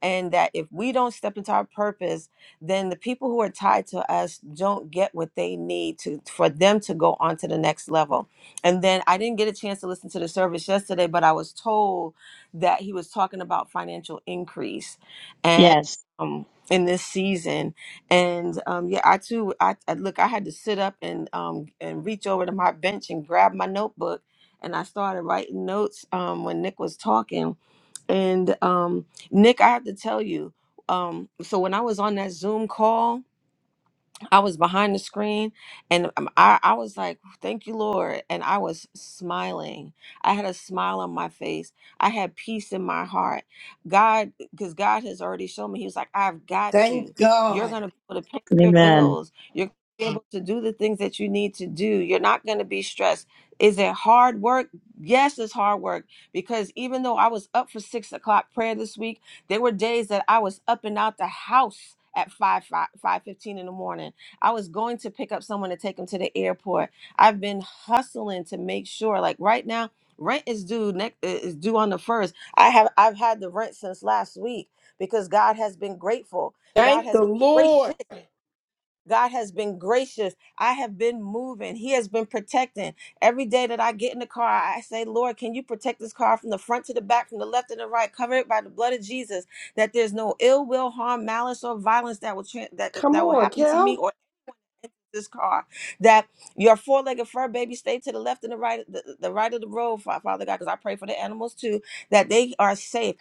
B: and that if we don't step into our purpose, then the people who are tied to us don't get what they need to for them to go on to the next level. And then I didn't get a chance to listen to the service yesterday, but I was told that he was talking about financial increase and um in this season and um yeah i too i, I look i had to sit up and um and reach over to my bench and grab my notebook and i started writing notes um when nick was talking and um, Nick, I have to tell you, um, so when I was on that Zoom call, I was behind the screen and um, I, I was like, thank you, Lord. And I was smiling. I had a smile on my face. I had peace in my heart. God, because God has already shown me, He was like, I've got
J: thank
B: you. You're
J: God.
B: going to be able to pay your
K: Amen.
B: bills. You're going to be able to do the things that you need to do. You're not going to be stressed. Is it hard work? Yes, it's hard work because even though I was up for six o'clock prayer this week, there were days that I was up and out the house at 5, 5, five fifteen in the morning I was going to pick up someone to take them to the airport. I've been hustling to make sure, like right now, rent is due next is due on the first. I have I've had the rent since last week because God has been grateful. God
J: Thank the
B: has
J: Lord.
B: gracious. God has been gracious. I have been moving. He has been protecting. Every day that I get in the car, I say, Lord, can you protect this car from the front to the back, from the left to the right, cover it by the blood of Jesus, that there's no ill will, harm, malice, or violence that will tra- that
J: Come
B: that will
J: on,
B: happen to
J: Kel.
B: me or this car that your four-legged fur baby stay to the left and the right the, the right of the road Fa- father god because i pray for the animals too that they are safe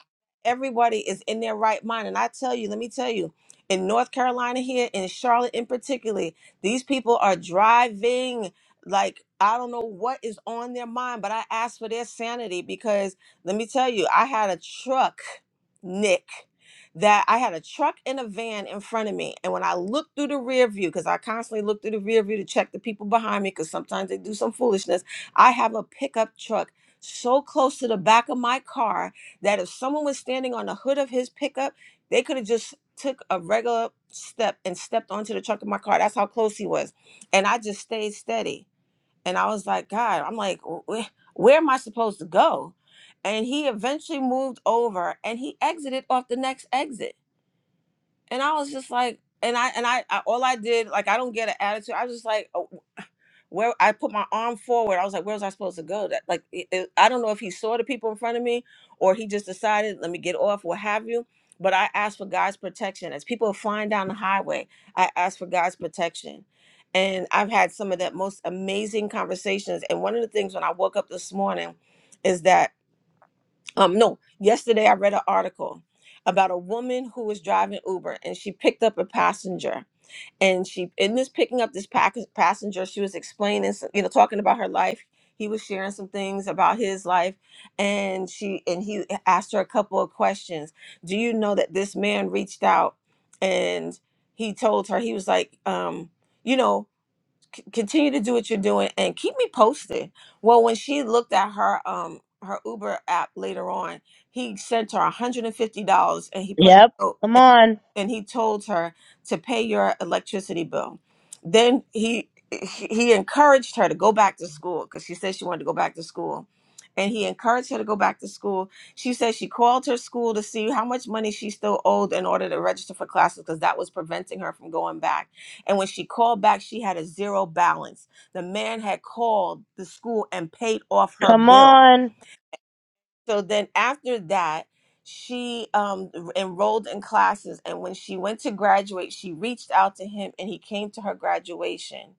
B: everybody is in their right mind and i tell you let me tell you in North Carolina here, in Charlotte in particular, these people are driving like I don't know what is on their mind, but I ask for their sanity because let me tell you, I had a truck, Nick, that I had a truck and a van in front of me. And when I looked through the rear view, because I constantly look through the rear view to check the people behind me, because sometimes they do some foolishness, I have a pickup truck so close to the back of my car that if someone was standing on the hood of his pickup, they could have just took a regular step and stepped onto the trunk of my car. That's how close he was. And I just stayed steady. And I was like, God, I'm like, "Wh- wh- where am I supposed to go? And he eventually moved over and he exited off the next exit. And I was just like, and I and I, I all I did, like I don't get an attitude. I was just like, "Oh, where I put my arm forward. I was like, where was I supposed to go? That like it, it- I don't know if he saw the people in front of me or he just decided, let me get off, what have you. But I asked for God's protection. As people are flying down the highway, I asked for God's protection. And I've had some of the most amazing conversations. And one of the things when I woke up this morning is that um no, yesterday I read an article about a woman who was driving Uber and she picked up a passenger and she in this picking up this pack- passenger she was explaining some- you know talking about her life he was sharing some things about his life and she and he asked her a couple of questions do you know that this man reached out and he told her he was like um you know c- continue to do what you're doing and keep me posted well when she looked at her um her uber app later on he sent her $150 and he put
K: Yep.
B: a note
K: Come on.
B: and he told her to pay your electricity bill. Then he he encouraged her to go back to school because she said she wanted to go back to school. And he encouraged her to go back to school. She said she called her school to see how much money she still owed in order to register for classes because that was preventing her from going back. And when she called back, she had a zero balance. The man had called the school and paid off her
K: Come
B: bill
K: on.
B: so then after that she um enrolled in classes and when she went to graduate she reached out to him and he came to her graduation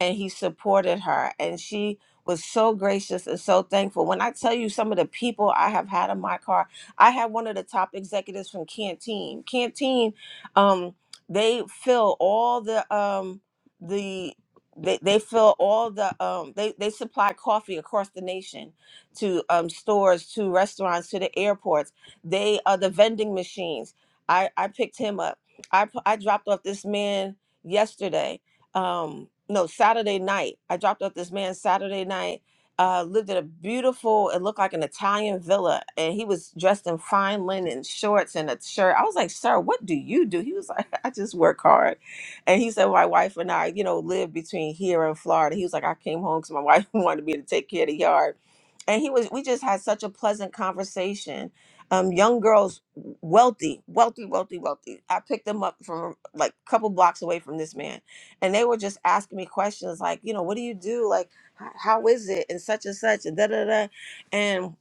B: and he supported her and she was so gracious and so thankful when i tell you some of the people i have had in my car i had one of the top executives from canteen canteen um they fill all the um the they, they fill all the um they, they supply coffee across the nation to um stores to restaurants to the airports they are the vending machines i i picked him up i pu- i dropped off this man yesterday um no saturday night i dropped off this man saturday night uh lived in a beautiful it looked like an italian villa and he was dressed in fine linen shorts and a shirt i was like sir what do you do he was like i just work hard and he said my wife and i you know live between here and florida he was like i came home because my wife wanted me to take care of the yard and he was we just had such a pleasant conversation um young girls wealthy wealthy wealthy wealthy i picked them up from like a couple blocks away from this man and they were just asking me questions like, you know, what do you do? Like, h- how is it? And such and such and da da da. And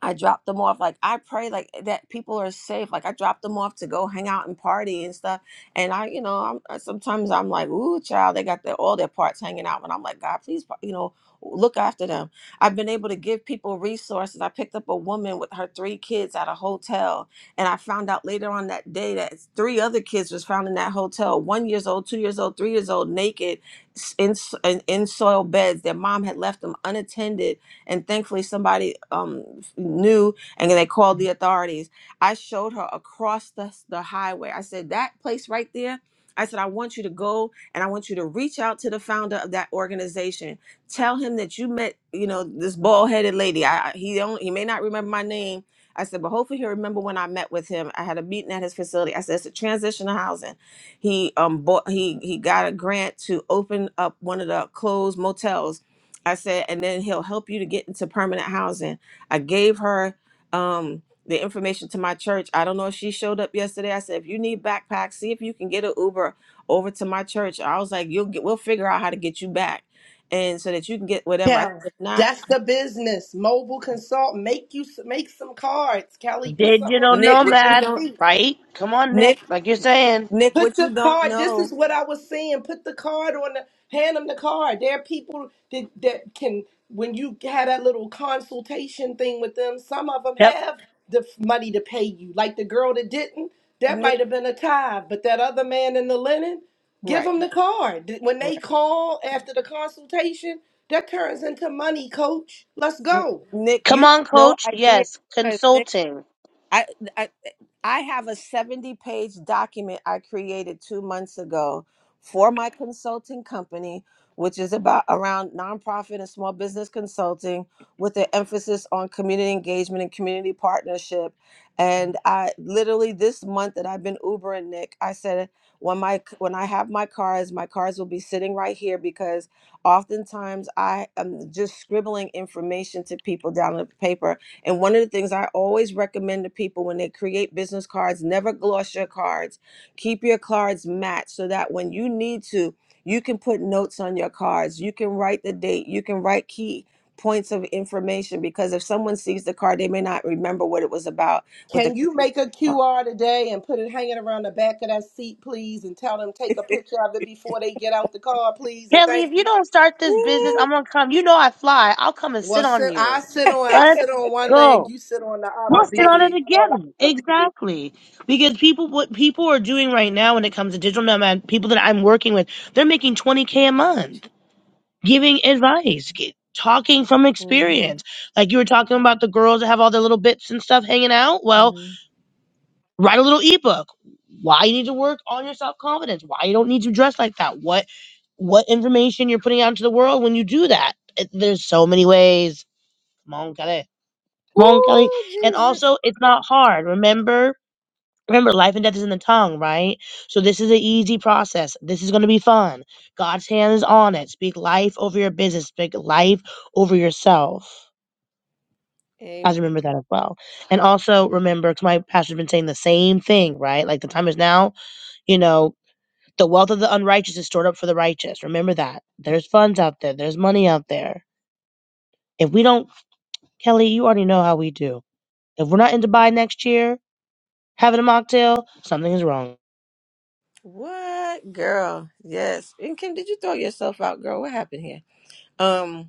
B: I drop them off. Like I pray like that people are safe. Like I drop them off to go hang out and party and stuff. And I, you know, I'm I- sometimes I'm like, ooh, child, they got their all their parts hanging out. And I'm like, God, please, you know, look after them. I've been able to give people resources. I picked up a woman with her three kids at a hotel, and I found out later on that day that three other kids was found in that hotel: one years old, two years old, three years old, naked, s- in s- in, in soil beds. Their mom had left them unattended and thankfully somebody um knew and they called the authorities i showed her across the, the highway i said that place right there i said i want you to go and i want you to reach out to the founder of that organization tell him that you met you know this bald-headed lady i I- he only he may not remember my name I said, but hopefully he'll remember when I met with him. I had a meeting at his facility. I said, it's a transitional housing. He um bought he he got a grant to open up one of the closed motels I said, and then he'll help you to get into permanent housing. I gave her um, the information to my church. I don't know if she showed up yesterday. I said, if you need backpacks, see if you can get an Uber over to my church. I was like, you'll get, we'll figure out how to get you back, and so that you can get whatever. I said,
J: Yeah,
B: if not,
J: that's the business. Mobile consult. Make you make some cards, Kelly. Put something on
K: Digital
J: the
B: Nick,
J: back of
B: what
J: your
B: you
K: nomad.
B: don't,
J: seat.
K: Right? Come on, Nick.
B: Nick,
K: Like you're saying.
B: Nick,
J: Put
B: what
J: the
B: you don't
J: card. This
B: know,
J: is what I was saying. Put the card on the hand them the card. There are people that that can when you had that little consultation thing with them. Some of them
K: Yep.
J: have the f- money to pay you. Like the girl that didn't, that might
B: Nick,
J: have been a tithe, but that other man in the linen, give
B: right,
J: them the card. Th- When
B: right,
J: they call after the consultation, that turns into money, coach. Let's
B: N-
J: go.
B: Nick,
K: Come
B: you
K: on,
B: have no
K: coach.
B: idea.
K: Yes. Consulting.
B: I, I eh, I have a 70 page document I created two months ago for my consulting company, which is about around nonprofit and small business consulting with an emphasis on community engagement and community partnership. And I literally this month that I've been Ubering Nick, I said when my when I have my cars, my cars will be sitting right here because oftentimes I am just scribbling information to people down on paper and one of the things I always recommend to people when they create business cards, never gloss your cards. Keep your cards matched so that when you need to, you can put notes on your cards. You can write the date. You can write key points of information because if someone sees the card, they may not remember what it was about. What the
J: Can you make a QR today and put it hanging around the back of that seat, please, and tell them take a picture of it before they get out the car, please, and
K: Kelly, if
J: thank
K: you
J: you.
K: don't start this business,
B: Mm-hmm.
K: I'm going to come. You know I fly. I'll come and
J: Well,
K: sit on
J: sit, I
K: you.
J: sit on I
K: Let's
J: sit on one leg,
K: go.
J: you sit on the other,
K: We'll sit on it
J: BB.
K: together. Exactly. Because people, what people are doing right now when it comes to digital nomad, people that I'm working with, they're making 20K a month. giving advice, g talking from experience. Like you were talking about the girls that have all their little bits and stuff hanging out. Well,
B: Mm-hmm.
K: write a little ebook. Why you need to work on your self confidence? Why you don't need to dress like that? What what information you're putting out into the world when you do that? It- there's so many ways. Come on, Kelly. Come on, Kelly.
B: Ooh,
K: And
B: Jesus.
K: also, it's not hard. Remember, Remember, life and death is in the tongue, right? So this is an easy process. This is going to be fun. God's hand is on it. Speak life over your business. Speak life over yourself. I
B: Amen.
K: just remember that as well. And also remember, because my pastor's been saying the same thing, right? Like the time is now. You know, the wealth of the unrighteous is stored up for the righteous. Remember that. There's funds out there. There's money out there. If we don't, Kelly, you already know how we do. If we're not in Dubai next year having a mocktail, something is wrong.
B: What girl? Yes. And Kim, did you throw yourself out, girl? What happened here? Um.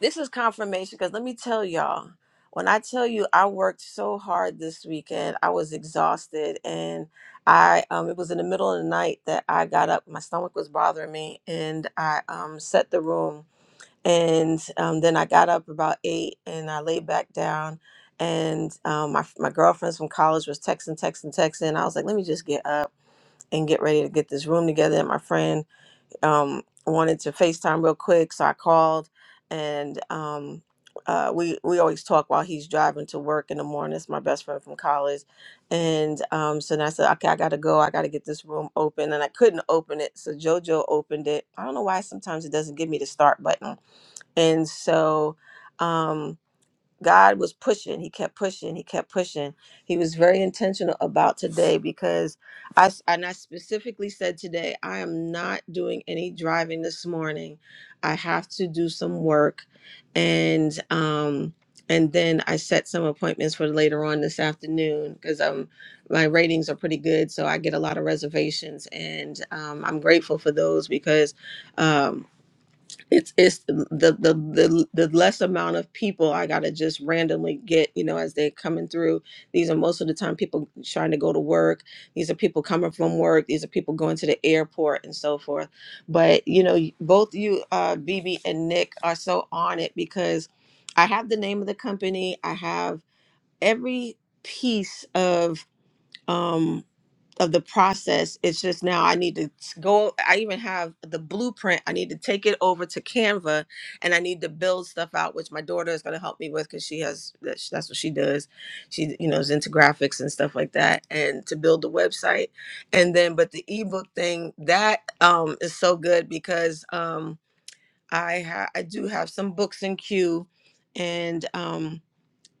B: This is confirmation because let me tell y'all, when I tell you I worked so hard this weekend, I was exhausted and I um it was in the middle of the night that I got up. My stomach was bothering me and I um set the room and um then I got up about eight and I laid back down and um my my girlfriends from college was texting, texting, texting. I was like, let me just get up and get ready to get this room together. And my friend um, wanted to FaceTime real quick, so I called, and um, uh, we we always talk while he's driving to work in the morning. It's my best friend from college, and um, so then I said, okay, I gotta go. I gotta get this room open, and I couldn't open it, so JoJo opened it. I don't know why sometimes it doesn't give me the start button, and so. Um, God was pushing. He kept pushing. He kept pushing. He was very intentional about today because I s- and I specifically said today I am not doing any driving this morning. I have to do some work, and um and then I set some appointments for later on this afternoon because um my ratings are pretty good, so I get a lot of reservations, and um, I'm grateful for those because um, it's it's the the the, the less amount of people i gotta just randomly get you know as they're coming through these are most of the time people trying to go to work these are people coming from work these are people going to the airport and so forth but you know both you uh bb and nick are so on it because i have the name of the company i have every piece of um, of the process it's just now i need to s- go i even have the blueprint i need to take it over to canva and i need to build stuff out which my daughter is going to help me with because she has that's that's what she does she you know is into graphics and stuff like that and to build the website and then but the ebook thing that um is so good because um i ha- i do have some books in queue and um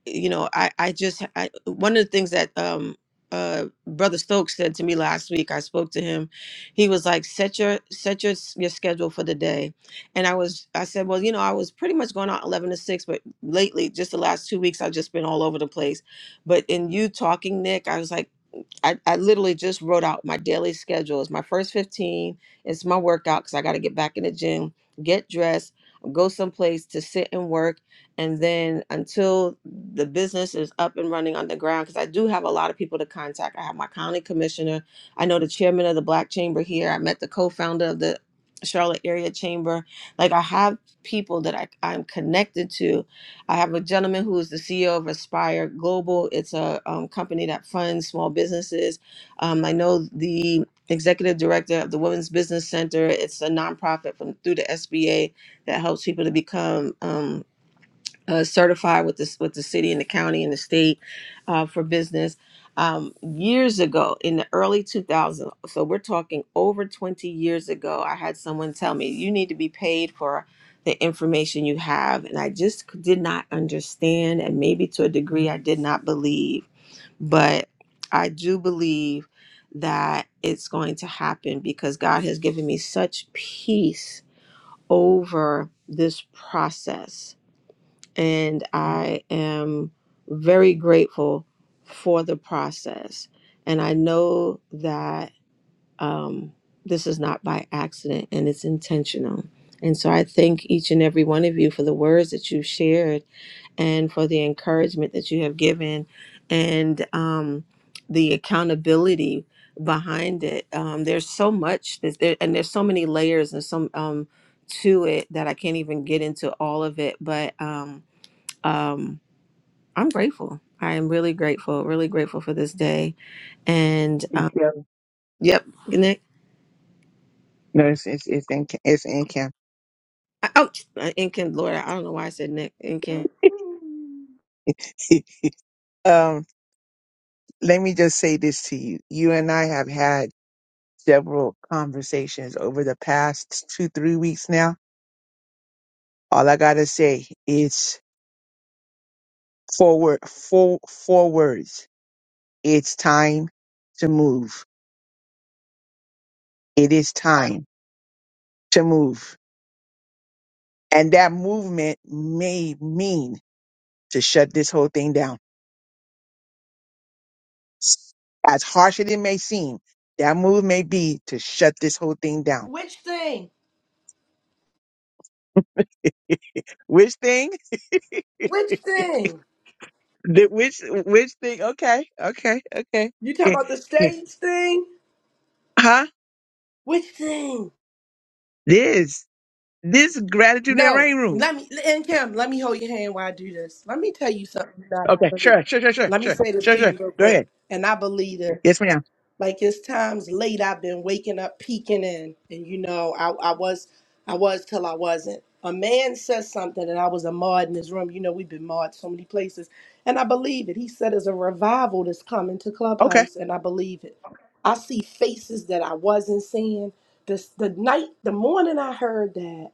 B: you know, I I just I, one of the things that um uh brother Stokes said to me last week. I spoke to him. He was like, "Set your set your s- your schedule for the day," and I was I said, "Well, you know, I was pretty much going out eleven to six, but lately, just the last two weeks, I've just been all over the place." But in you talking, Nick, I was like. I, I literally just wrote out my daily schedule. It's my first 15. It's my workout because I got to get back in the gym, get dressed, go someplace to sit and work. And then until the business is up and running on the ground, because I do have a lot of people to contact. I have my county commissioner. I know the chairman of the Black Chamber here. I met the co founder of the Charlotte Area Chamber. Like I have people that I, I'm connected to I have a gentleman who is the CEO of Aspire Global. It's a um, company that funds small businesses. Um, I know the executive director of the Women's Business Center. It's a nonprofit from through the SBA that helps people to become. Um, uh, certified with this with the city and the county and the state uh, for business um, years ago in the early 2000s so we're talking over 20 years ago i had someone tell me you need to be paid for the information you have and i just c- did not understand and maybe to a degree i did not believe but i do believe that it's going to happen because god has given me such peace over this process and I am very grateful for the process. And I know that um, this is not by accident and it's intentional. And so I thank each and every one of you for the words that you shared and for the encouragement that you have given and um, the accountability behind it. Um, there's so much, that there, and there's so many layers and some um, to it that I can't even get into all of it. But um, um, I'm grateful. I am really grateful, really grateful for this day. And um,
H: Yeah.
B: yep, Nick.
H: No, it's, it's, it's in, it's in camp.
B: I, oh, Inkin, Lord, I don't know why I said Nick. Inkin.
H: um, let me just say this to you. You and I have had several conversations over the past two, three weeks now. All I got to say is four, wor- four, four words. It's time to move. It is time to move. And that movement may mean to shut this whole thing down. As harsh as it may seem, that move may be to shut this whole thing down.
J: Which thing?
H: Which thing?
J: Which thing?
H: The- Which which thing? Okay, okay, okay.
J: You talking
H: Eh,
J: about the
H: eh,
J: stage thing?
H: Huh?
J: Which thing?
H: This this gratitude and
J: No,
H: rain room.
J: let me and Kim, let me hold your hand while I do this. Let me tell you something you're not gonna
H: Okay,
J: believe.
H: sure, sure, sure, sure,
J: Let me
H: sure,
J: say this
H: sure,
J: to
H: sure.
J: you real
H: Go
J: quick,
H: ahead.
J: and I believe this.
H: Yes, ma'am.
J: like it's times late I've been waking up peeking in and you know I, I was I was till I wasn't. A man says something and I was a mod in his room. You know we've been mod so many places and I believe it. He said there's a revival that's coming to
H: Okay,
J: Clubhouse and I believe it. I see faces that I wasn't seeing. This the night the morning I heard that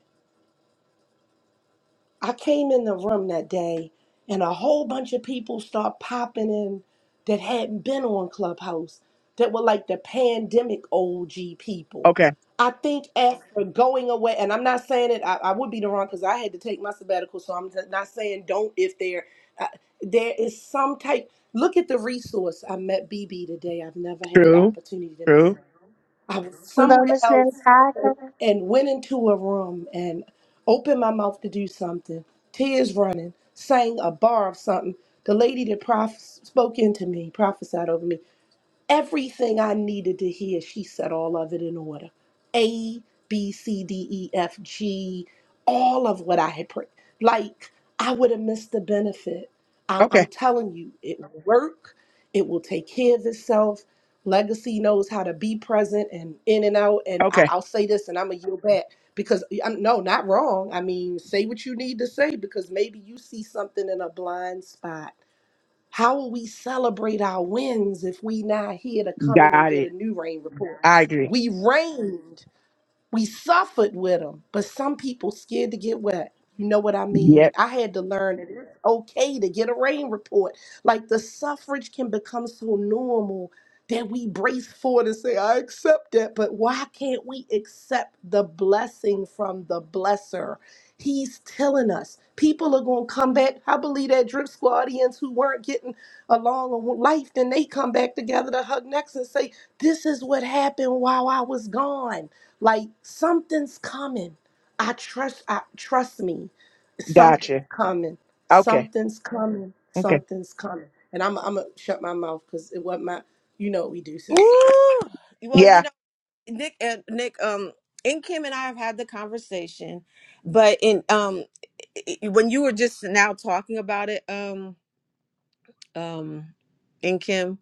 J: I came in the room that day and a whole bunch of people start popping in that hadn't been on Clubhouse that were like the pandemic OG people.
H: okay.
J: I think after going away, and I'm not saying it, I, I would be the wrong because I had to take my sabbatical, so I'm not saying don't if there, uh, there is some type. Look at the resource. I met BB today. I've never had the
H: True,
J: opportunity to meet her.
H: true.
J: I was
K: Hello,
J: somewhere
K: Miss
J: else
K: Natasha.
J: and went into a room and opened my mouth to do something, tears running, sang a bar of something. The lady that prof- spoke into me, prophesied over me. Everything I needed to hear, she said all of it in order. A, B, C, D, E, F, G, all of what I had prayed. Like, I would have missed the benefit. I'm, I'm
H: Okay,
J: telling you, it will work. It will take care of itself. Legacy knows how to be present and in and out. And I,
H: okay.
J: I'll say this, and I'm going to yield back because I'm, no, not wrong. I mean, say what you need to say because maybe you see something in a blind spot how will we celebrate our wins if we not here to come in and
H: Got
J: get a
H: it.
J: new rain report?
H: I agree.
J: We reigned, we suffered with them, but some people scared to get wet. You know what I mean?
H: Yep.
J: I had to learn that it's okay to get a rain report. Like the suffrage can become so normal that we brace for it and say, I accept that. But why can't we accept the blessing from the blesser? He's telling us people are going to come back. I believe that drip squadians who weren't getting along in life, then they come back together to hug necks and say, This is what happened while I was gone. Like something's coming. I trust, I trust me. Something's
H: Gotcha.
J: coming.
H: Okay,
J: Something's coming.
H: okay.
J: Something's coming. And I'm, I'm going to shut my mouth because it wasn't my, you know what we do, sis.
B: Ooh. Well,
H: Yeah,
B: you know, Nick and Nick, um, and Kim and I have had the conversation, but in um, i- i- when you were just now talking about it, um, um, in Kim,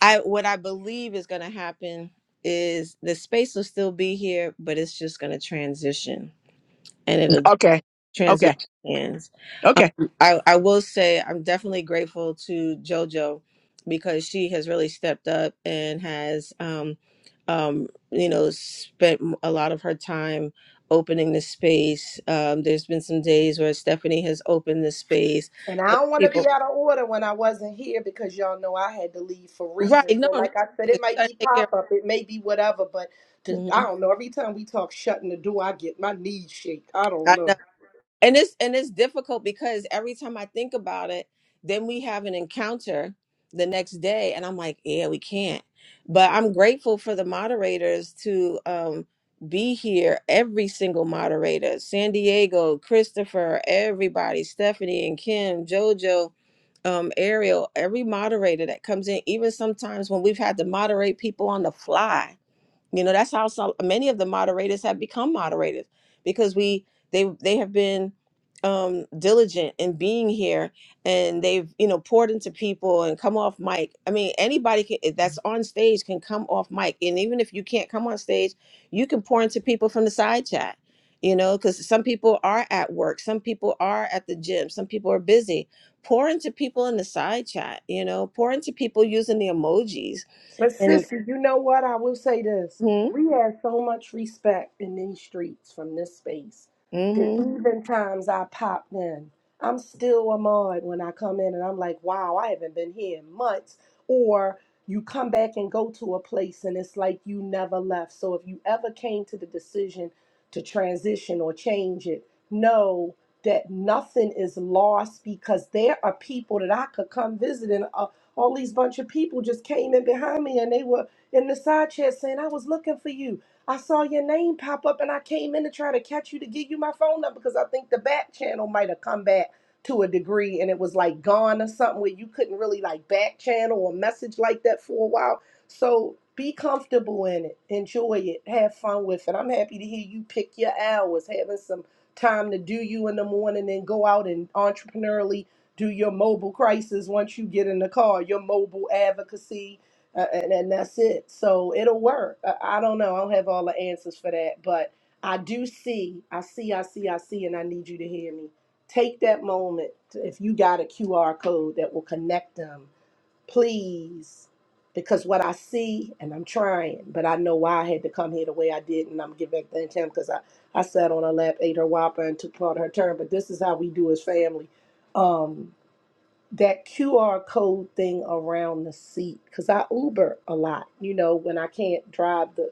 B: I what I believe is going to happen is the space will still be here, but it's just going to transition, and it'll.
H: Okay.
B: transition
H: Okay.
B: hands.
H: Okay.
B: Um, I, I will say I'm definitely grateful to JoJo because she has really stepped up and has, um, um, you know, spent m- a lot of her time opening the space. Um, there's been some days where Stephanie has opened the space.
J: And I
B: Other
J: don't want to
B: people,
J: be out of order when I wasn't here because y'all know I had to leave for
B: right?
J: reasons.
B: No,
J: So,
B: no, 'cause
J: like I said,
B: you
J: it might
B: gotta
J: be
B: take care.
J: pop
B: Of,
J: up, it may be whatever, but to, I
B: Mhm.
J: don't know. Every time we talk shutting the door, I get my knees shake. I don't know.
B: and it's and it's difficult because every time i think about it then we have an encounter the next day and i'm like yeah we can't but i'm grateful for the moderators to um be here every single moderator san diego christopher everybody stephanie and kim jojo um ariel every moderator that comes in even sometimes when we've had to moderate people on the fly you know, that's how some many of the moderators have become moderators because we they they have been um diligent in being here and they've you know poured into people and come off mic i mean anybody can, eh, that's on stage can come off mic and even if you can't come on stage you can pour into people from the side chat you know because some people are at work some people are at the gym some people are busy pour into people in the side chat you know pour into people using the emojis
J: But
B: and
J: sister, you know what? I will say this.
B: hmm
J: We have so much respect in these streets from this space that
B: mm-hmm.
J: even times I popped in, I'm still a mod when I come in and I'm like, wow, I haven't been here in months. Or you come back and go to a place and it's like you never left. So if you ever came to the decision to transition or change it, know that nothing is lost because there are people that I could come visit in all these bunch of people just came in behind me and they were in the side chat saying, I was looking for you. I saw your name pop up and I came in to try to catch you to give you my phone number because I think the back channel might have come back to a degree and it was like gone or something where you couldn't really like back channel or message like that for a while. So be comfortable in it, enjoy it, have fun with it. I'm happy to hear you pick your hours, having some time to do you in the morning and go out and entrepreneurially do your mobile crisis once you get in the car, your mobile advocacy, uh, and, and that's it. So it'll work. I, I don't know. I don't have all the answers for that, but I do see, I see, I see, I see, and I need you to hear me. Take that moment. to- If you got a QR code that will connect them, please. Because what I see, and I'm trying, but I know why I had to come here the way I did, and I'm giving back to him because I, I sat on her lap, ate her whopper, and took part of her turn. But this is how we do as family. Um, that QR code thing around the seat because I Uber a lot, you know, when I can't drive the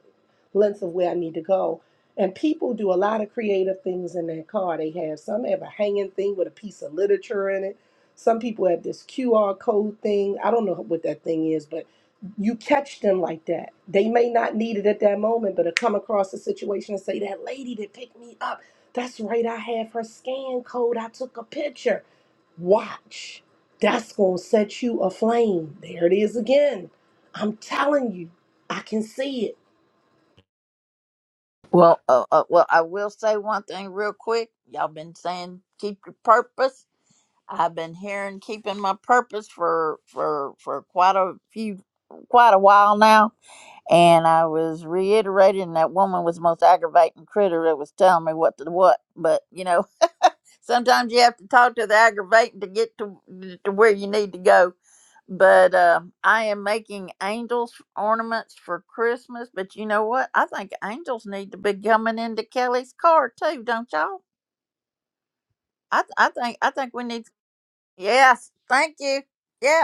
J: length of where I need to go. And people do a lot of creative things in their car. They have some have a hanging thing with a piece of literature in it. Some people have this QR code thing. I don't know what that thing is, but you catch them like that. They may not need it at that moment, but to come across a situation and say, That lady that picked me up, that's right, I have her scan code. I took a picture. Watch. That's going to set you aflame. There it is again. I'm telling you, I can see it.
A: Well, uh, uh, well, I will say one thing real quick. Y'all been saying keep your purpose. I've been hearing keeping my purpose for for for quite a few quite a while now, and I was reiterating that woman was the most aggravating critter that was telling me what to what. But you know. Sometimes you have to talk to the aggravating to get to, to where you need to go. But uh, I am making angels ornaments for Christmas. But you know what? I think angels need to be coming into Kelly's car too, don't y'all? I I think I think we need. Yes, thank you. Yeah.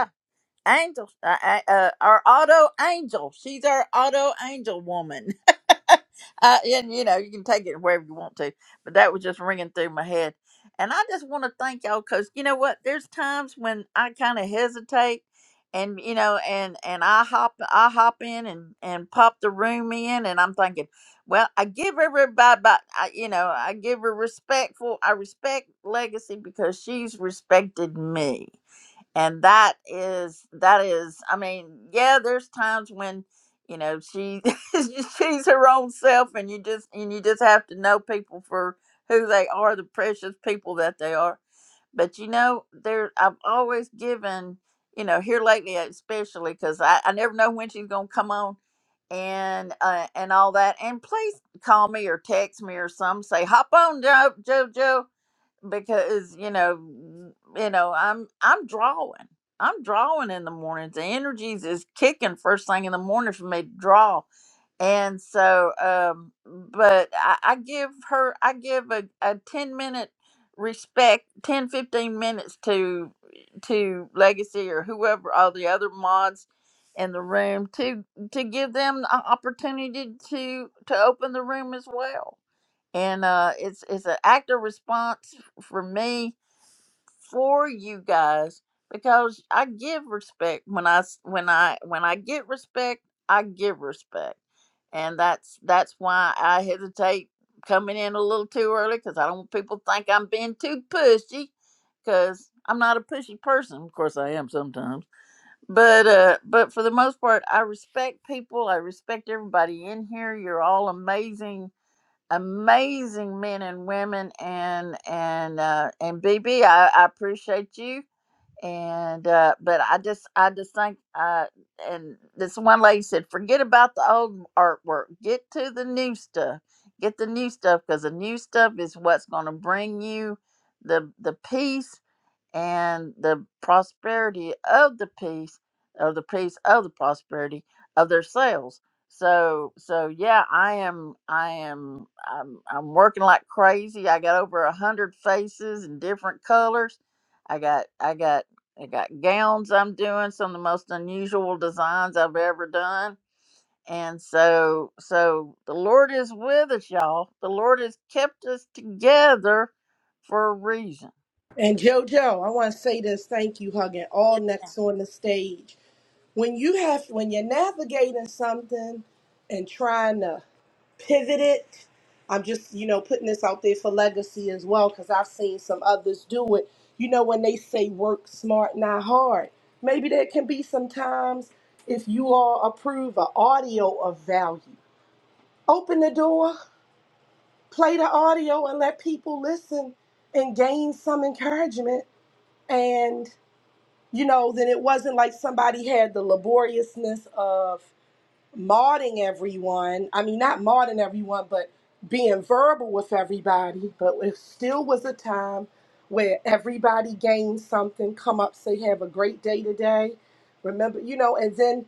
A: Angel, uh, uh, uh, our auto angel. She's our auto angel woman. uh, and you know, you can take it wherever you want to, but that was just ringing through my head. And I just want to thank y'all because you know what? There's times when I kind of hesitate, and you know, and and I hop, I hop in and and pop the room in, and I'm thinking, well, I give everybody, but I, you know, I give her respectful. I respect Legacy because she's respected me and that is that is i mean yeah there's times when you know she she's her own self and you just and you just have to know people for who they are the precious people that they are but you know there i've always given you know here lately especially because I, I never know when she's gonna come on and uh, and all that and please call me or text me or some say hop on Jo jojo because you know you know i'm i'm drawing i'm drawing in the mornings the energies is kicking first thing in the morning for me to draw and so um but i, I give her i give a, a 10 minute respect 10 15 minutes to to legacy or whoever all the other mods in the room to to give them an opportunity to to open the room as well and uh, it's it's an active response f- for me for you guys because I give respect when I s- when I when I get respect I give respect, and that's that's why I hesitate coming in a little too early because I don't want people to think I'm being too pushy because I'm not a pushy person. Of course, I am sometimes, but uh, but for the most part, I respect people. I respect everybody in here. You're all amazing amazing men and women and and uh and bb i, I appreciate you and uh but i just i just think uh and this one lady said forget about the old artwork get to the new stuff get the new stuff because the new stuff is what's going to bring you the the peace and the prosperity of the peace of the peace of the prosperity of their sales so so yeah i am i am i'm, I'm working like crazy i got over a hundred faces in different colors i got i got i got gowns i'm doing some of the most unusual designs i've ever done and so so the lord is with us y'all the lord has kept us together for a reason
J: And JoJo, I want to say this thank you, hugging all next on the stage. When you have, when you're navigating something and trying to pivot it, I'm just, you know, putting this out there for legacy as well, because I've seen some others do it. You know, when they say work smart, not hard, maybe there can be sometimes if you all approve an audio of value. Open the door, play the audio, and let people listen and gain some encouragement. And, you know, then it wasn't like somebody had the laboriousness of mauding everyone. I mean, not mauding everyone, but being verbal with everybody. But it still was a time where everybody gained something, come up, say, have a great day today. Remember, you know, and then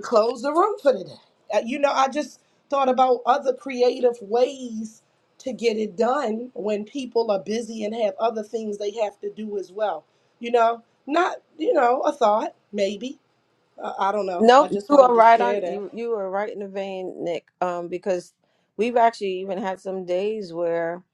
J: close the room for today. Uh, You know, I just thought about other creative ways to get it done when people are busy and have other things they have to do as well. You know, not, you know, a thought, maybe. Uh, I don't know. I
B: Nope,
J: just
B: you
J: wanted
B: are
J: to
B: right on.
J: share that.
B: You you are right in the vein, Nick. Um, because we've actually even had some days where,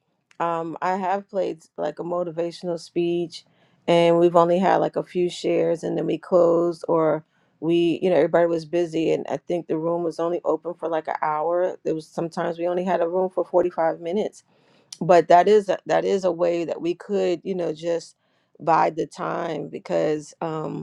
B: um, I have played like a motivational speech, and we've only had like a few shares, and then we closed, or we, you know, everybody was busy, and I think the room was only open for like an hour. There was sometimes we only had a room for forty five minutes, but that is a, that is a way that we could, you know, just bide the time because, um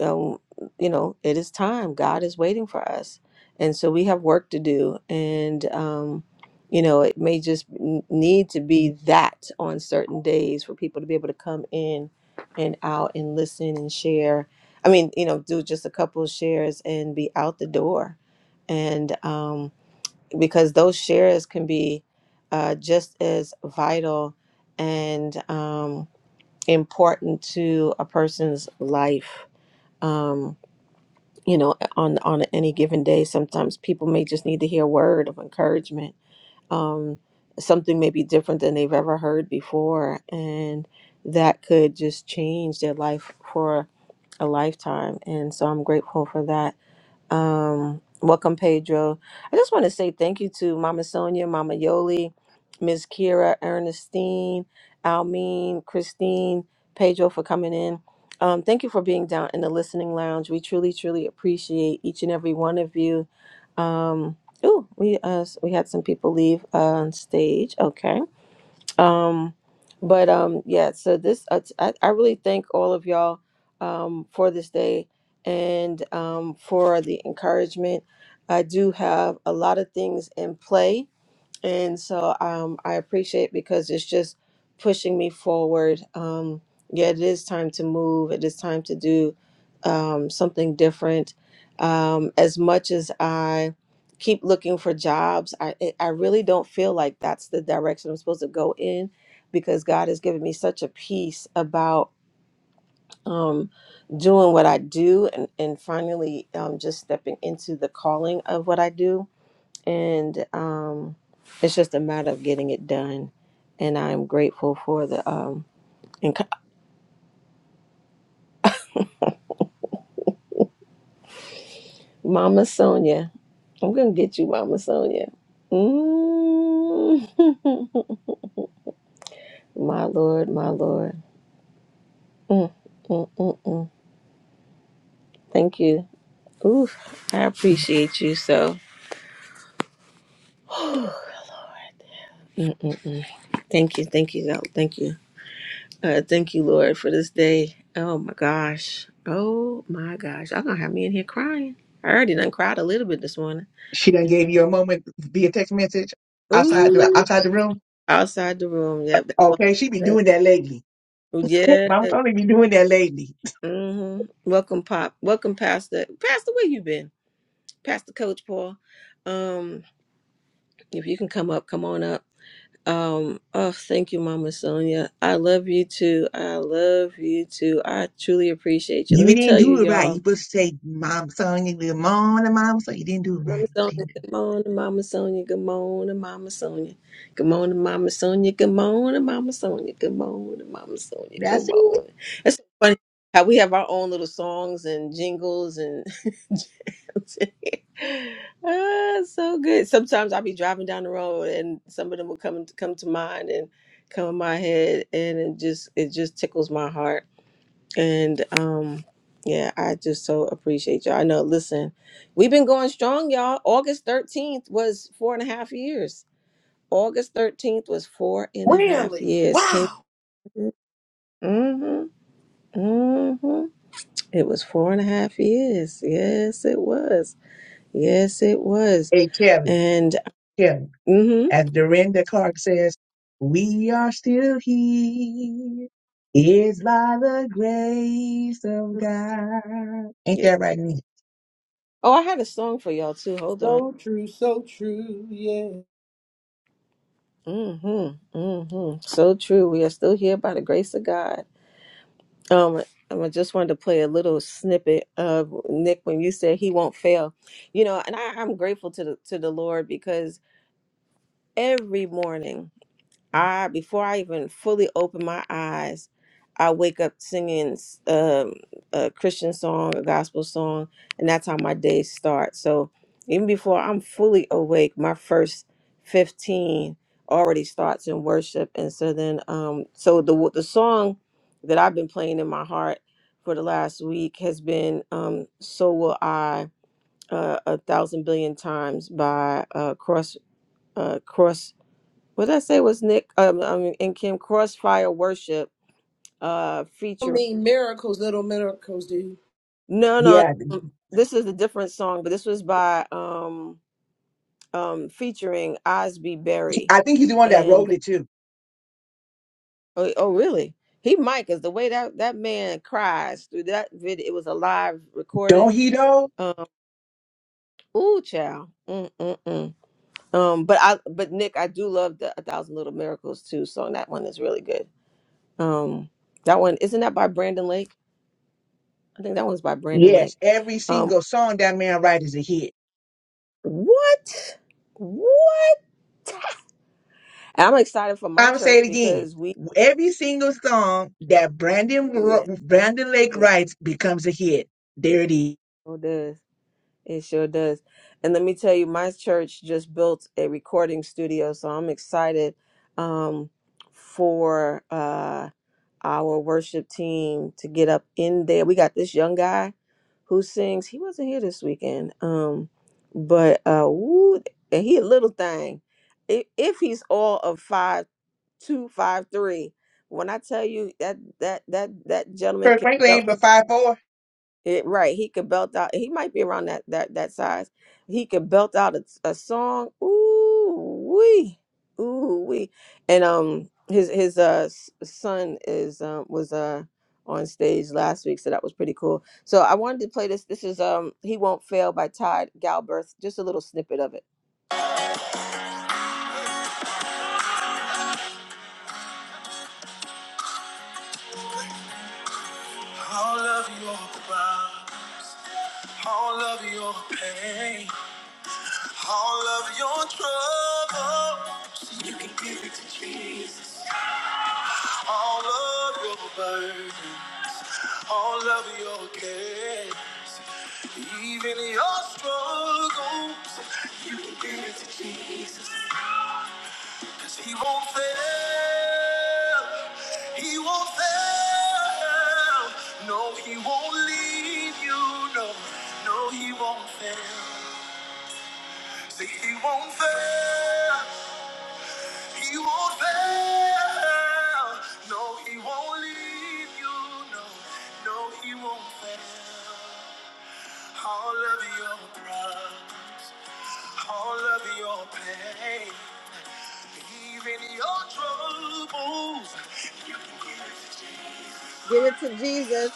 B: um, you know, it is time. God is waiting for us. And so we have work to do. And, um, you know, it may just n- need to be that on certain days for people to be able to come in and out and listen and share. I mean, you know, do just a couple of shares and be out the door. And um, because those shares can be uh, just as vital and um, important to a person's life. Um, you know on on any given day sometimes people may just need to hear a word of encouragement um something may be different than they've ever heard before and that could just change their life for a lifetime and so i'm grateful for that um, welcome, Pedro. I just want to say thank you to Mama Sonia, Mama Yoli, Miss Kira, Ernestine, Almeen, Christine, Pedro for coming in. Um, thank you for being down in the listening lounge. We truly, truly appreciate each and every one of you. Um, ooh, we uh, we had some people leave on stage. Okay um but um yeah so this I, I I really thank all of y'all um for this day and um for the encouragement i do have a lot of things in play and so um, I appreciate because it's just pushing me forward. Um, yeah, it is time to move. It is time to do um, something different. Um, as much as I keep looking for jobs, I it- I really don't feel like that's the direction I'm supposed to go in because God has given me such a peace about um, doing what I do and and finally um, just stepping into the calling of what I do and um, it's just a matter of getting it done. And I'm grateful for the um, and co- Mama Sonia. I'm gonna get you, Mama Sonia. Mm. my Lord, my Lord. Mm, mm, mm, mm. Thank you. Oof, I appreciate you so. Mm, mm, mm. Thank you, thank you, though. thank you. Uh, thank you, Lord, for this day. Oh my gosh. Oh my gosh. Y'all gonna have me in here crying. I already done cried a little bit this morning.
H: She done gave you a moment via text message outside the
B: Ooh.
H: outside the room.
B: Outside the room. Yep. That's all
H: Okay, she be
B: I said.
H: doing that lately.
B: Yes.
H: Mama only be doing that lately.
B: hmm Welcome, Pop. Welcome, Pastor. Pastor, where you been? Pastor Coach Paul. Um, if you can come up, come on up. Um, oh, thank you, Mama Sonia. I love you too. I love you too. I truly appreciate you. Let
H: You
B: me
H: didn't
B: tell you,
H: do it right. You
B: y'all.
H: supposed to say, Mom, son, you little mom, and mom, son. You didn't do it
B: Mama
H: right.
B: Sonia,
H: didn't do- it.
B: good morning, Mama Sonia, good morning, Mama Sonia. Good morning, Mama Sonia, good morning, Mama Sonia, good morning, Mama Sonia, good
H: That's it.
B: morning. It's so funny how we have our own little songs and jingles and jokes in here. ah, it's so good. Sometimes I'll be driving down the road and some of them will come come to mind and come in my head and it just it just tickles my heart and um yeah, I just so appreciate y'all. I know, listen, we've been going strong, y'all. August 13th was four and a half years. August 13th was four and a half
J: Really?
B: years. Can
J: Wow.
B: you mm-hmm, mm-hmm. It was four and a half years. Yes, it was. Yes, it was.
H: Hey, Kevin,
B: And
H: Kevin.
B: mm-hmm.
H: As Dorinda Clark says, we are still here. It's by the grace of God. Ain't
B: Yeah.
H: that right? Nene?
B: Oh, I had a song for y'all too. Hold on.
J: So true, so true. Yeah.
B: Mm-hmm. Mm-hmm. So true. We are still here by the grace of God. Um, um, I just wanted to play a little snippet of Nick when you said he won't fail. You know, and I, I'm grateful to the to the Lord because every morning I before I even fully open my eyes, I wake up singing um, a Christian song, a gospel song, and that's how my day starts. So even before I'm fully awake, my first fifteen already starts in worship, and so then um, so the the song that I've been playing in my heart for the last week has been um, "So Will I" uh, a thousand billion times by uh, Cross uh, Cross. What did I say was Nick um, um and Kim Crossfire Worship uh
J: I
B: featuring
J: mean, miracles, little miracles, dude.
B: No no
H: Yeah,
B: um, this is a different song, but this was by um um featuring Osby Berry.
H: I think he's the one that
B: And
H: wrote it too.
B: oh, oh really? He mic is the way that that man cries through that video. It was a live
H: Don't
B: recording.
H: he though?
B: Um, ooh, child. Mm, mm, mm. Um, but I, but Nick, I do love the A Thousand Little Miracles too song. That one is really good. Um, that one isn't that by Brandon Lake? I think that one's by Brandon Lake.
H: Yes, every
B: Um,
H: single song that man writes is a hit.
B: what? What? And I'm excited for my
H: I'm gonna say
B: church
H: it again.
B: because we
H: Every single song that Brandon Ro-
B: yeah,
H: Brandon Lake
B: it
H: writes becomes a hit. There it is.
B: sure does. It sure does. And let me tell you, my church just built a recording studio, so I'm excited um for uh our worship team to get up in there. We got this young guy who sings. He wasn't here this weekend. Um, but uh woo, and he a little thing. If, if he's all of five two, five three, when I tell you that that that that gentleman
H: Kirk
B: can go
H: Franklin, but 5-4.
B: it, right, he could belt out. He might be around that that that size. He could belt out a, a song. Ooh wee, ooh wee. And um, his his uh s- son is um was uh on stage last week, so that was pretty cool. So I wanted to play this. This is um he won't fail by Todd Galberth. Just a little snippet of it. Give it to Jesus.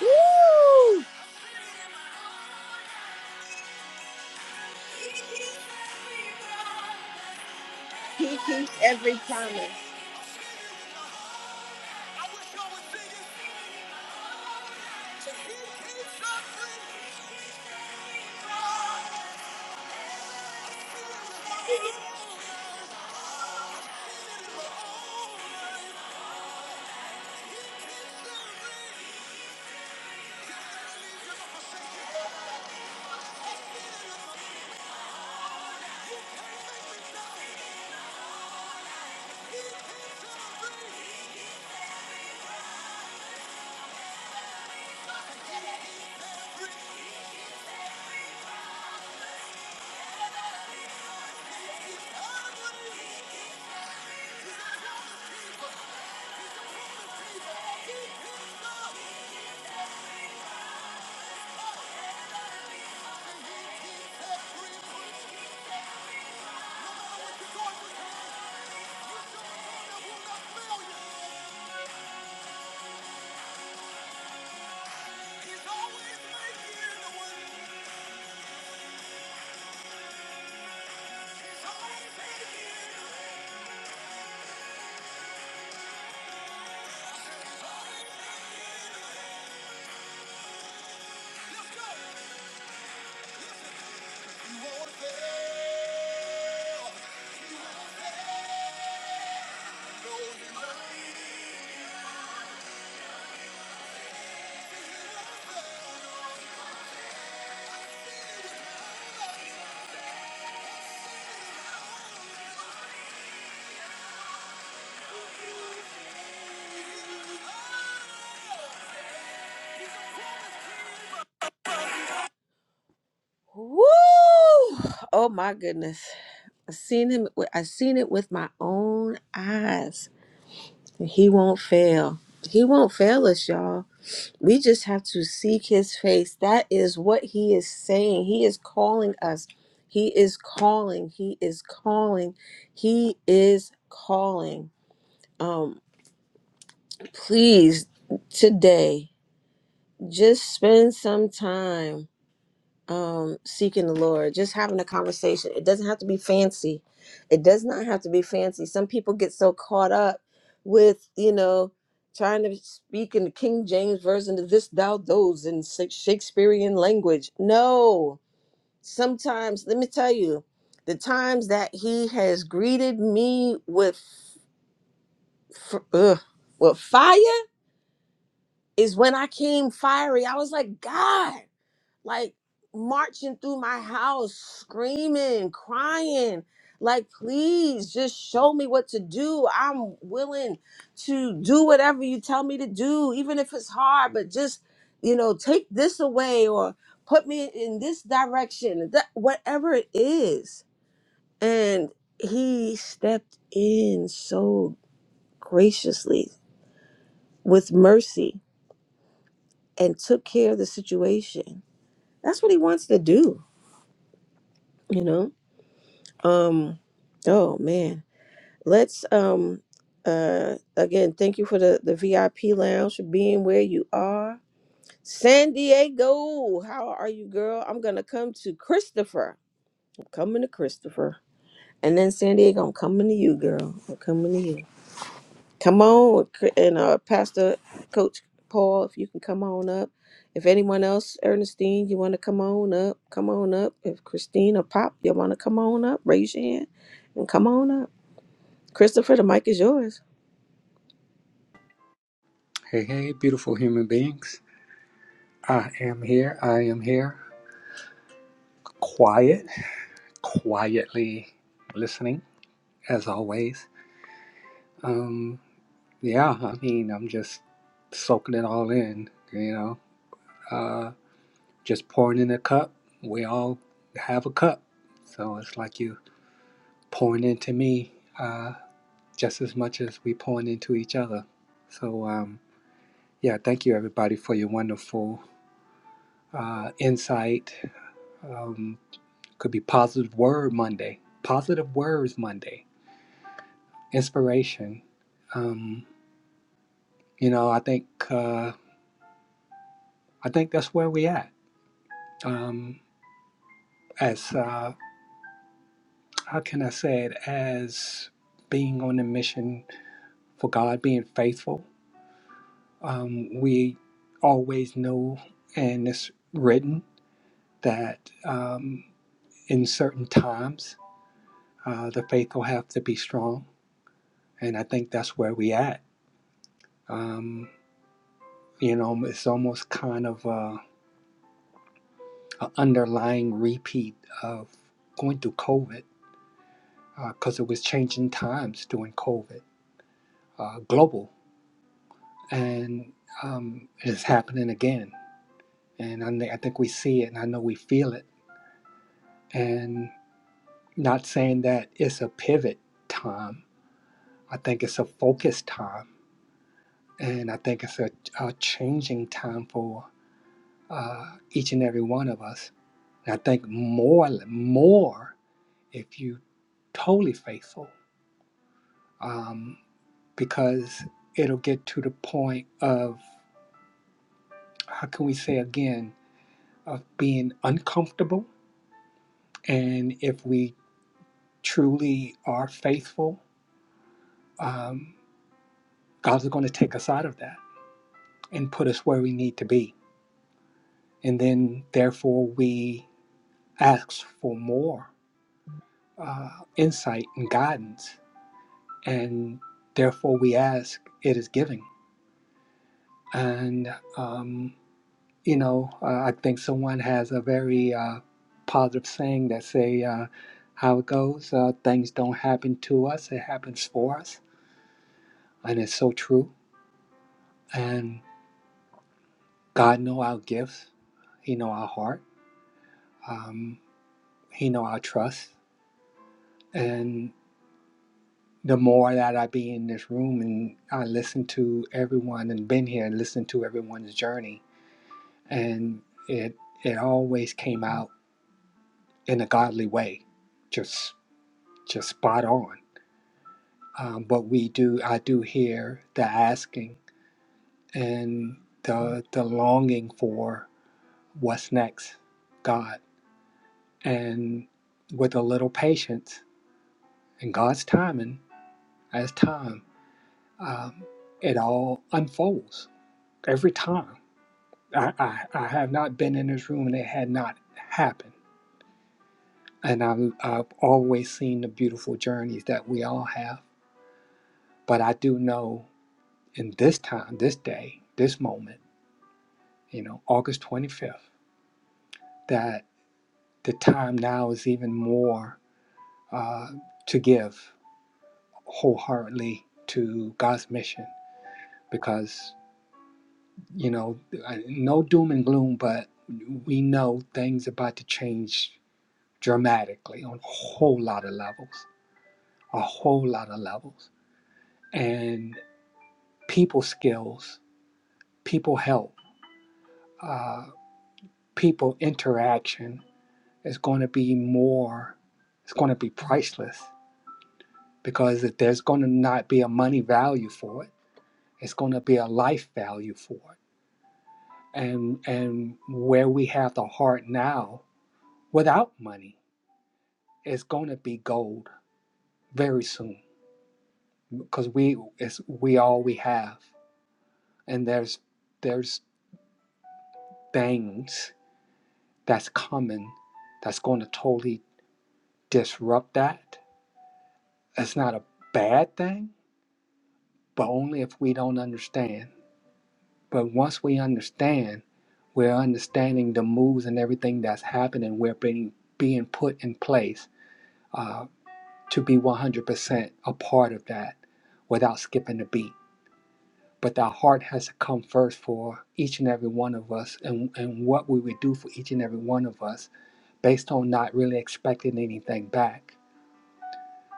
B: Woo! He keeps every promise. Woo! Oh my goodness. I seen him. I seen it with my own eyes. He won't fail. He won't fail us, y'all. We just have to seek his face. That is what he is saying. He is calling us. He is calling. He is calling. He is calling. Um, please today, just spend some time. um seeking the lord just having a conversation it doesn't have to be fancy it does not have to be fancy some people get so caught up with you know trying to speak in the king james version of this thou those in Sha- shakespearean language no sometimes let me tell you the times that he has greeted me with f- ugh, with fire is when i came fiery i was like god like marching through my house, screaming, crying. Like, please just show me what to do. I'm willing to do whatever you tell me to do, even if it's hard, but just, you know, take this away or put me in this direction, that, whatever it is. And he stepped in so graciously with mercy and took care of the situation. That's what he wants to do, you know? Um, oh man, let's um, uh, again, thank you for the the VIP lounge for being where you are. San Diego, how are you, girl? I'm gonna come to Christopher. I'm coming to Christopher, and then San Diego. I'm coming to you, girl. I'm coming to you. Come on, Cr- and uh, Pastor Coach Paul, if you can come on up. If anyone else, Ernestine, you want to come on up, come on up. If Christine or Pop, you want to come on up, raise your hand and come on up. Christopher, the mic is yours.
L: Hey, hey, beautiful human beings. I am here. I am here. Quiet, quietly listening, as always. Um, yeah, I mean, I'm just soaking it all in, you know, uh, just pouring in a cup. We all have a cup. So it's like you pouring into me uh, just as much as we pouring into each other. So, um, yeah, thank you everybody for your wonderful uh, insight. Um, Could be positive word Monday, positive words Monday, inspiration. Um, you know, I think uh, I think that's where we at. Um, as uh, how can I say it? As being on a mission for God, being faithful. Um, we always know, and it's written that um, in certain times uh, the faithful have to be strong, and I think that's where we at. Um, You know, it's almost kind of uh, an underlying repeat of going through COVID because uh, it was changing times during COVID, uh, global, and um, it's happening again. And I, thi- I think we see it, and I know we feel it. And not saying that it's a pivot time. I think it's a focus time, and I think it's a, a changing time for uh, each and every one of us. And I think more, more. if you totally faithful um, because it'll get to the point of how can we say again of being uncomfortable and if we truly are faithful um, god's going to take us out of that and put us where we need to be and then therefore we ask for more uh, insight and guidance and therefore we ask it is giving and um, you know, uh, I think someone has a very uh, positive saying that say uh, how it goes. Uh, things don't happen to us; it happens for us, and it's so true. And God know our gifts. He know our heart. Um, he know our trust. And the more that I be in this room and I listen to everyone and been here and listen to everyone's journey, and it it always came out in a godly way, just just spot on um, but we do I do hear the asking and the the longing for what's next, God, and with a little patience and God's timing, as time, um, it all unfolds every time. I, I I have not been in this room and it had not happened, and I'm, I've always seen the beautiful journeys that we all have. But I do know in this time, this day, this moment. you know, August 25th, that the time now is even more uh, to give wholeheartedly to God's mission because, you know, no doom and gloom, but we know things about to change dramatically on a whole lot of levels, a whole lot of levels. And people skills, people help, uh, people interaction is going to be more, it's going to be priceless because if there's going to not be a money value for it it's going to be a life value for it and and where we have the heart now without money it's going to be gold very soon because we it's we all we have and there's there's things that's coming that's going to totally disrupt that it's not a bad thing but only if we don't understand But once we understand, we're understanding the moves and everything that's happening. We're being being put in place uh, to be 100% a part of that without skipping a beat. But our heart has to come first for each and every one of us, and, and what we would do for each and every one of us, based on not really expecting anything back.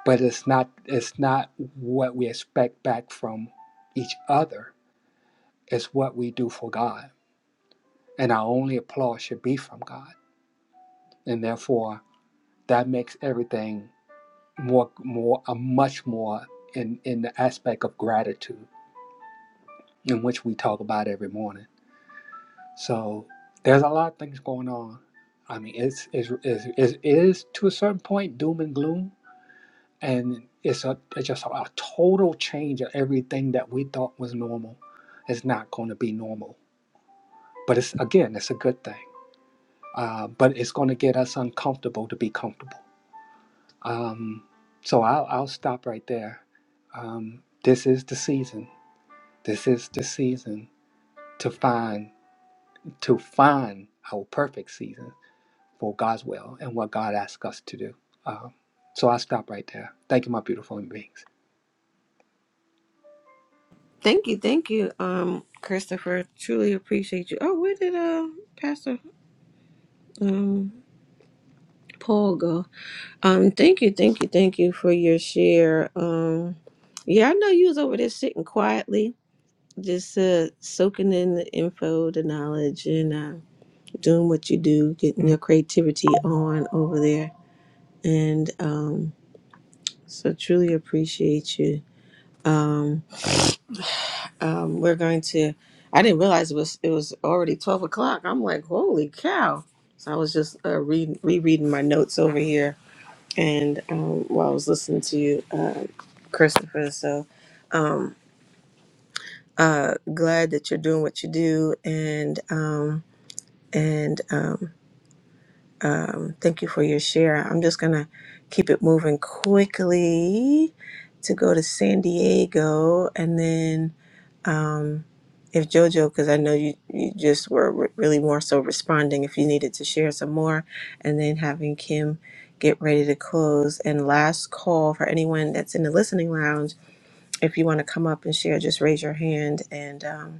L: But it's not it's not what we expect back from each other. It's what we do for God, and our only applause should be from God and therefore that makes everything more more a much more in in the aspect of gratitude in which we talk about every morning so there's a lot of things going on i mean it's it's, it's, it's it is to a certain point doom and gloom and it's a it's just a, a total change of everything that we thought was normal it's not going to be normal but it's again it's a good thing uh, but it's going to get us uncomfortable to be comfortable Um, so I'll, I'll stop right there. Um, this is the season. This is the season to find to find our perfect season for God's will and what God asks us to do. Um, so I'll stop right there. Thank you, my beautiful human beings.
B: Thank you, thank you, um, Christopher. Truly appreciate you. Oh, where did um Pastor um Paul go? Um, thank you, thank you, thank you for your share. Um, yeah, I know you was over there sitting quietly, just uh soaking in the info, the knowledge, and uh, doing what you do, getting your creativity on over there. And um, so truly appreciate you. Um, um, we're going to. I didn't realize it was it was already twelve o'clock. I'm like, holy cow! So I was just uh, reading rereading my notes over here, and um, while I was listening to you, uh, Christopher. So um, uh, glad that you're doing what you do, and um, and um, um, thank you for your share. I'm just going to keep it moving quickly to go to San Diego and then um, if JoJo, because I know you, you just were re- really more so responding if you needed to share some more, and then having Kim get ready to close. And last call for anyone that's in the listening lounge, if you want to come up and share, just raise your hand and. Um,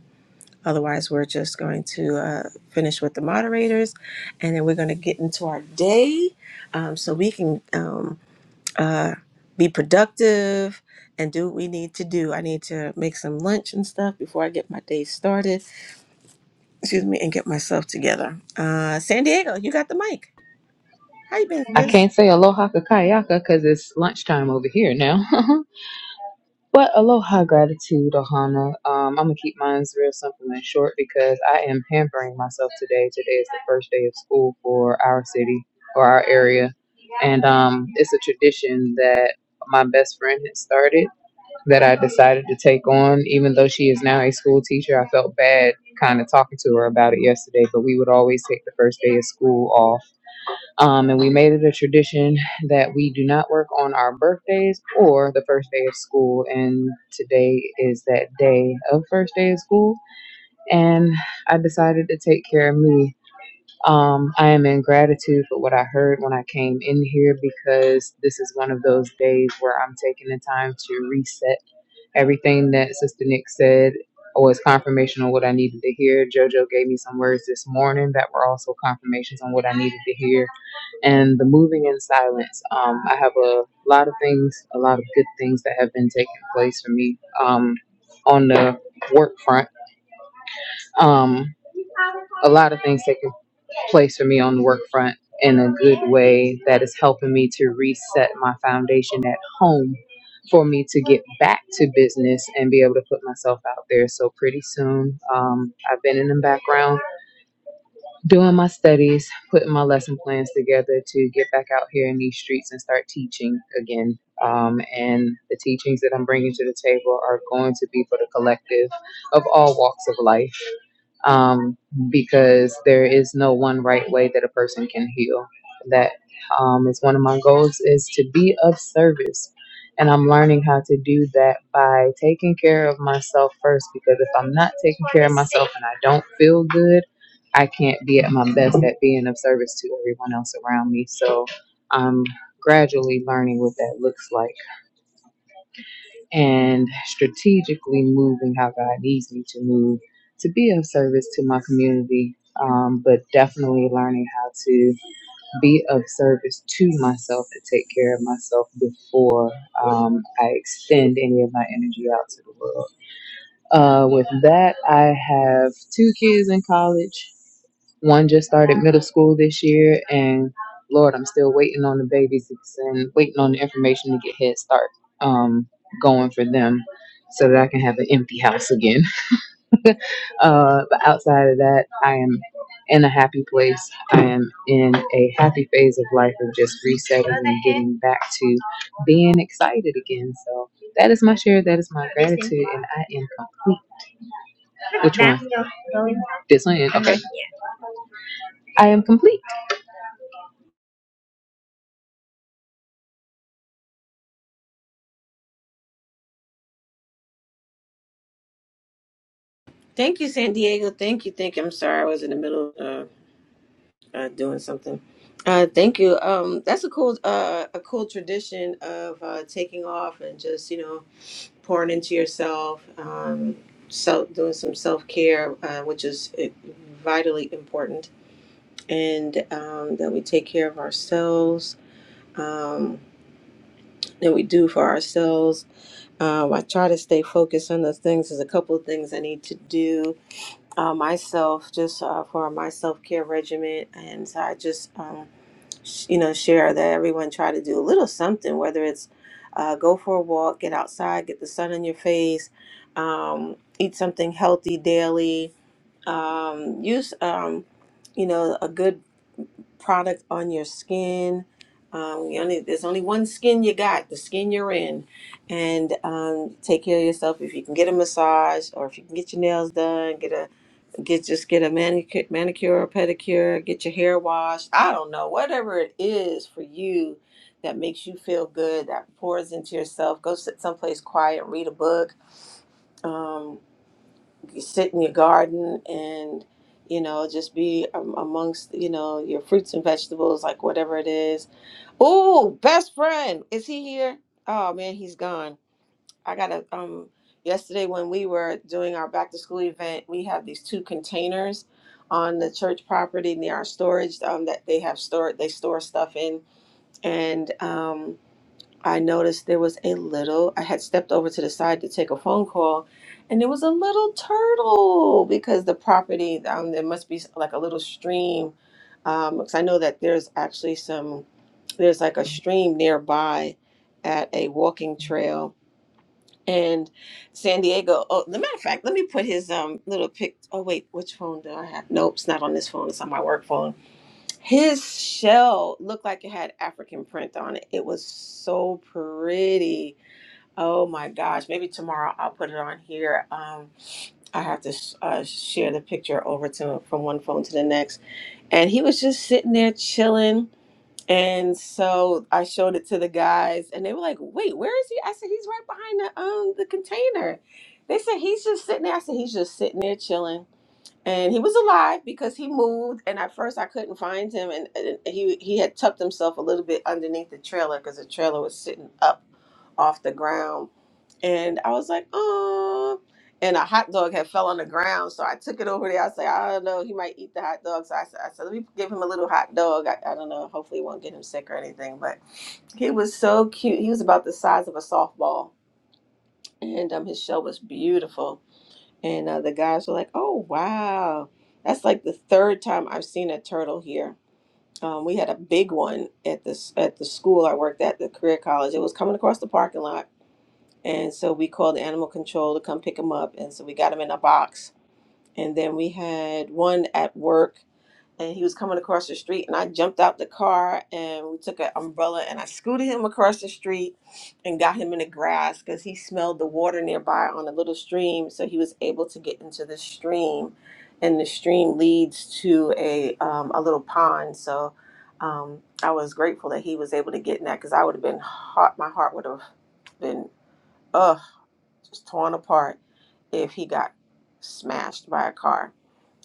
B: Otherwise, we're just going to uh, finish with the moderators and then we're going to get into our day um, so we can um, uh, be productive and do what we need to do. I need to make some lunch and stuff before I get my day started. Excuse me, and get myself together. Uh, San Diego, you got the mic. How you been,
M: I
B: sis?
M: can't say aloha kakayaka because it's lunchtime over here now. but aloha gratitude, Ohana. Um, I'm gonna keep mine real simple and short because I am hampering myself today. Today is the first day of school for our city or our area, and um, it's a tradition that my best friend had started that I decided to take on. Even though she is now a school teacher, I felt bad kind of talking to her about it yesterday. But we would always take the first day of school off um, and we made it a tradition that we do not work on our birthdays or the first day of school. And today is that day of first day of school. And I decided to take care of me. Um, I am in gratitude for what I heard when I came in here because this is one of those days where I'm taking the time to reset everything that Sister Nick said was confirmation on what I needed to hear. JoJo gave me some words this morning that were also confirmations on what I needed to hear and the moving in silence. Um, I have a lot of things, a lot of good things that have been taking place for me um, on the work front. Um, a lot of things taking place for me on the work front in a good way that is helping me to reset my foundation at home for me to get back to business and be able to put myself out there. So pretty soon, um, I've been in the background doing my studies, putting my lesson plans together to get back out here in these streets and start teaching again. Um, and the teachings that I'm bringing to the table are going to be for the collective of all walks of life um, because there is no one right way that a person can heal. That um, is one of my goals is to be of service. And I'm learning how to do that by taking care of myself first because if I'm not taking care of myself and I don't feel good, I can't be at my best at being of service to everyone else around me. So I'm gradually learning what that looks like and strategically moving how God needs me to move to be of service to my community. Um, but definitely learning how to be of service to myself and take care of myself before um, I extend any of my energy out to the world. Uh, with that, I have two kids in college One just started middle school this year, and Lord, I'm still waiting on the babies and waiting on the information to get Head Start um, going for them so that I can have an empty house again. uh, but outside of that, I am in a happy place. I am in a happy phase of life of just resetting and getting back to being excited again. So that is my share. That is my gratitude, and I am complete. Which one? This one. Okay. I am complete.
B: Thank you, San Diego. Thank you. Thank you. I'm sorry I was in the middle. of. uh, doing something. Uh, thank you. Um, that's a cool, uh, a cool tradition of uh, taking off and just you know pouring into yourself, um, self doing some self care, uh, which is uh, vitally important, and um, that we take care of ourselves. Um, that we do for ourselves. Um, I try to stay focused on those things. There's a couple of things I need to do uh, myself, just uh, for my self care regimen, and so I just. Um, sh- you know share that everyone try to do a little something whether it's uh, go for a walk get outside get the sun on your face um, eat something healthy daily um, use um, you know a good product on your skin um, you only, there's only one skin you got the skin you're in and um, take care of yourself if you can get a massage or if you can get your nails done get a get just get a manicure, manicure or pedicure, get your hair washed. I don't know, whatever it is for you that makes you feel good, that pours into yourself. Go sit someplace quiet, read a book, um, you sit in your garden, and you know just be um, amongst you know your fruits and vegetables, like whatever it is. Oh, best friend, is he here? Oh man, he's gone. I got a um yesterday when we were doing our back to school event, we have these two containers on the church property near our storage um that they have stored they store stuff in and um I noticed there was a little I had stepped over to the side to take a phone call and there was a little turtle because the property um there must be like a little stream um because I know that there's actually some there's like a stream nearby at a walking trail and San Diego. Oh, the matter of fact, let me put his um little pic. Oh wait, which phone do I have? Nope, it's not on this phone. It's on my work phone. His shell looked like it had African print on it. It was so pretty. Oh my gosh! Maybe tomorrow I'll put it on here. Um, I have to sh- uh, share the picture over to from one phone to the next. And he was just sitting there chilling and so I showed it to the guys, and they were like, "Wait, where is he?" I said, "He's right behind the um the container." They said he's just sitting there. I said, "He's just sitting there chilling." and he was alive because he moved and at first i couldn't find him and, and he he had tucked himself a little bit underneath the trailer because the trailer was sitting up off the ground and i was like oh and a hot dog had fell on the ground so i took it over there i said i don't know he might eat the hot dog so i said, I said let me give him a little hot dog I, I don't know hopefully it won't get him sick or anything but he was so cute he was about the size of a softball and um, his shell was beautiful and uh, the guys were like, oh, wow. That's like the third time I've seen a turtle here. Um, we had a big one at this at the school I worked at, the career college. It was coming across the parking lot. And so we called animal control to come pick him up. And so we got him in a box. And then we had one at work and he was coming across the street and I jumped out the car and we took an umbrella and I scooted him across the street and got him in the grass because he smelled the water nearby on a little stream so he was able to get into the stream and the stream leads to a um, a little pond so um, I was grateful that he was able to get in that because I would have been heart my heart would have been ugh just torn apart if he got smashed by a car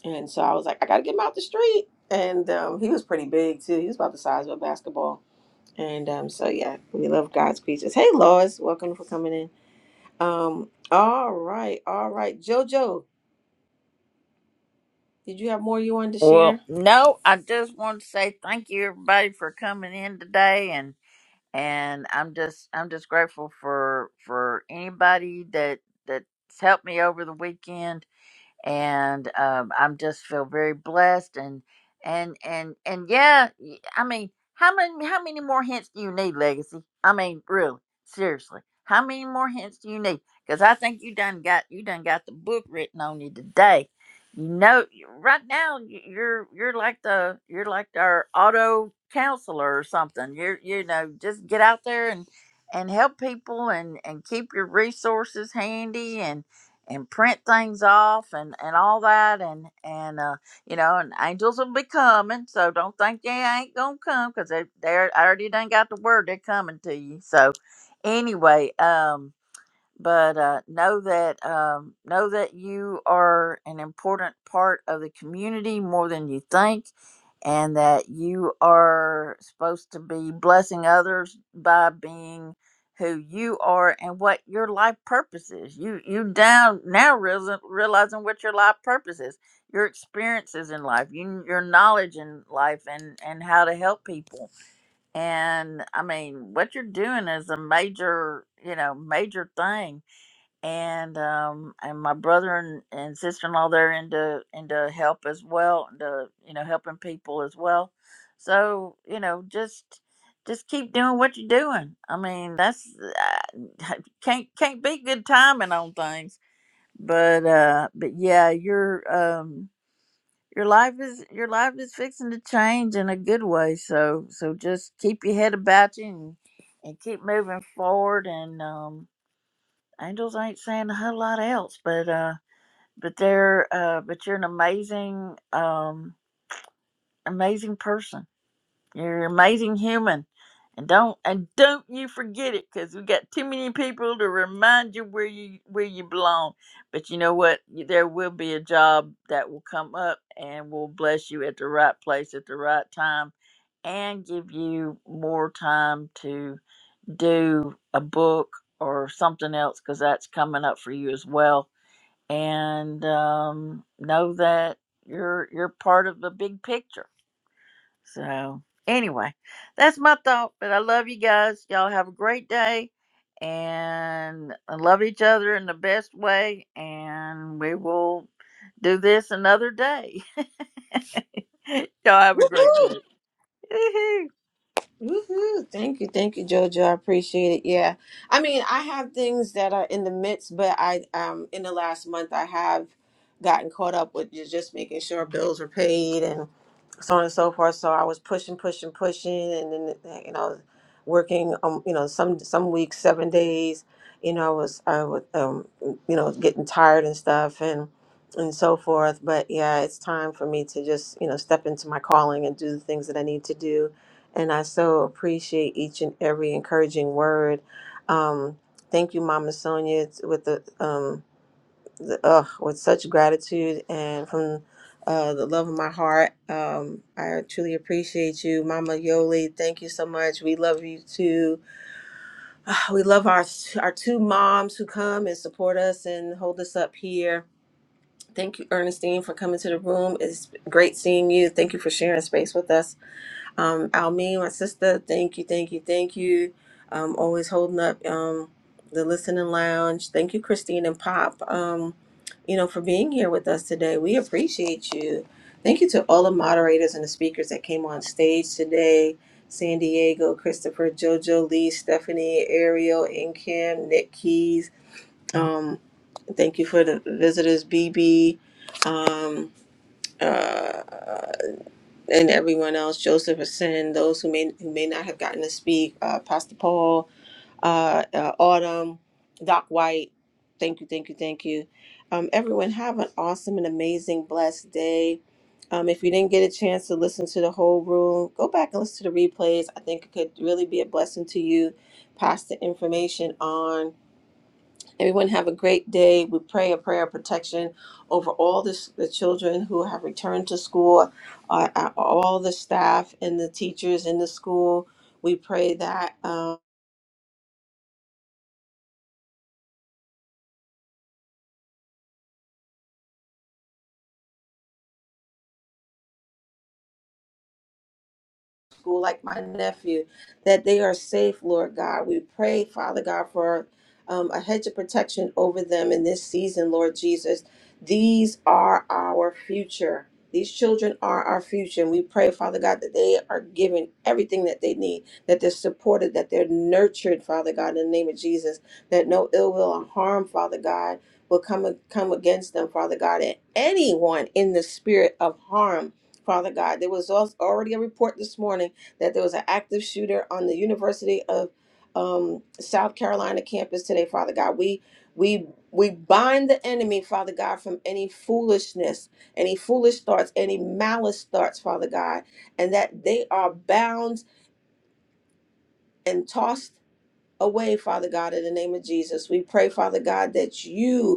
B: and so I was like, I got to get him out the street. And um, he was pretty big too. He was about the size of a basketball. And um, so yeah, we love God's creatures. Hey, Lois, welcome for coming in. Um, all right, all right, JoJo, did you have more you wanted to
A: Well,
B: share?
A: no, I just want to say thank you everybody for coming in today and and I'm just I'm just grateful for for anybody that that's helped me over the weekend and um, I'm just feel very blessed and and and and yeah, y- I mean, how many how many more hints do you need, Legacy? I mean, really, seriously, how many more hints do you need? Because I think you done got you done got the book written on you today. You know, you- right now y- you're you're like the you're like our auto counselor or something. You're you know just get out there and and help people and and keep your resources handy and and print things off and and all that and and uh you know and angels will be coming so don't think they ain't gonna come because they they're I already done got the word they're coming to you so anyway um but uh, know that um, know that you are an important part of the community more than you think, and that you are supposed to be blessing others by being who you are and what your life purpose is. You you down now realis- realizing what your life purpose is, your experiences in life, you, your knowledge in life, and and how to help people. And I mean, what you're doing is a major you know major thing and um and my brother and, and sister-in-law they're into into help as well into you know helping people as well so you know just just keep doing what you're doing i mean that's uh, can't can't be good timing on things but uh but yeah your um your life is your life is fixing to change in a good way so so just keep your head about you and, and keep moving forward and um angels ain't saying a whole lot else but uh but they're uh but you're an amazing um amazing person you're an amazing human and don't and don't you forget it because we got too many people to remind you where you where you belong but you know what Y- there will be a job that will come up and will bless you at the right place at the right time and give you more time to do a book or something else because that's coming up for you as well and um, know that you're you're part of the big picture. So anyway, that's my thought. But I love you guys. Y'all have a great day, and I love each other in the best way. And we will do this another day. Y'all have a great
B: Woohoo!
A: day. Woohoo.
B: Woohoo! Thank you, thank you, JoJo. I appreciate it. Yeah, I mean, I have things that are in the midst, but I um in the last month I have gotten caught up with ju- just making sure bills are paid and. so on and so forth. So I was pushing, pushing, pushing, and then you know, working. Um, you know, some some weeks, seven days. You know, I was I would um, you know, getting tired and stuff, and and so forth. But yeah, it's time for me to just you know step into my calling and do the things that I need to do. And I so appreciate each and every encouraging word. Um, thank you, Mama Sonia, with the um, th- ugh, with such gratitude and from uh, the love of my heart. Um, I truly appreciate you, Mama Yoli. Thank you so much. We love you too. Ah, We love our our two moms who come and support us and hold us up here. Thank you, Ernestine, for coming to the room. It's great seeing you. Thank you for sharing space with us. Um, Almeen, my sister, thank you, thank you, thank you. Um, always holding up um, the listening lounge. Thank you, Christine and Pop, um, you know, for being here with us today. We appreciate you. Thank you to all the moderators and the speakers that came on stage today. San Diego, Christopher, Jojo, Lee, Stephanie, Ariel, and Kim, Nick Keys. Um, thank you for the visitors, BB. Um, uh, and everyone else, Joseph Asin, those who may who may not have gotten to speak, uh, Pastor Paul, uh, uh, Autumn, Doc White. Thank you, thank you, thank you. Um, everyone, have an awesome and amazing, blessed day. Um, if you didn't get a chance to listen to the whole room, go back and listen to the replays. I think it could really be a blessing to you. Pass the information on Everyone have a great day. We pray a prayer of protection over all this, the children who have returned to school, uh, uh, all the staff and the teachers in the school. We pray that. Um, school, like my nephew, that they are safe, Lord God. We pray, Father God, for um, a hedge of protection over them in this season, Lord Jesus. These are our future. These children are our future. And we pray, Father God, that they are given everything that they need, that they're supported, that they're nurtured, Father God, in the name of Jesus, that no ill will or harm, Father God, will come, come against them, Father God, and anyone in the spirit of harm Father God. There was also already a report this morning that there was an active shooter on the University of um, South Carolina campus today, Father God. We we we bind the enemy, Father God, from any foolishness, any foolish thoughts, any malice thoughts, Father God, and that they are bound and tossed away, Father God, in the name of Jesus. We pray, Father God, that you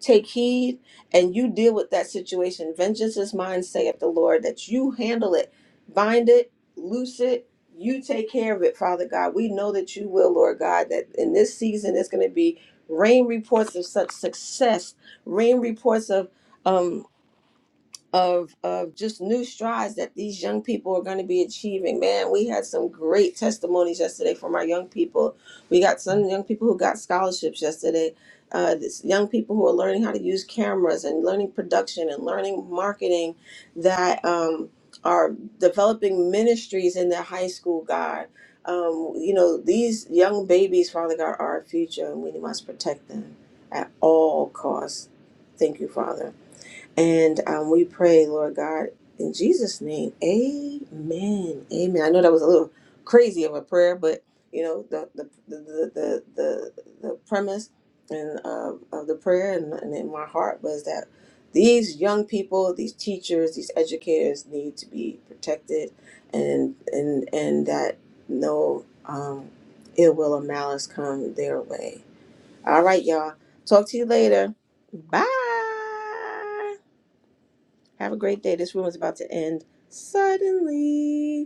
B: Take heed and you deal with that situation. Vengeance is mine, saith the Lord, that you handle it, bind it, loose it. You take care of it, Father God. We know that you will, Lord God, that in this season it's going to be rain reports of such success, rain reports of. um, of of just new strides that these young people are going to be achieving. Man, we had some great testimonies yesterday from our young people. We got some young people who got scholarships yesterday. Uh, this young people who are learning how to use cameras and learning production and learning marketing that um, are developing ministries in their high school. God, um, you know these young babies, Father God, are our future, and we must protect them at all costs. Thank you, Father. And um, we pray, Lord God, in Jesus' name, amen. Amen. I know that was a little crazy of a prayer, but you know, the the the the the, the, the premise and uh, of the prayer and, and in my heart was that these young people, these teachers, these educators need to be protected and and and that no um, ill will or malice come their way. All right, y'all. Talk to you later. Bye. Have a great day. This room is about to end suddenly.